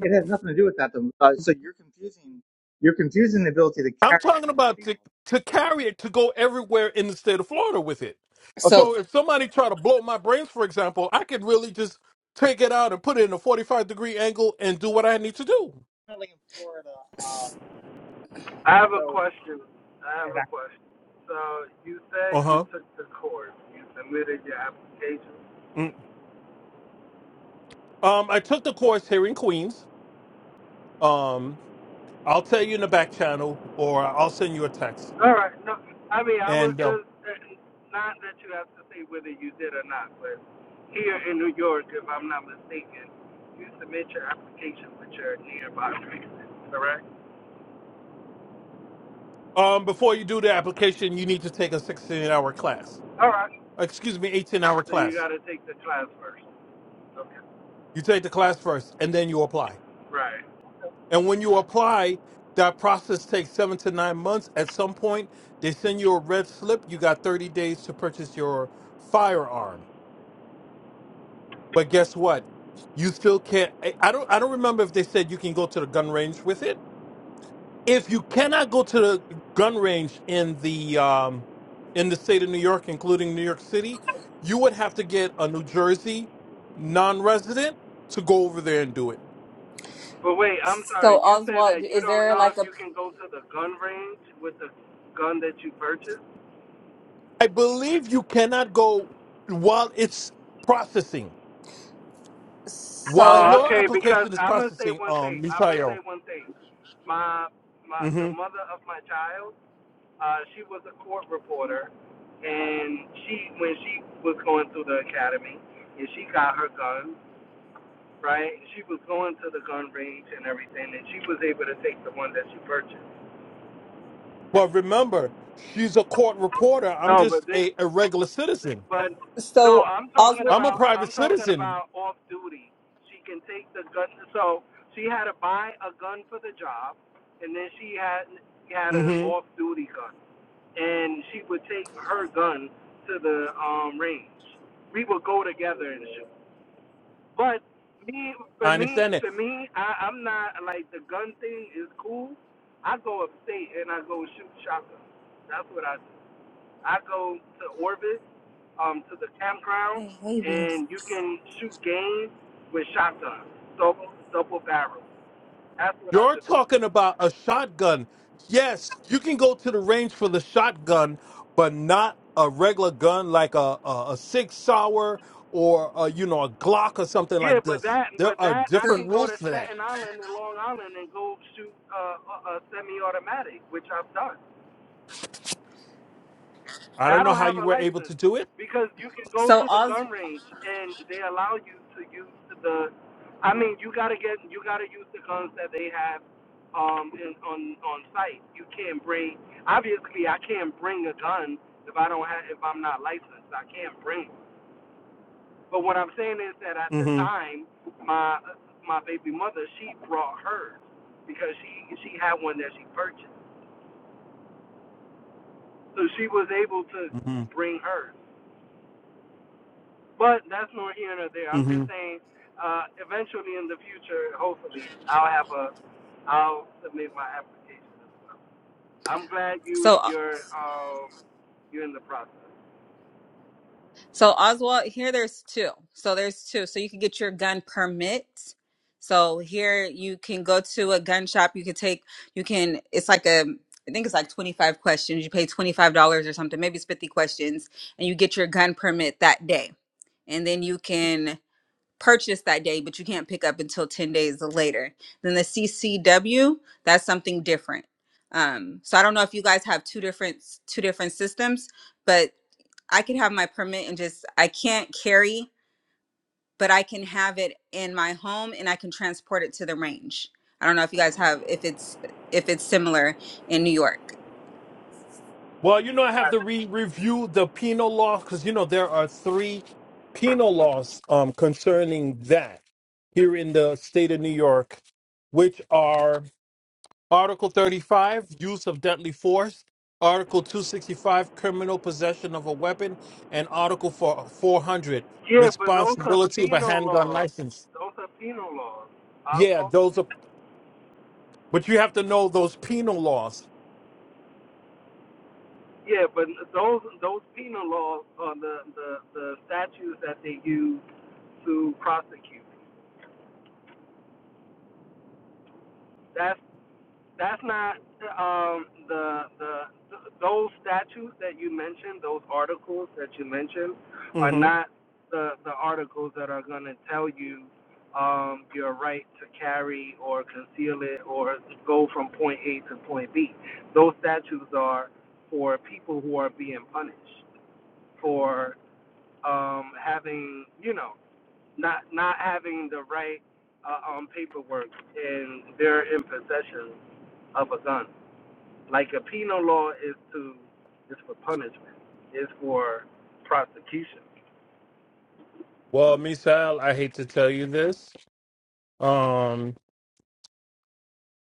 [SPEAKER 5] it has nothing to do with that, though. Uh, so you're confusing you're confusing the ability to
[SPEAKER 2] I'm
[SPEAKER 5] carry
[SPEAKER 2] talking about
[SPEAKER 5] concealed.
[SPEAKER 2] to to carry it to go everywhere in the state of Florida with it.
[SPEAKER 5] Okay,
[SPEAKER 1] So
[SPEAKER 2] So if somebody try to blow my brains, for example, I could really just take it out and put it in a 45 degree angle and do what I need to do.
[SPEAKER 5] currently in Florida, um,
[SPEAKER 8] I
[SPEAKER 5] yeah,
[SPEAKER 8] have a
[SPEAKER 5] so
[SPEAKER 8] question. I have
[SPEAKER 5] and I,
[SPEAKER 8] a question. So
[SPEAKER 5] yeah,
[SPEAKER 8] you
[SPEAKER 2] Uh
[SPEAKER 8] said you
[SPEAKER 2] huh.
[SPEAKER 8] took the course. You submitted your application.
[SPEAKER 2] Um, I took the course here in Queens. Um, I'll tell you in the back channel, or I'll send you a text.
[SPEAKER 8] All right. No, I mean, I was
[SPEAKER 2] And um,
[SPEAKER 8] just uh, not that you have to say whether you did or not, but here in New York, if I'm not mistaken, you submit your application with your nearby reason, correct?
[SPEAKER 2] um, before you do the application, you need to take a 16 hour class.
[SPEAKER 8] All right.
[SPEAKER 2] Excuse me, 18 hour
[SPEAKER 8] So you
[SPEAKER 2] class.
[SPEAKER 8] got to take the class first. Okay.
[SPEAKER 2] You take the class first, and then you apply.
[SPEAKER 8] Right.
[SPEAKER 2] And when you apply, that process takes seven to nine months. At some point, they send you a red slip. You got 30 days to purchase your firearm. But guess what? You still can't. I I don't. I don't remember if they said you can go to the gun range with it. If you cannot go to the gun range in the um, in the state of New York, including New York City, you would have to get a New Jersey non-resident to go over there and do it.
[SPEAKER 8] But wait, I'm sorry.
[SPEAKER 1] so
[SPEAKER 8] You said
[SPEAKER 1] Oswald
[SPEAKER 8] that you
[SPEAKER 1] is
[SPEAKER 8] don't
[SPEAKER 1] there
[SPEAKER 8] know if
[SPEAKER 1] like a
[SPEAKER 8] you can go to the gun range with the gun that you purchased.
[SPEAKER 2] I believe you cannot go while it's processing, while
[SPEAKER 1] so
[SPEAKER 8] Oh,
[SPEAKER 2] your
[SPEAKER 8] okay. Because
[SPEAKER 2] application is
[SPEAKER 8] I'm gonna say
[SPEAKER 2] processing,
[SPEAKER 8] one
[SPEAKER 2] um,
[SPEAKER 8] thing. I'm gonna
[SPEAKER 2] Misael.
[SPEAKER 8] say one thing. My my the
[SPEAKER 2] hmm
[SPEAKER 8] mother of my child Uh, she was a court reporter, and she when she was going through the academy, and she got her gun right. And she was going to the gun range and everything, and she was able to take the one that she purchased.
[SPEAKER 2] But remember, she's a court reporter. I'm
[SPEAKER 8] No, but
[SPEAKER 2] just
[SPEAKER 8] this,
[SPEAKER 2] a, a regular
[SPEAKER 8] this
[SPEAKER 2] citizen.
[SPEAKER 8] but no,
[SPEAKER 1] so
[SPEAKER 8] I'm talking
[SPEAKER 1] Oswald
[SPEAKER 2] I'm a
[SPEAKER 8] about
[SPEAKER 2] private
[SPEAKER 8] I'm talking
[SPEAKER 2] citizen.
[SPEAKER 8] about off duty. She can take the gun. So she had to buy a gun for the job, and then she had had an
[SPEAKER 2] hmm
[SPEAKER 8] off duty gun. and she would take her gun to the um range. We would go together and shoot. But me, for
[SPEAKER 2] I
[SPEAKER 8] me,
[SPEAKER 2] understand that.
[SPEAKER 8] for me, I, I'm not like the gun thing is cool. I go upstate and I go shoot shotguns. That's what I do. I go to Orbit, um, to the campground,
[SPEAKER 1] hey babies.
[SPEAKER 8] and you can shoot game with shotguns, double double barrel. That's what I
[SPEAKER 2] You're
[SPEAKER 8] do.
[SPEAKER 2] talking about a shotgun. Yes, you can go to the range for the shotgun, but not a regular gun like a, a, a six sour or a, you know a Glock or something
[SPEAKER 8] Yeah,
[SPEAKER 2] like
[SPEAKER 8] but
[SPEAKER 2] this.
[SPEAKER 8] that, but
[SPEAKER 2] There are
[SPEAKER 8] that, I
[SPEAKER 1] So
[SPEAKER 2] different
[SPEAKER 8] can go
[SPEAKER 2] rules
[SPEAKER 8] to
[SPEAKER 2] for that.
[SPEAKER 8] Staten Island and Long Island and go shoot uh, a, a semi-automatic, which I've done.
[SPEAKER 2] I
[SPEAKER 8] Now, I
[SPEAKER 2] don't know
[SPEAKER 8] don't
[SPEAKER 2] how
[SPEAKER 8] have
[SPEAKER 2] you
[SPEAKER 8] a
[SPEAKER 2] were able to
[SPEAKER 8] license
[SPEAKER 2] do it.
[SPEAKER 8] because you can go
[SPEAKER 1] so
[SPEAKER 8] to the
[SPEAKER 1] Os
[SPEAKER 8] gun range and they allow you to use the. I mean, you gotta get, you gotta use the guns that they have um in, on on site. You can't bring. Obviously, I can't bring a gun if I don't have, if I'm not licensed. I can't bring. But what I'm saying is that at the
[SPEAKER 2] Mm-hmm.
[SPEAKER 8] time, my my baby mother, she brought hers because she she had one that she purchased, so she was able to
[SPEAKER 2] Mm-hmm.
[SPEAKER 8] bring hers. But that's nor here nor there. I'm
[SPEAKER 2] Mm-hmm.
[SPEAKER 8] just saying, uh, eventually in the future, hopefully, I'll have a I'll submit my application as well. I'm glad you
[SPEAKER 1] so
[SPEAKER 8] you're um you're in the process.
[SPEAKER 1] So Oswald, here there's two. So there's two. So you can get your gun permit. So here you can go to a gun shop. You can take. You can. It's like a. I think it's like 25 questions. You pay $25 or something. Maybe it's 50 questions, and you get your gun permit that day. And then you can purchase that day, but you can't pick up until 10 days later. Then the CCW, that's something different. Um, so I don't know if you guys have two different two different systems, but I could have my permit and just I can't carry, but I can have it in my home and I can transport it to the range. I don't know if you guys have if it's if it's similar in New York.
[SPEAKER 2] Well, you know, I have to re-review the penal law because you know there are three penal laws um, concerning that here in the state of New York, which are Article 35, use of deadly force, Article 265, criminal possession of a weapon, and Article 4 400,
[SPEAKER 8] Yeah, but those are
[SPEAKER 2] responsibility of a
[SPEAKER 8] penal
[SPEAKER 2] handgun
[SPEAKER 8] laws.
[SPEAKER 2] license.
[SPEAKER 8] Those are penal laws.
[SPEAKER 2] Yeah,
[SPEAKER 8] Oswald.
[SPEAKER 2] those are, but you have to know those penal laws.
[SPEAKER 8] Yeah, but those those penal laws are the, the, the statutes that they use to prosecute. That's that's not um, the the those statutes that you mentioned, those articles that you mentioned, are not the the articles that are going to tell you um, your right to carry or conceal it or go from point A to point B. Those statutes are for people who are being punished for um, having you know not not having the right uh, um, paperwork and they're in possession of a gun. Like a penal law is to is for punishment, is for prosecution.
[SPEAKER 2] Well, Misael, I hate to tell you this. Um,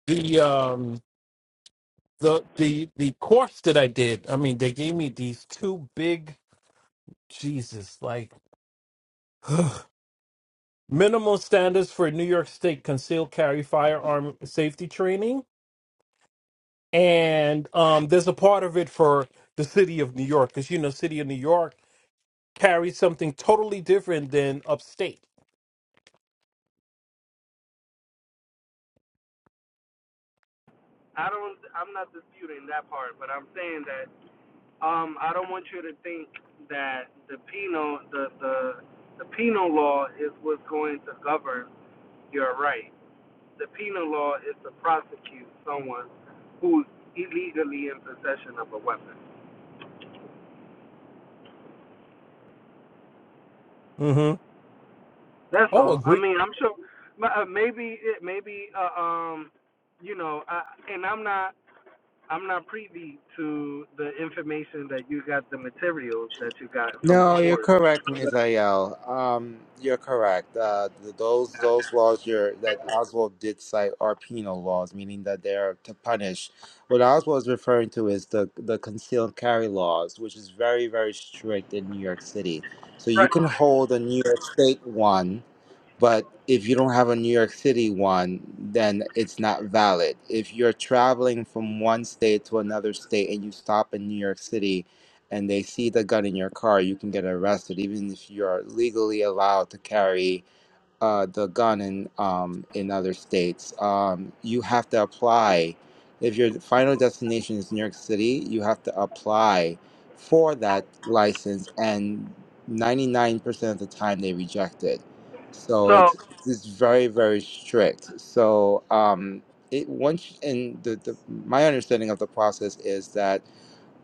[SPEAKER 2] the um, the the the course that I did. I mean, they gave me these two big Jesus, like minimal standards for New York State concealed carry firearm safety training, and um, there's a part of it for the city of New York, because you know, city of New York carries something totally different than upstate.
[SPEAKER 8] I don't I'm not disputing that part, but I'm saying that um, I don't want you to think that the penal the the the penal law is what's going to govern your right. the penal law is to prosecute someone who's illegally in possession of a weapon.
[SPEAKER 2] Mm-hmm.
[SPEAKER 8] That's
[SPEAKER 2] Oh,
[SPEAKER 8] all. I
[SPEAKER 2] agree.
[SPEAKER 8] mean, I'm sure uh, maybe it maybe uh, um you know, I, and I'm not I'm not privy to the information that you got the materials that you got from the
[SPEAKER 7] No, you're
[SPEAKER 8] courts.
[SPEAKER 7] correct, Ms. Ayel. Um, you're correct. Uh, th- those those laws you're, that Oswald did cite are penal laws, meaning that they are to punish. What Oswald is referring to is the the concealed carry laws, which is very very strict in New York City. So you
[SPEAKER 8] Right.
[SPEAKER 7] can hold a New York State one, but if you don't have a New York City one, then it's not valid. If you're traveling from one state to another state and you stop in New York City and they see the gun in your car, you can get arrested, even if you're legally allowed to carry uh, the gun in um, in other states. Um, you have to apply if your final destination is New York City. You have to apply for that license, and ninety nine percent of the time they reject it. So
[SPEAKER 8] So
[SPEAKER 7] it's it's very very strict. So um, it once and the, the my understanding of the process is that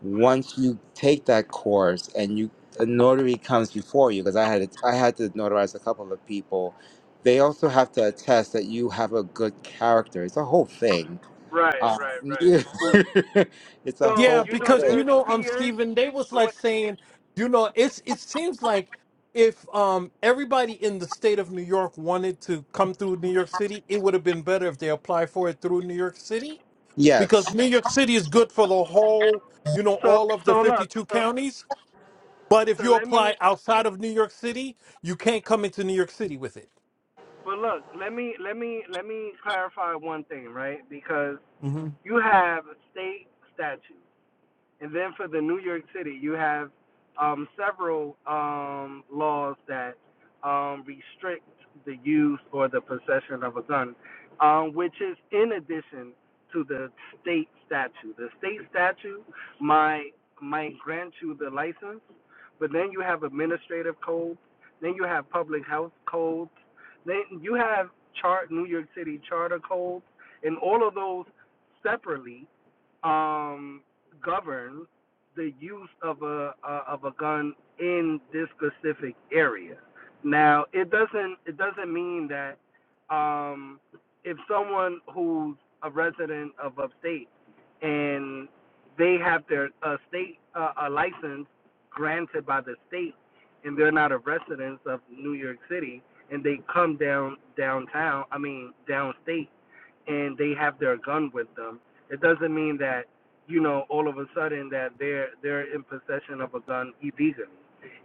[SPEAKER 7] once you take that course and you a notary comes before you because I had to, I had to notarize a couple of people, they also have to attest that you have a good character. It's a whole thing.
[SPEAKER 8] right,
[SPEAKER 7] Uh,
[SPEAKER 8] right, right.
[SPEAKER 7] it's a
[SPEAKER 8] So
[SPEAKER 2] Yeah,
[SPEAKER 7] whole
[SPEAKER 8] you know,
[SPEAKER 2] because
[SPEAKER 7] thing.
[SPEAKER 2] you
[SPEAKER 8] there's
[SPEAKER 2] know, um,
[SPEAKER 8] fears.
[SPEAKER 2] Stephen, they was
[SPEAKER 8] But
[SPEAKER 2] like
[SPEAKER 8] what,
[SPEAKER 2] saying, you know, it's it seems like if um everybody in the state of New York wanted to come through New York City, it would have been better if they applied for it through New York City. because
[SPEAKER 7] Yes,
[SPEAKER 2] New York City is good for the whole, you know,
[SPEAKER 8] so
[SPEAKER 2] all of
[SPEAKER 8] so
[SPEAKER 2] the
[SPEAKER 8] look,
[SPEAKER 2] 52
[SPEAKER 8] so
[SPEAKER 2] counties. But if
[SPEAKER 8] so
[SPEAKER 2] you
[SPEAKER 8] let me
[SPEAKER 2] apply outside of New York City, you can't come into New York City with it.
[SPEAKER 8] But look, let me let me let me clarify one thing, right? Because
[SPEAKER 2] hmm
[SPEAKER 8] you have state statutes, and then for the New York City, you have um, several um, laws that um, restrict the use or the possession of a gun, um, which is in addition to the state statute. The state statute might might grant you the license, but then you have administrative codes, then you have public health codes, then you have chart New York City charter codes, and all of those separately um, govern the use of a uh, of a gun in this specific area. Now, it doesn't it doesn't mean that um, if someone who's a resident of upstate and they have their a state uh, a license granted by the state and they're not a resident of New York City and they come down downtown, I mean downstate and they have their gun with them, it doesn't mean that you know all of a sudden that they're they're in possession of a gun illegally.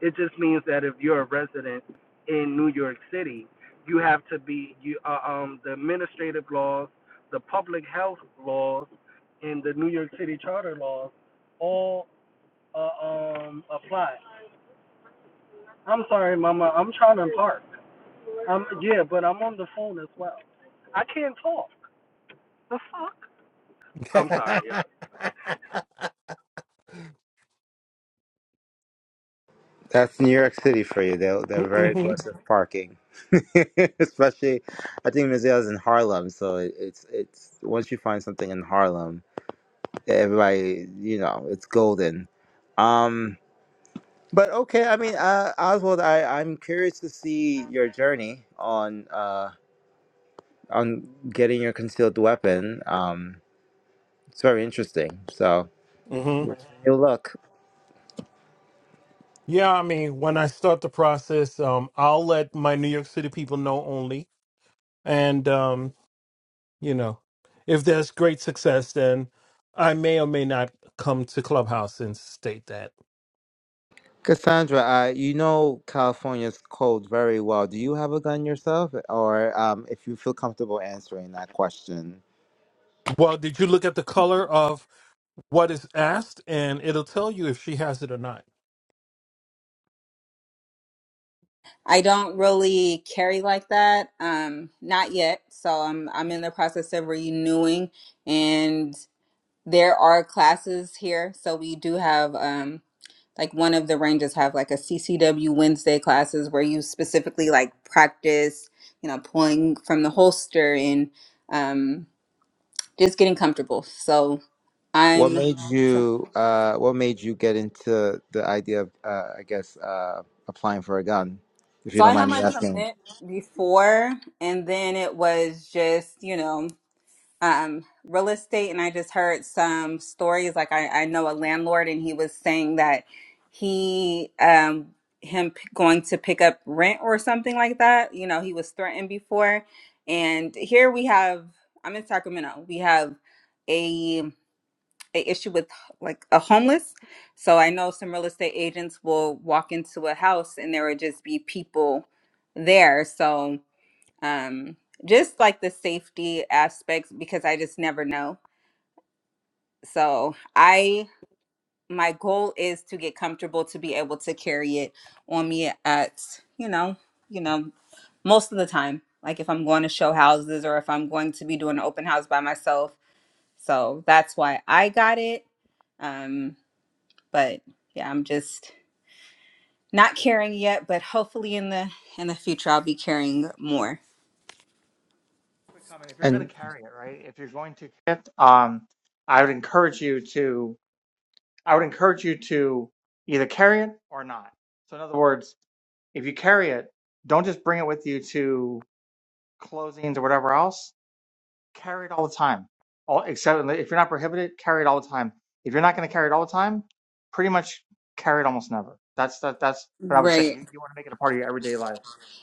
[SPEAKER 8] It just means that if you're a resident in New York City, you have to be you uh, um the administrative laws, the public health laws, and the New York City charter laws all uh, um apply. I'm sorry, Mama. I'm trying to park. Um, yeah, but I'm on the phone as well. I can't talk. The fuck? I'm sorry,
[SPEAKER 7] that's New York City for you. They're they're very
[SPEAKER 2] mm
[SPEAKER 7] aggressive parking, especially I think museums in Harlem. So it, it's it's once you find something in Harlem, everybody you know it's golden. Um, But okay, I mean, uh, Oswald, I I'm curious to see your journey on uh on getting your concealed weapon. Um, it's very interesting. So
[SPEAKER 2] hmm
[SPEAKER 7] wish you luck,
[SPEAKER 2] Yeah, I mean, when I start the process, um, I'll let my New York City people know only. And, um, you know, if there's great success, then I may or may not come to Clubhouse and state that.
[SPEAKER 7] Cassandra. Uh, you know California's code very well. Do you have a gun yourself, or um, if you feel comfortable answering that question,
[SPEAKER 2] Well, did you look at the color of? what is asked, and it'll tell you if she has it or not.
[SPEAKER 1] I don't really carry like that, um, not yet. So I'm I'm in the process of renewing, and there are classes here. So we do have um, like one of the ranges have like a CCW Wednesday classes where you specifically like practice, you know, pulling from the holster and um, just getting comfortable. So
[SPEAKER 7] what
[SPEAKER 1] I'm,
[SPEAKER 7] made
[SPEAKER 1] tr-
[SPEAKER 7] you uh what made you get into the idea of uh I guess uh applying for a gun, if you
[SPEAKER 1] so
[SPEAKER 7] don't
[SPEAKER 1] I had
[SPEAKER 7] mind me
[SPEAKER 1] my
[SPEAKER 7] asking?
[SPEAKER 1] permit before, and then it was just you know um, real estate, and I just heard some stories. Like I, I know a landlord, and he was saying that he um, him p- going to pick up rent or something like that. You know, he was threatened before, and here we have. I'm in Sacramento. We have a a issue with like a homeless. So I know some real estate agents will walk into a house and there would just be people there. So um just like the safety aspects because i just never know so i my goal is to get comfortable to be able to carry it on me at you know you know most of the time like if i'm going to show houses or if i'm going to be doing an open house by myself so that's why i got it um but yeah i'm just not carrying yet but hopefully in the in the future i'll be carrying more
[SPEAKER 5] quick comment: if you're going
[SPEAKER 7] and.
[SPEAKER 5] to carry it, right? If you're going to, um, I would encourage you to. I would encourage you to either carry it or not. So, in other words, if you carry it, don't just bring it with you to closings or whatever else. Carry it all the time. All except if you're not prohibited, carry it all the time. If you're not going to carry it all the time, pretty much carry it almost never. That's that. That's what I would say.
[SPEAKER 1] Right.
[SPEAKER 5] You you want to make it a part of your everyday life.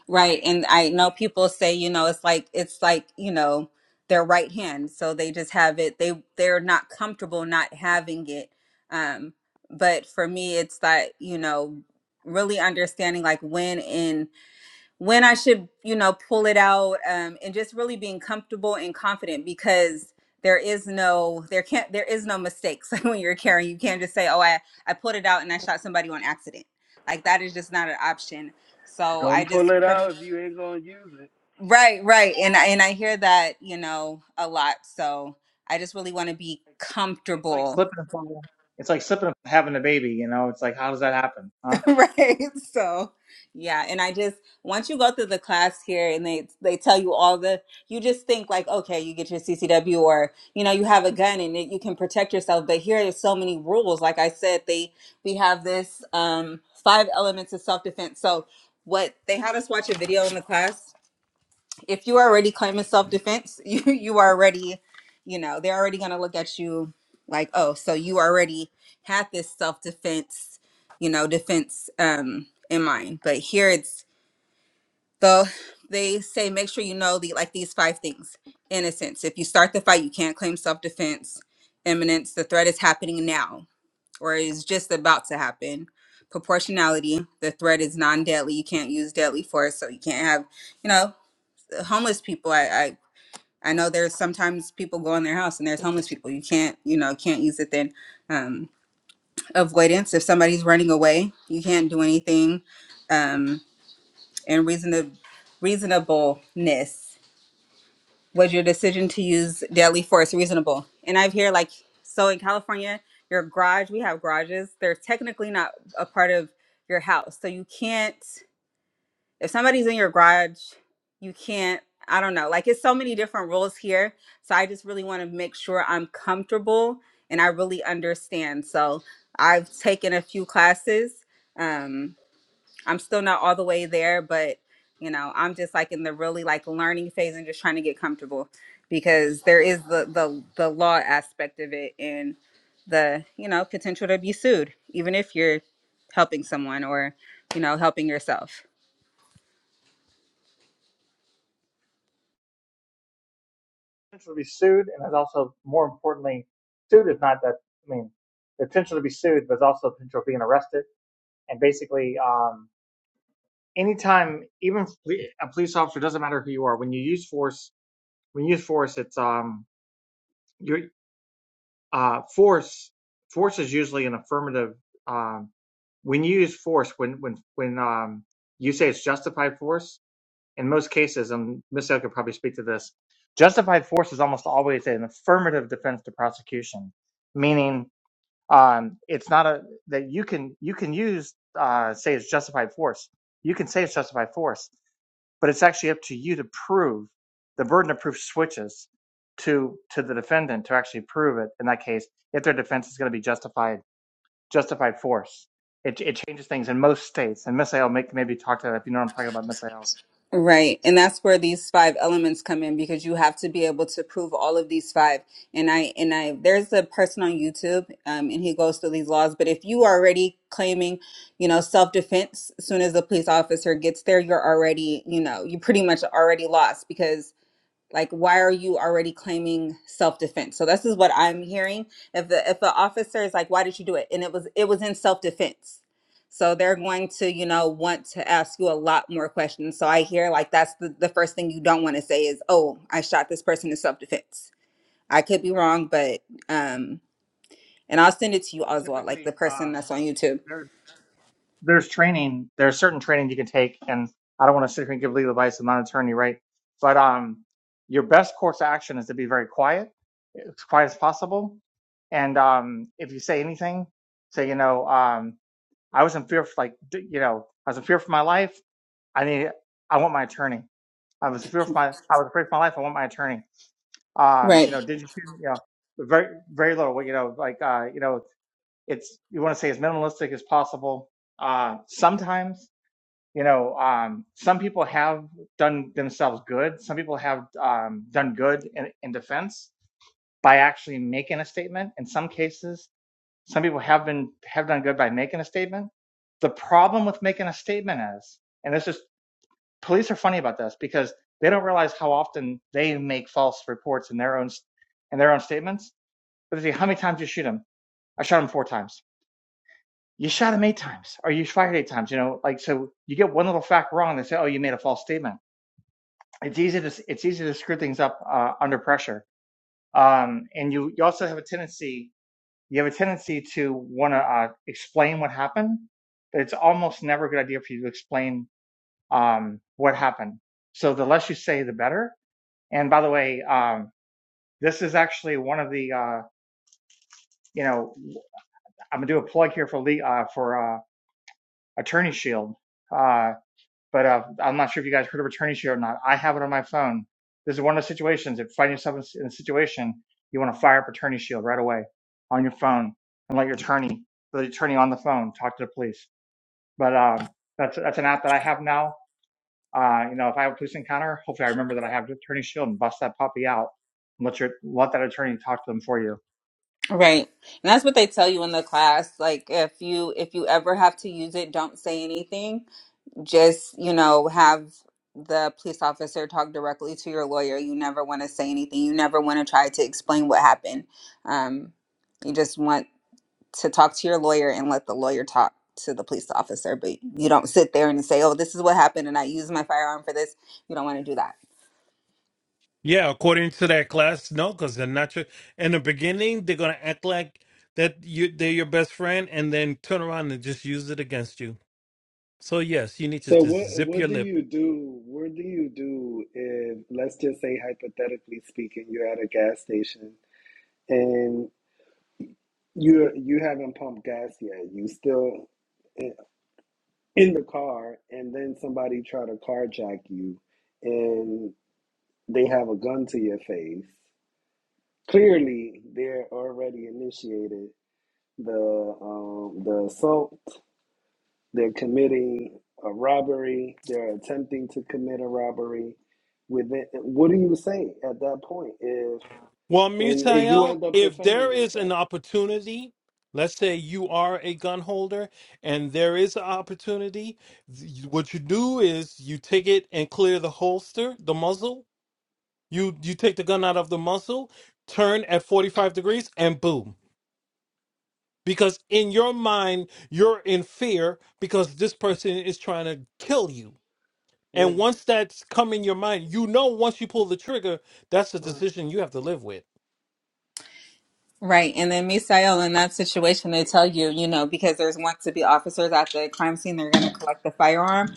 [SPEAKER 1] Right. And I know people say, you know, it's like it's like, you know, their right hand. So they just have it. They they're not comfortable not having it. Um, but for me it's that, you know, really understanding like when and when I should, you know, pull it out, um, and just really being comfortable and confident because there is no there can't there is no mistakes when you're carrying. You can't just say, Oh, I, I pulled it out and I shot somebody on accident. Like that is just not an option. So I
[SPEAKER 8] Don't
[SPEAKER 1] just
[SPEAKER 8] pull it
[SPEAKER 1] for me
[SPEAKER 8] out if you ain't gonna use it.
[SPEAKER 1] Right, right. And I and I hear that, you know, a lot. So I just really want to be
[SPEAKER 5] It's like
[SPEAKER 1] comfortable,
[SPEAKER 5] slipping and falling. It's like slipping and having a baby. You know, it's like how does that happen? huh?
[SPEAKER 1] right? So yeah, and I just once you go through the class here and they they tell you all the you just think like, okay, you get your CCW or you know, you have a gun and it, you can protect yourself, but here there's so many rules. Like I said, they we have this um five elements of self-defense. So what they had us watch a video in the class if you're already claiming self-defense you you are already you know they're already going to look at you like oh so you already had this self-defense you know defense um in mind but here it's though they say make sure you know the like these five things innocence if you start the fight you can't claim self-defense imminence the threat is happening now or is just about to happen proportionality the threat is non-deadly you can't use deadly force so you can't have you know homeless people. I, I know there's sometimes people go in their house and there's
[SPEAKER 2] Thank you.
[SPEAKER 1] homeless people. You can't, you know, can't use it then. Um, avoidance. If somebody's running away, you can't do anything. Um, and reasonable reasonableness. Was your decision to use deadly force reasonable? And I've here like so in California, your garage, we have garages. They're technically not a part of your house. So you can't if somebody's in your garage, you can't, I don't know, like it's so many different rules here. So I just really want to make sure I'm comfortable and I really understand. So I've taken a few classes. Um, I'm still not all the way there, but you know, I'm just like in the really like learning phase and just trying to get comfortable because there is the the the law aspect of it and the, you know, potential to be sued, even if you're helping someone or, you know, helping yourself.
[SPEAKER 5] potential to be sued, and there's also, more importantly, sued is not that. I mean, the potential to be sued, but there's also the potential of being arrested. And basically, um, anytime, even a police officer doesn't matter who you are. When you use force, when you use force, it's um, your uh, force. Force is usually an affirmative. Um, when you use force, when when when um, you say it's justified force, in most cases, and Michelle could probably speak to this, justified force is almost always an affirmative defense to prosecution, meaning um, it's not a that you can you can use uh, say it's justified force. You can say it's justified force, but it's actually up to you to prove. The burden of proof switches to to the defendant to actually prove it. In that case, if their defense is going to be justified justified force, it it changes things in most states. And Miss Ayl, make maybe talk to that if you know what I'm talking about, Miss Ayl.
[SPEAKER 1] Right. And that's where these five elements come in because you have to be able to prove all of these five. And I, and I, there's a person on YouTube um, and he goes through these laws. But if you are already claiming, you know, self defense, as soon as the police officer gets there, you're already, you know, you pretty much already lost because like why are you already claiming self-defense so this is what i'm hearing if the if the officer is like why did you do it and it was it was in self-defense so they're going to you know want to ask you a lot more questions so i hear like that's the, the first thing you don't want to say is oh i shot this person in self-defense i could be wrong but um and i'll send it to you as well like the
[SPEAKER 5] Typically,
[SPEAKER 1] person
[SPEAKER 5] um,
[SPEAKER 1] that's on youtube
[SPEAKER 5] there, there's training. There's certain training you can take, and I don't want to sit here and give legal advice. I'm not an attorney, right? But um, your best course of action is to be very quiet, as quiet as possible. And um, if you say anything, say you know, um, I was in fear for like, d- you know, I was in fear for my life. I need, I want my attorney. I was in fear for my, I was afraid for my life. I want my attorney. Um,
[SPEAKER 1] right
[SPEAKER 5] you know, did you, shoot? you know, very, very little. You know, like, uh, you know, it's you want to say as minimalistic as possible. Uh, sometimes, you know, um, some people have done themselves good. Some people have um, done good in, in defense by actually making a statement. In some cases, some people have been have done good by making a statement. The problem with making a statement is, and this is police are funny about this because they don't realize how often they make false reports in their own in their own statements. But they say, how many times did you shoot him? I shot him four times you shot him eight times or you fired eight times you know like so you get one little fact wrong they say oh you made a false statement it's easy to it's easy to screw things up uh, under pressure um, and you you also have a tendency you have a tendency to want to uh, explain what happened it's almost never a good idea for you to explain um, what happened so the less you say the better and by the way um, this is actually one of the uh, you know i'm gonna do a plug here for le- uh, for uh, attorney shield Uh, But uh, I'm not sure if you guys heard of Attorney Shield or not. I have it on my phone. This is one of those situations. If you find yourself in a situation, you want to fire up Attorney Shield right away on your phone and let your attorney, the attorney on the phone, talk to the police. But um, that's that's an app that I have now. Uh, you know, if I have a police encounter, hopefully I remember that I have Attorney Shield and bust that puppy out and let your let that attorney talk to them for you.
[SPEAKER 1] right and that's what they tell you in the class like if you if you ever have to use it don't say anything just you know have the police officer talk directly to your lawyer you never want to say anything you never want to try to explain what happened um, you just want to talk to your lawyer and let the lawyer talk to the police officer but you don't sit there and say oh this is what happened and i used my firearm for this you don't want to do that
[SPEAKER 2] Yeah, according to that class, no, because they're not your. In the beginning, they're gonna act like that you they're your best friend, and then turn around and just use it against you. So yes, you need to
[SPEAKER 8] So
[SPEAKER 2] just
[SPEAKER 8] what
[SPEAKER 2] zip
[SPEAKER 8] what
[SPEAKER 2] your
[SPEAKER 8] do
[SPEAKER 2] lip.
[SPEAKER 8] you do? What do you do if let's just say hypothetically speaking, you're at a gas station and you you haven't pumped gas yet. You still in the car, and then somebody try to carjack you, and they have a gun to your face. Clearly, they're already initiated the um, the assault. They're committing a robbery. They're attempting to commit a robbery. Within, what do you say at that point if
[SPEAKER 2] Well,
[SPEAKER 8] and, and you
[SPEAKER 2] Misael,
[SPEAKER 8] end up
[SPEAKER 2] if
[SPEAKER 8] defending
[SPEAKER 2] there is an
[SPEAKER 8] yourself?
[SPEAKER 2] opportunity, let's say you are a gun holder, and there is an opportunity, th- what you do is you take it and clear the holster, the muzzle, You you take the gun out of the muzzle, turn at 45 degrees, and boom. Because in your mind, you're in fear because this person is trying to kill you. And once that's come in your mind, you know once you pull the trigger, that's a decision you have to live with.
[SPEAKER 1] right and then misael in that situation they tell you you know because there's wants to be officers at the crime scene they're going to collect the firearm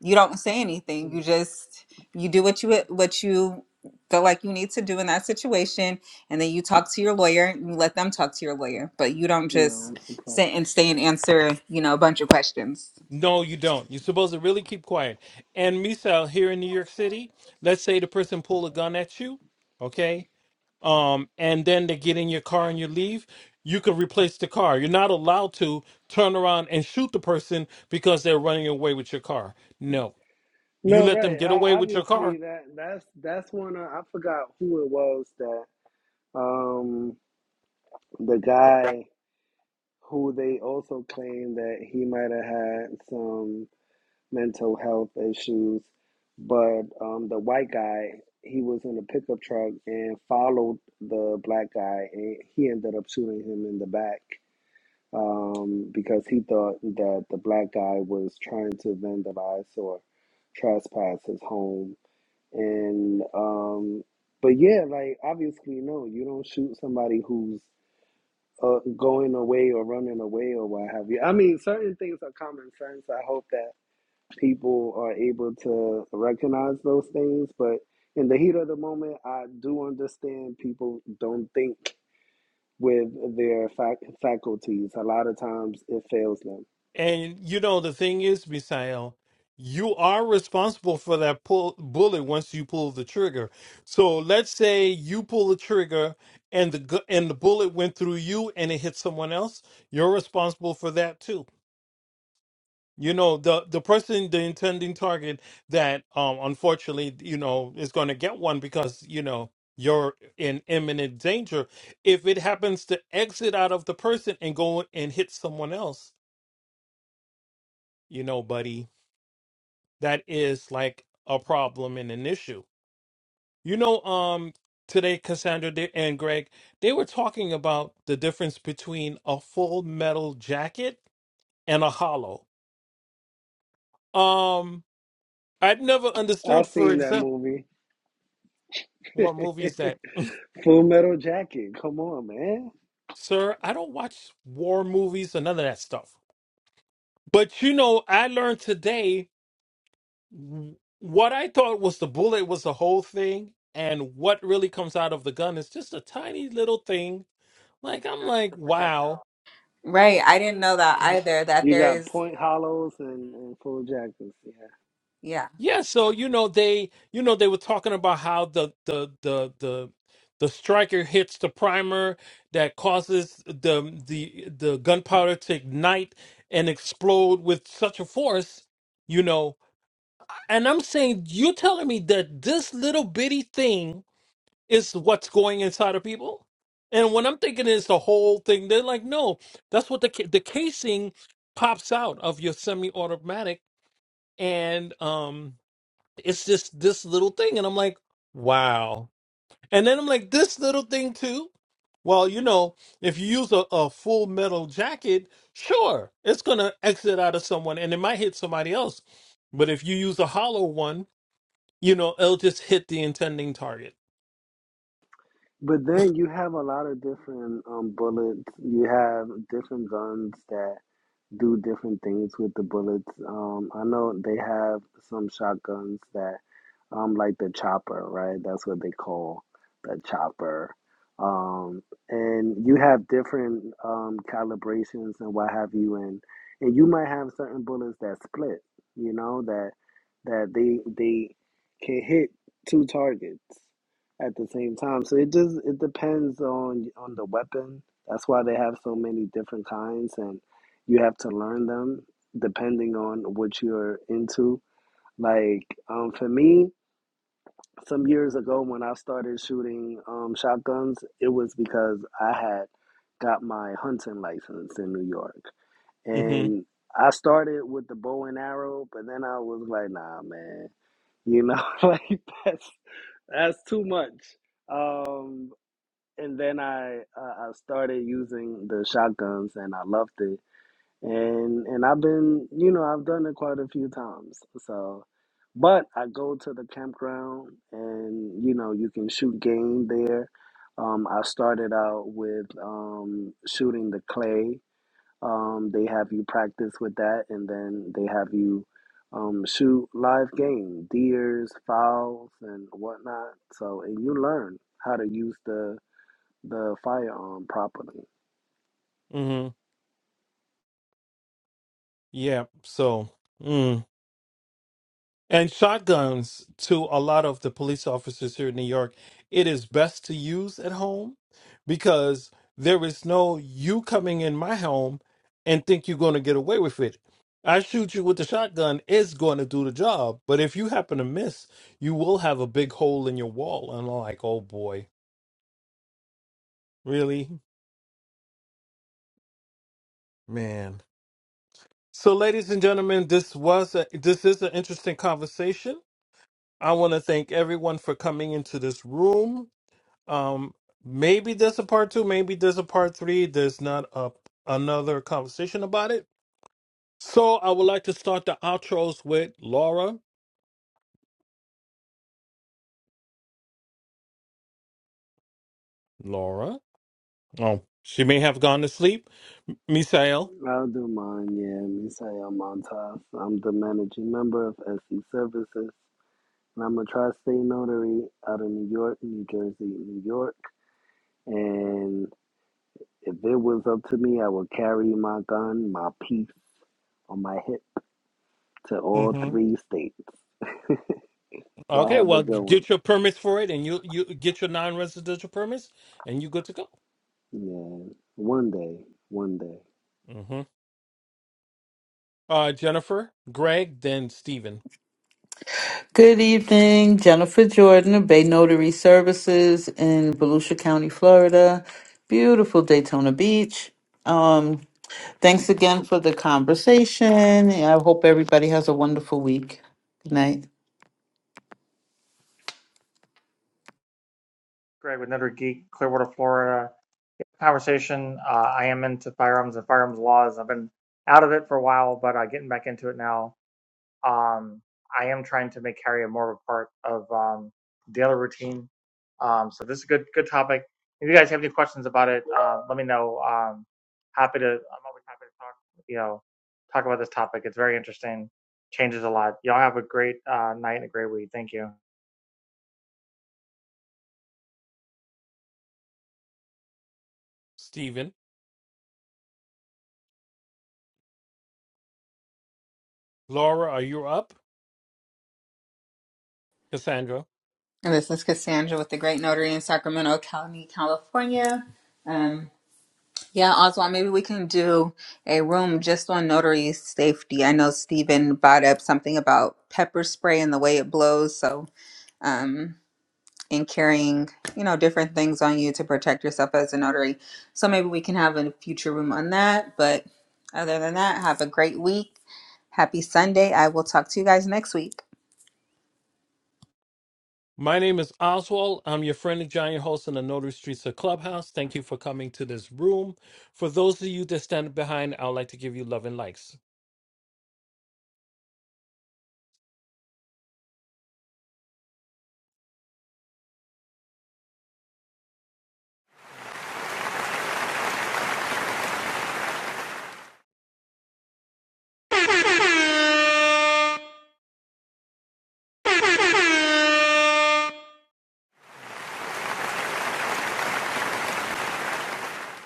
[SPEAKER 1] you don't say anything you just you do what you what you feel like you need to do in that situation and then you talk to your lawyer and you let them talk to your lawyer but you don't just sit and stay and answer you know a bunch of questions
[SPEAKER 2] No, you don't. You're supposed to really keep quiet. And Misal, here in New York City, let's say the person pulled a gun at you, okay? um, and then they get in your car and you leave, you could replace the car. You're not allowed to turn around and shoot the person because they're running away with your car. No,
[SPEAKER 8] No,
[SPEAKER 2] you let them
[SPEAKER 8] right.
[SPEAKER 2] get
[SPEAKER 8] Uh,
[SPEAKER 2] away with your car.
[SPEAKER 8] obviously, that that's that's one. Of, I forgot who it was that um the guy who they also claimed that he might have had some mental health issues. But um, the white guy, he was in a pickup truck and followed the black guy, and he ended up shooting him in the back um, because he thought that the black guy was trying to vandalize or trespass his home. And um, but yeah, like obviously, no, you don't shoot somebody who's uh, going away or running away or what have you. I mean, certain things are common sense. I hope that people are able to recognize those things. But in the heat of the moment, I do understand people don't think with their fac- faculties. A lot of times it fails them.
[SPEAKER 2] And you know the thing is, Misael, you are responsible for that pull bullet once you pull the trigger. So let's say you pull the trigger and the gu- and the bullet went through you and it hit someone else. You're responsible for that too You know, the the person, the intending target that um unfortunately, you know, is going to get one because, you know, you're in imminent danger. If it happens to exit out of the person and go and hit someone else, you know, buddy, that is like a problem and an issue. You know, um today Cassandra they- and Greg, they were talking about the difference between a full metal jacket and a hollow. Um I'd never
[SPEAKER 8] I
[SPEAKER 2] understood, for
[SPEAKER 8] seen that
[SPEAKER 2] example.
[SPEAKER 8] movie,
[SPEAKER 2] What movie is that?
[SPEAKER 8] Full Metal Jacket. Come on, man.
[SPEAKER 2] Sir, I don't watch war movies or none of that stuff. But you know, I learned today w- what I thought was the bullet was the whole thing, and what really comes out of the gun is just a tiny little thing. Like I'm
[SPEAKER 5] Project
[SPEAKER 2] like,
[SPEAKER 5] the
[SPEAKER 2] wow.
[SPEAKER 5] projectile.
[SPEAKER 1] right i didn't know that either that
[SPEAKER 8] You
[SPEAKER 1] there
[SPEAKER 8] got
[SPEAKER 1] is
[SPEAKER 8] Point Hollows and, and Full Jackets.
[SPEAKER 1] yeah
[SPEAKER 2] Yeah, so you know they you know they were talking about how the the the the the striker hits the primer that causes the the the gunpowder to ignite and explode with such a force, you know, And I'm saying, you're telling me that this little bitty thing is what's going inside of people? And what I'm thinking is the whole thing. They're like, no, that's what the ca- the casing pops out of your semi-automatic, and um, it's just this little thing. And I'm like, wow. And then I'm like, this little thing too. Well, you know, if you use a, a full metal jacket, sure, it's gonna exit out of someone, and it might hit somebody else. But if you use a hollow one, you know, it'll just hit the intending target.
[SPEAKER 8] But then you have a lot of different um, bullets. You have different guns that do different things with the bullets. Um, I know they have some shotguns that, um, like the chopper, right? That's what they call the chopper. Um, and you have different um, calibrations and what have you, and and you might have certain bullets that split. You know that that they they can hit two targets at the same time. So it just it depends on on the weapon. That's why they have so many different kinds, and you have to learn them depending on what you're into. Like um, for me, some years ago when I started shooting um, shotguns, it was because I had got my hunting license in New York,
[SPEAKER 2] Mm-hmm.
[SPEAKER 8] and I started with the bow and arrow, but then I was like, nah, man, you know, like that's that's too much. Um, and then I uh, I started using the shotguns and I loved it and and I've been you know I've done it quite a few times so but I go to the campground and you know you can shoot game there um, I started out with um, shooting the clay um, they have you practice with that and then they have you um, shoot live game deers fowls and whatnot so and you learn how to use the the firearm properly.
[SPEAKER 2] Mm-hmm. Yeah. So, mm. and shotguns to a lot of the police officers here in New York, it is best to use at home because there is no you coming in my home and think you're going to get away with it. I shoot you with the shotgun is going to do the job, but if you happen to miss, you will have a big hole in your wall. And I'm like, oh boy, really, man. So, ladies and gentlemen, this was a, this is an interesting conversation. I want to thank everyone for coming into this room. Um, maybe there's a part two, maybe there's a part three. There's not a another conversation about it. So, I would like to start the outros with Laura. Laura. Oh, she may have gone to sleep, M- Misael.
[SPEAKER 8] I'll do mine, yeah. Misael Montas. I'm the managing member of SC Services, and I'm a tri-state notary out of New York, New Jersey, New York. And if it was up to me, I would carry my gun, my piece on my hip to all
[SPEAKER 2] hmm
[SPEAKER 8] three states. Y'all
[SPEAKER 2] Okay,
[SPEAKER 8] have a
[SPEAKER 2] well,
[SPEAKER 8] good one.
[SPEAKER 2] get your permits for it, and you you get your non-residential permits, and you good to go.
[SPEAKER 8] Yeah, one day, one day.
[SPEAKER 2] Mm-hmm. Uh, Jennifer, Greg, then Stephen.
[SPEAKER 6] Good evening, Jennifer Jordan of Bay Notary Services in Volusia County, Florida. Beautiful Daytona Beach. Um, thanks again for the conversation. I hope everybody has a wonderful week. Good night.
[SPEAKER 5] Greg with another geek, Clearwater, Florida. conversation. Uh, I am into firearms and firearms laws. I've been out of it for a while, but uh, getting back into it now. Um, I am trying to make carry a more of a part of um, daily routine. Um, so this is a good good topic. If you guys have any questions about it, uh, let me know. Um, happy to. I'm always happy to talk. You know, talk about this topic. It's very interesting. Changes a lot. Y'all have a great uh, night and a great week. Thank you.
[SPEAKER 2] Stephen, Laura, are you up? Cassandra.
[SPEAKER 1] and this is cassandra with the great notary in sacramento county california um yeah oswald maybe we can do a room just on notary safety i know Stephen brought up something about pepper spray and the way it blows so um, and carrying, you know, different things on you to protect yourself as a notary. So maybe we can have a future room on that. But other than that, have a great week. Happy Sunday. I will talk to you guys next week.
[SPEAKER 2] My name is Oswald. I'm your friendly giant host in the Notary Streets of Clubhouse. Thank you for coming to this room. For those of you that stand behind, I would like to give you love and likes.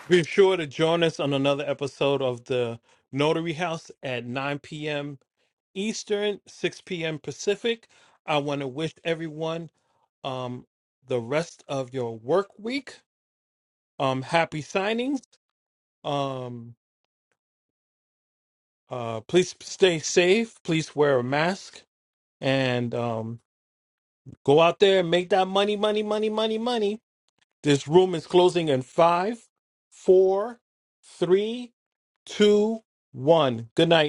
[SPEAKER 2] Be sure to join us on another episode of the Notary House at 9 p.m. Eastern, 6 p.m. Pacific. I want to wish everyone um the rest of your work week. Um happy signings. Um uh please stay safe, please wear a mask and um go out there and make that money, money, money, money, money. This room is closing in five, four, three, two, one. Good night.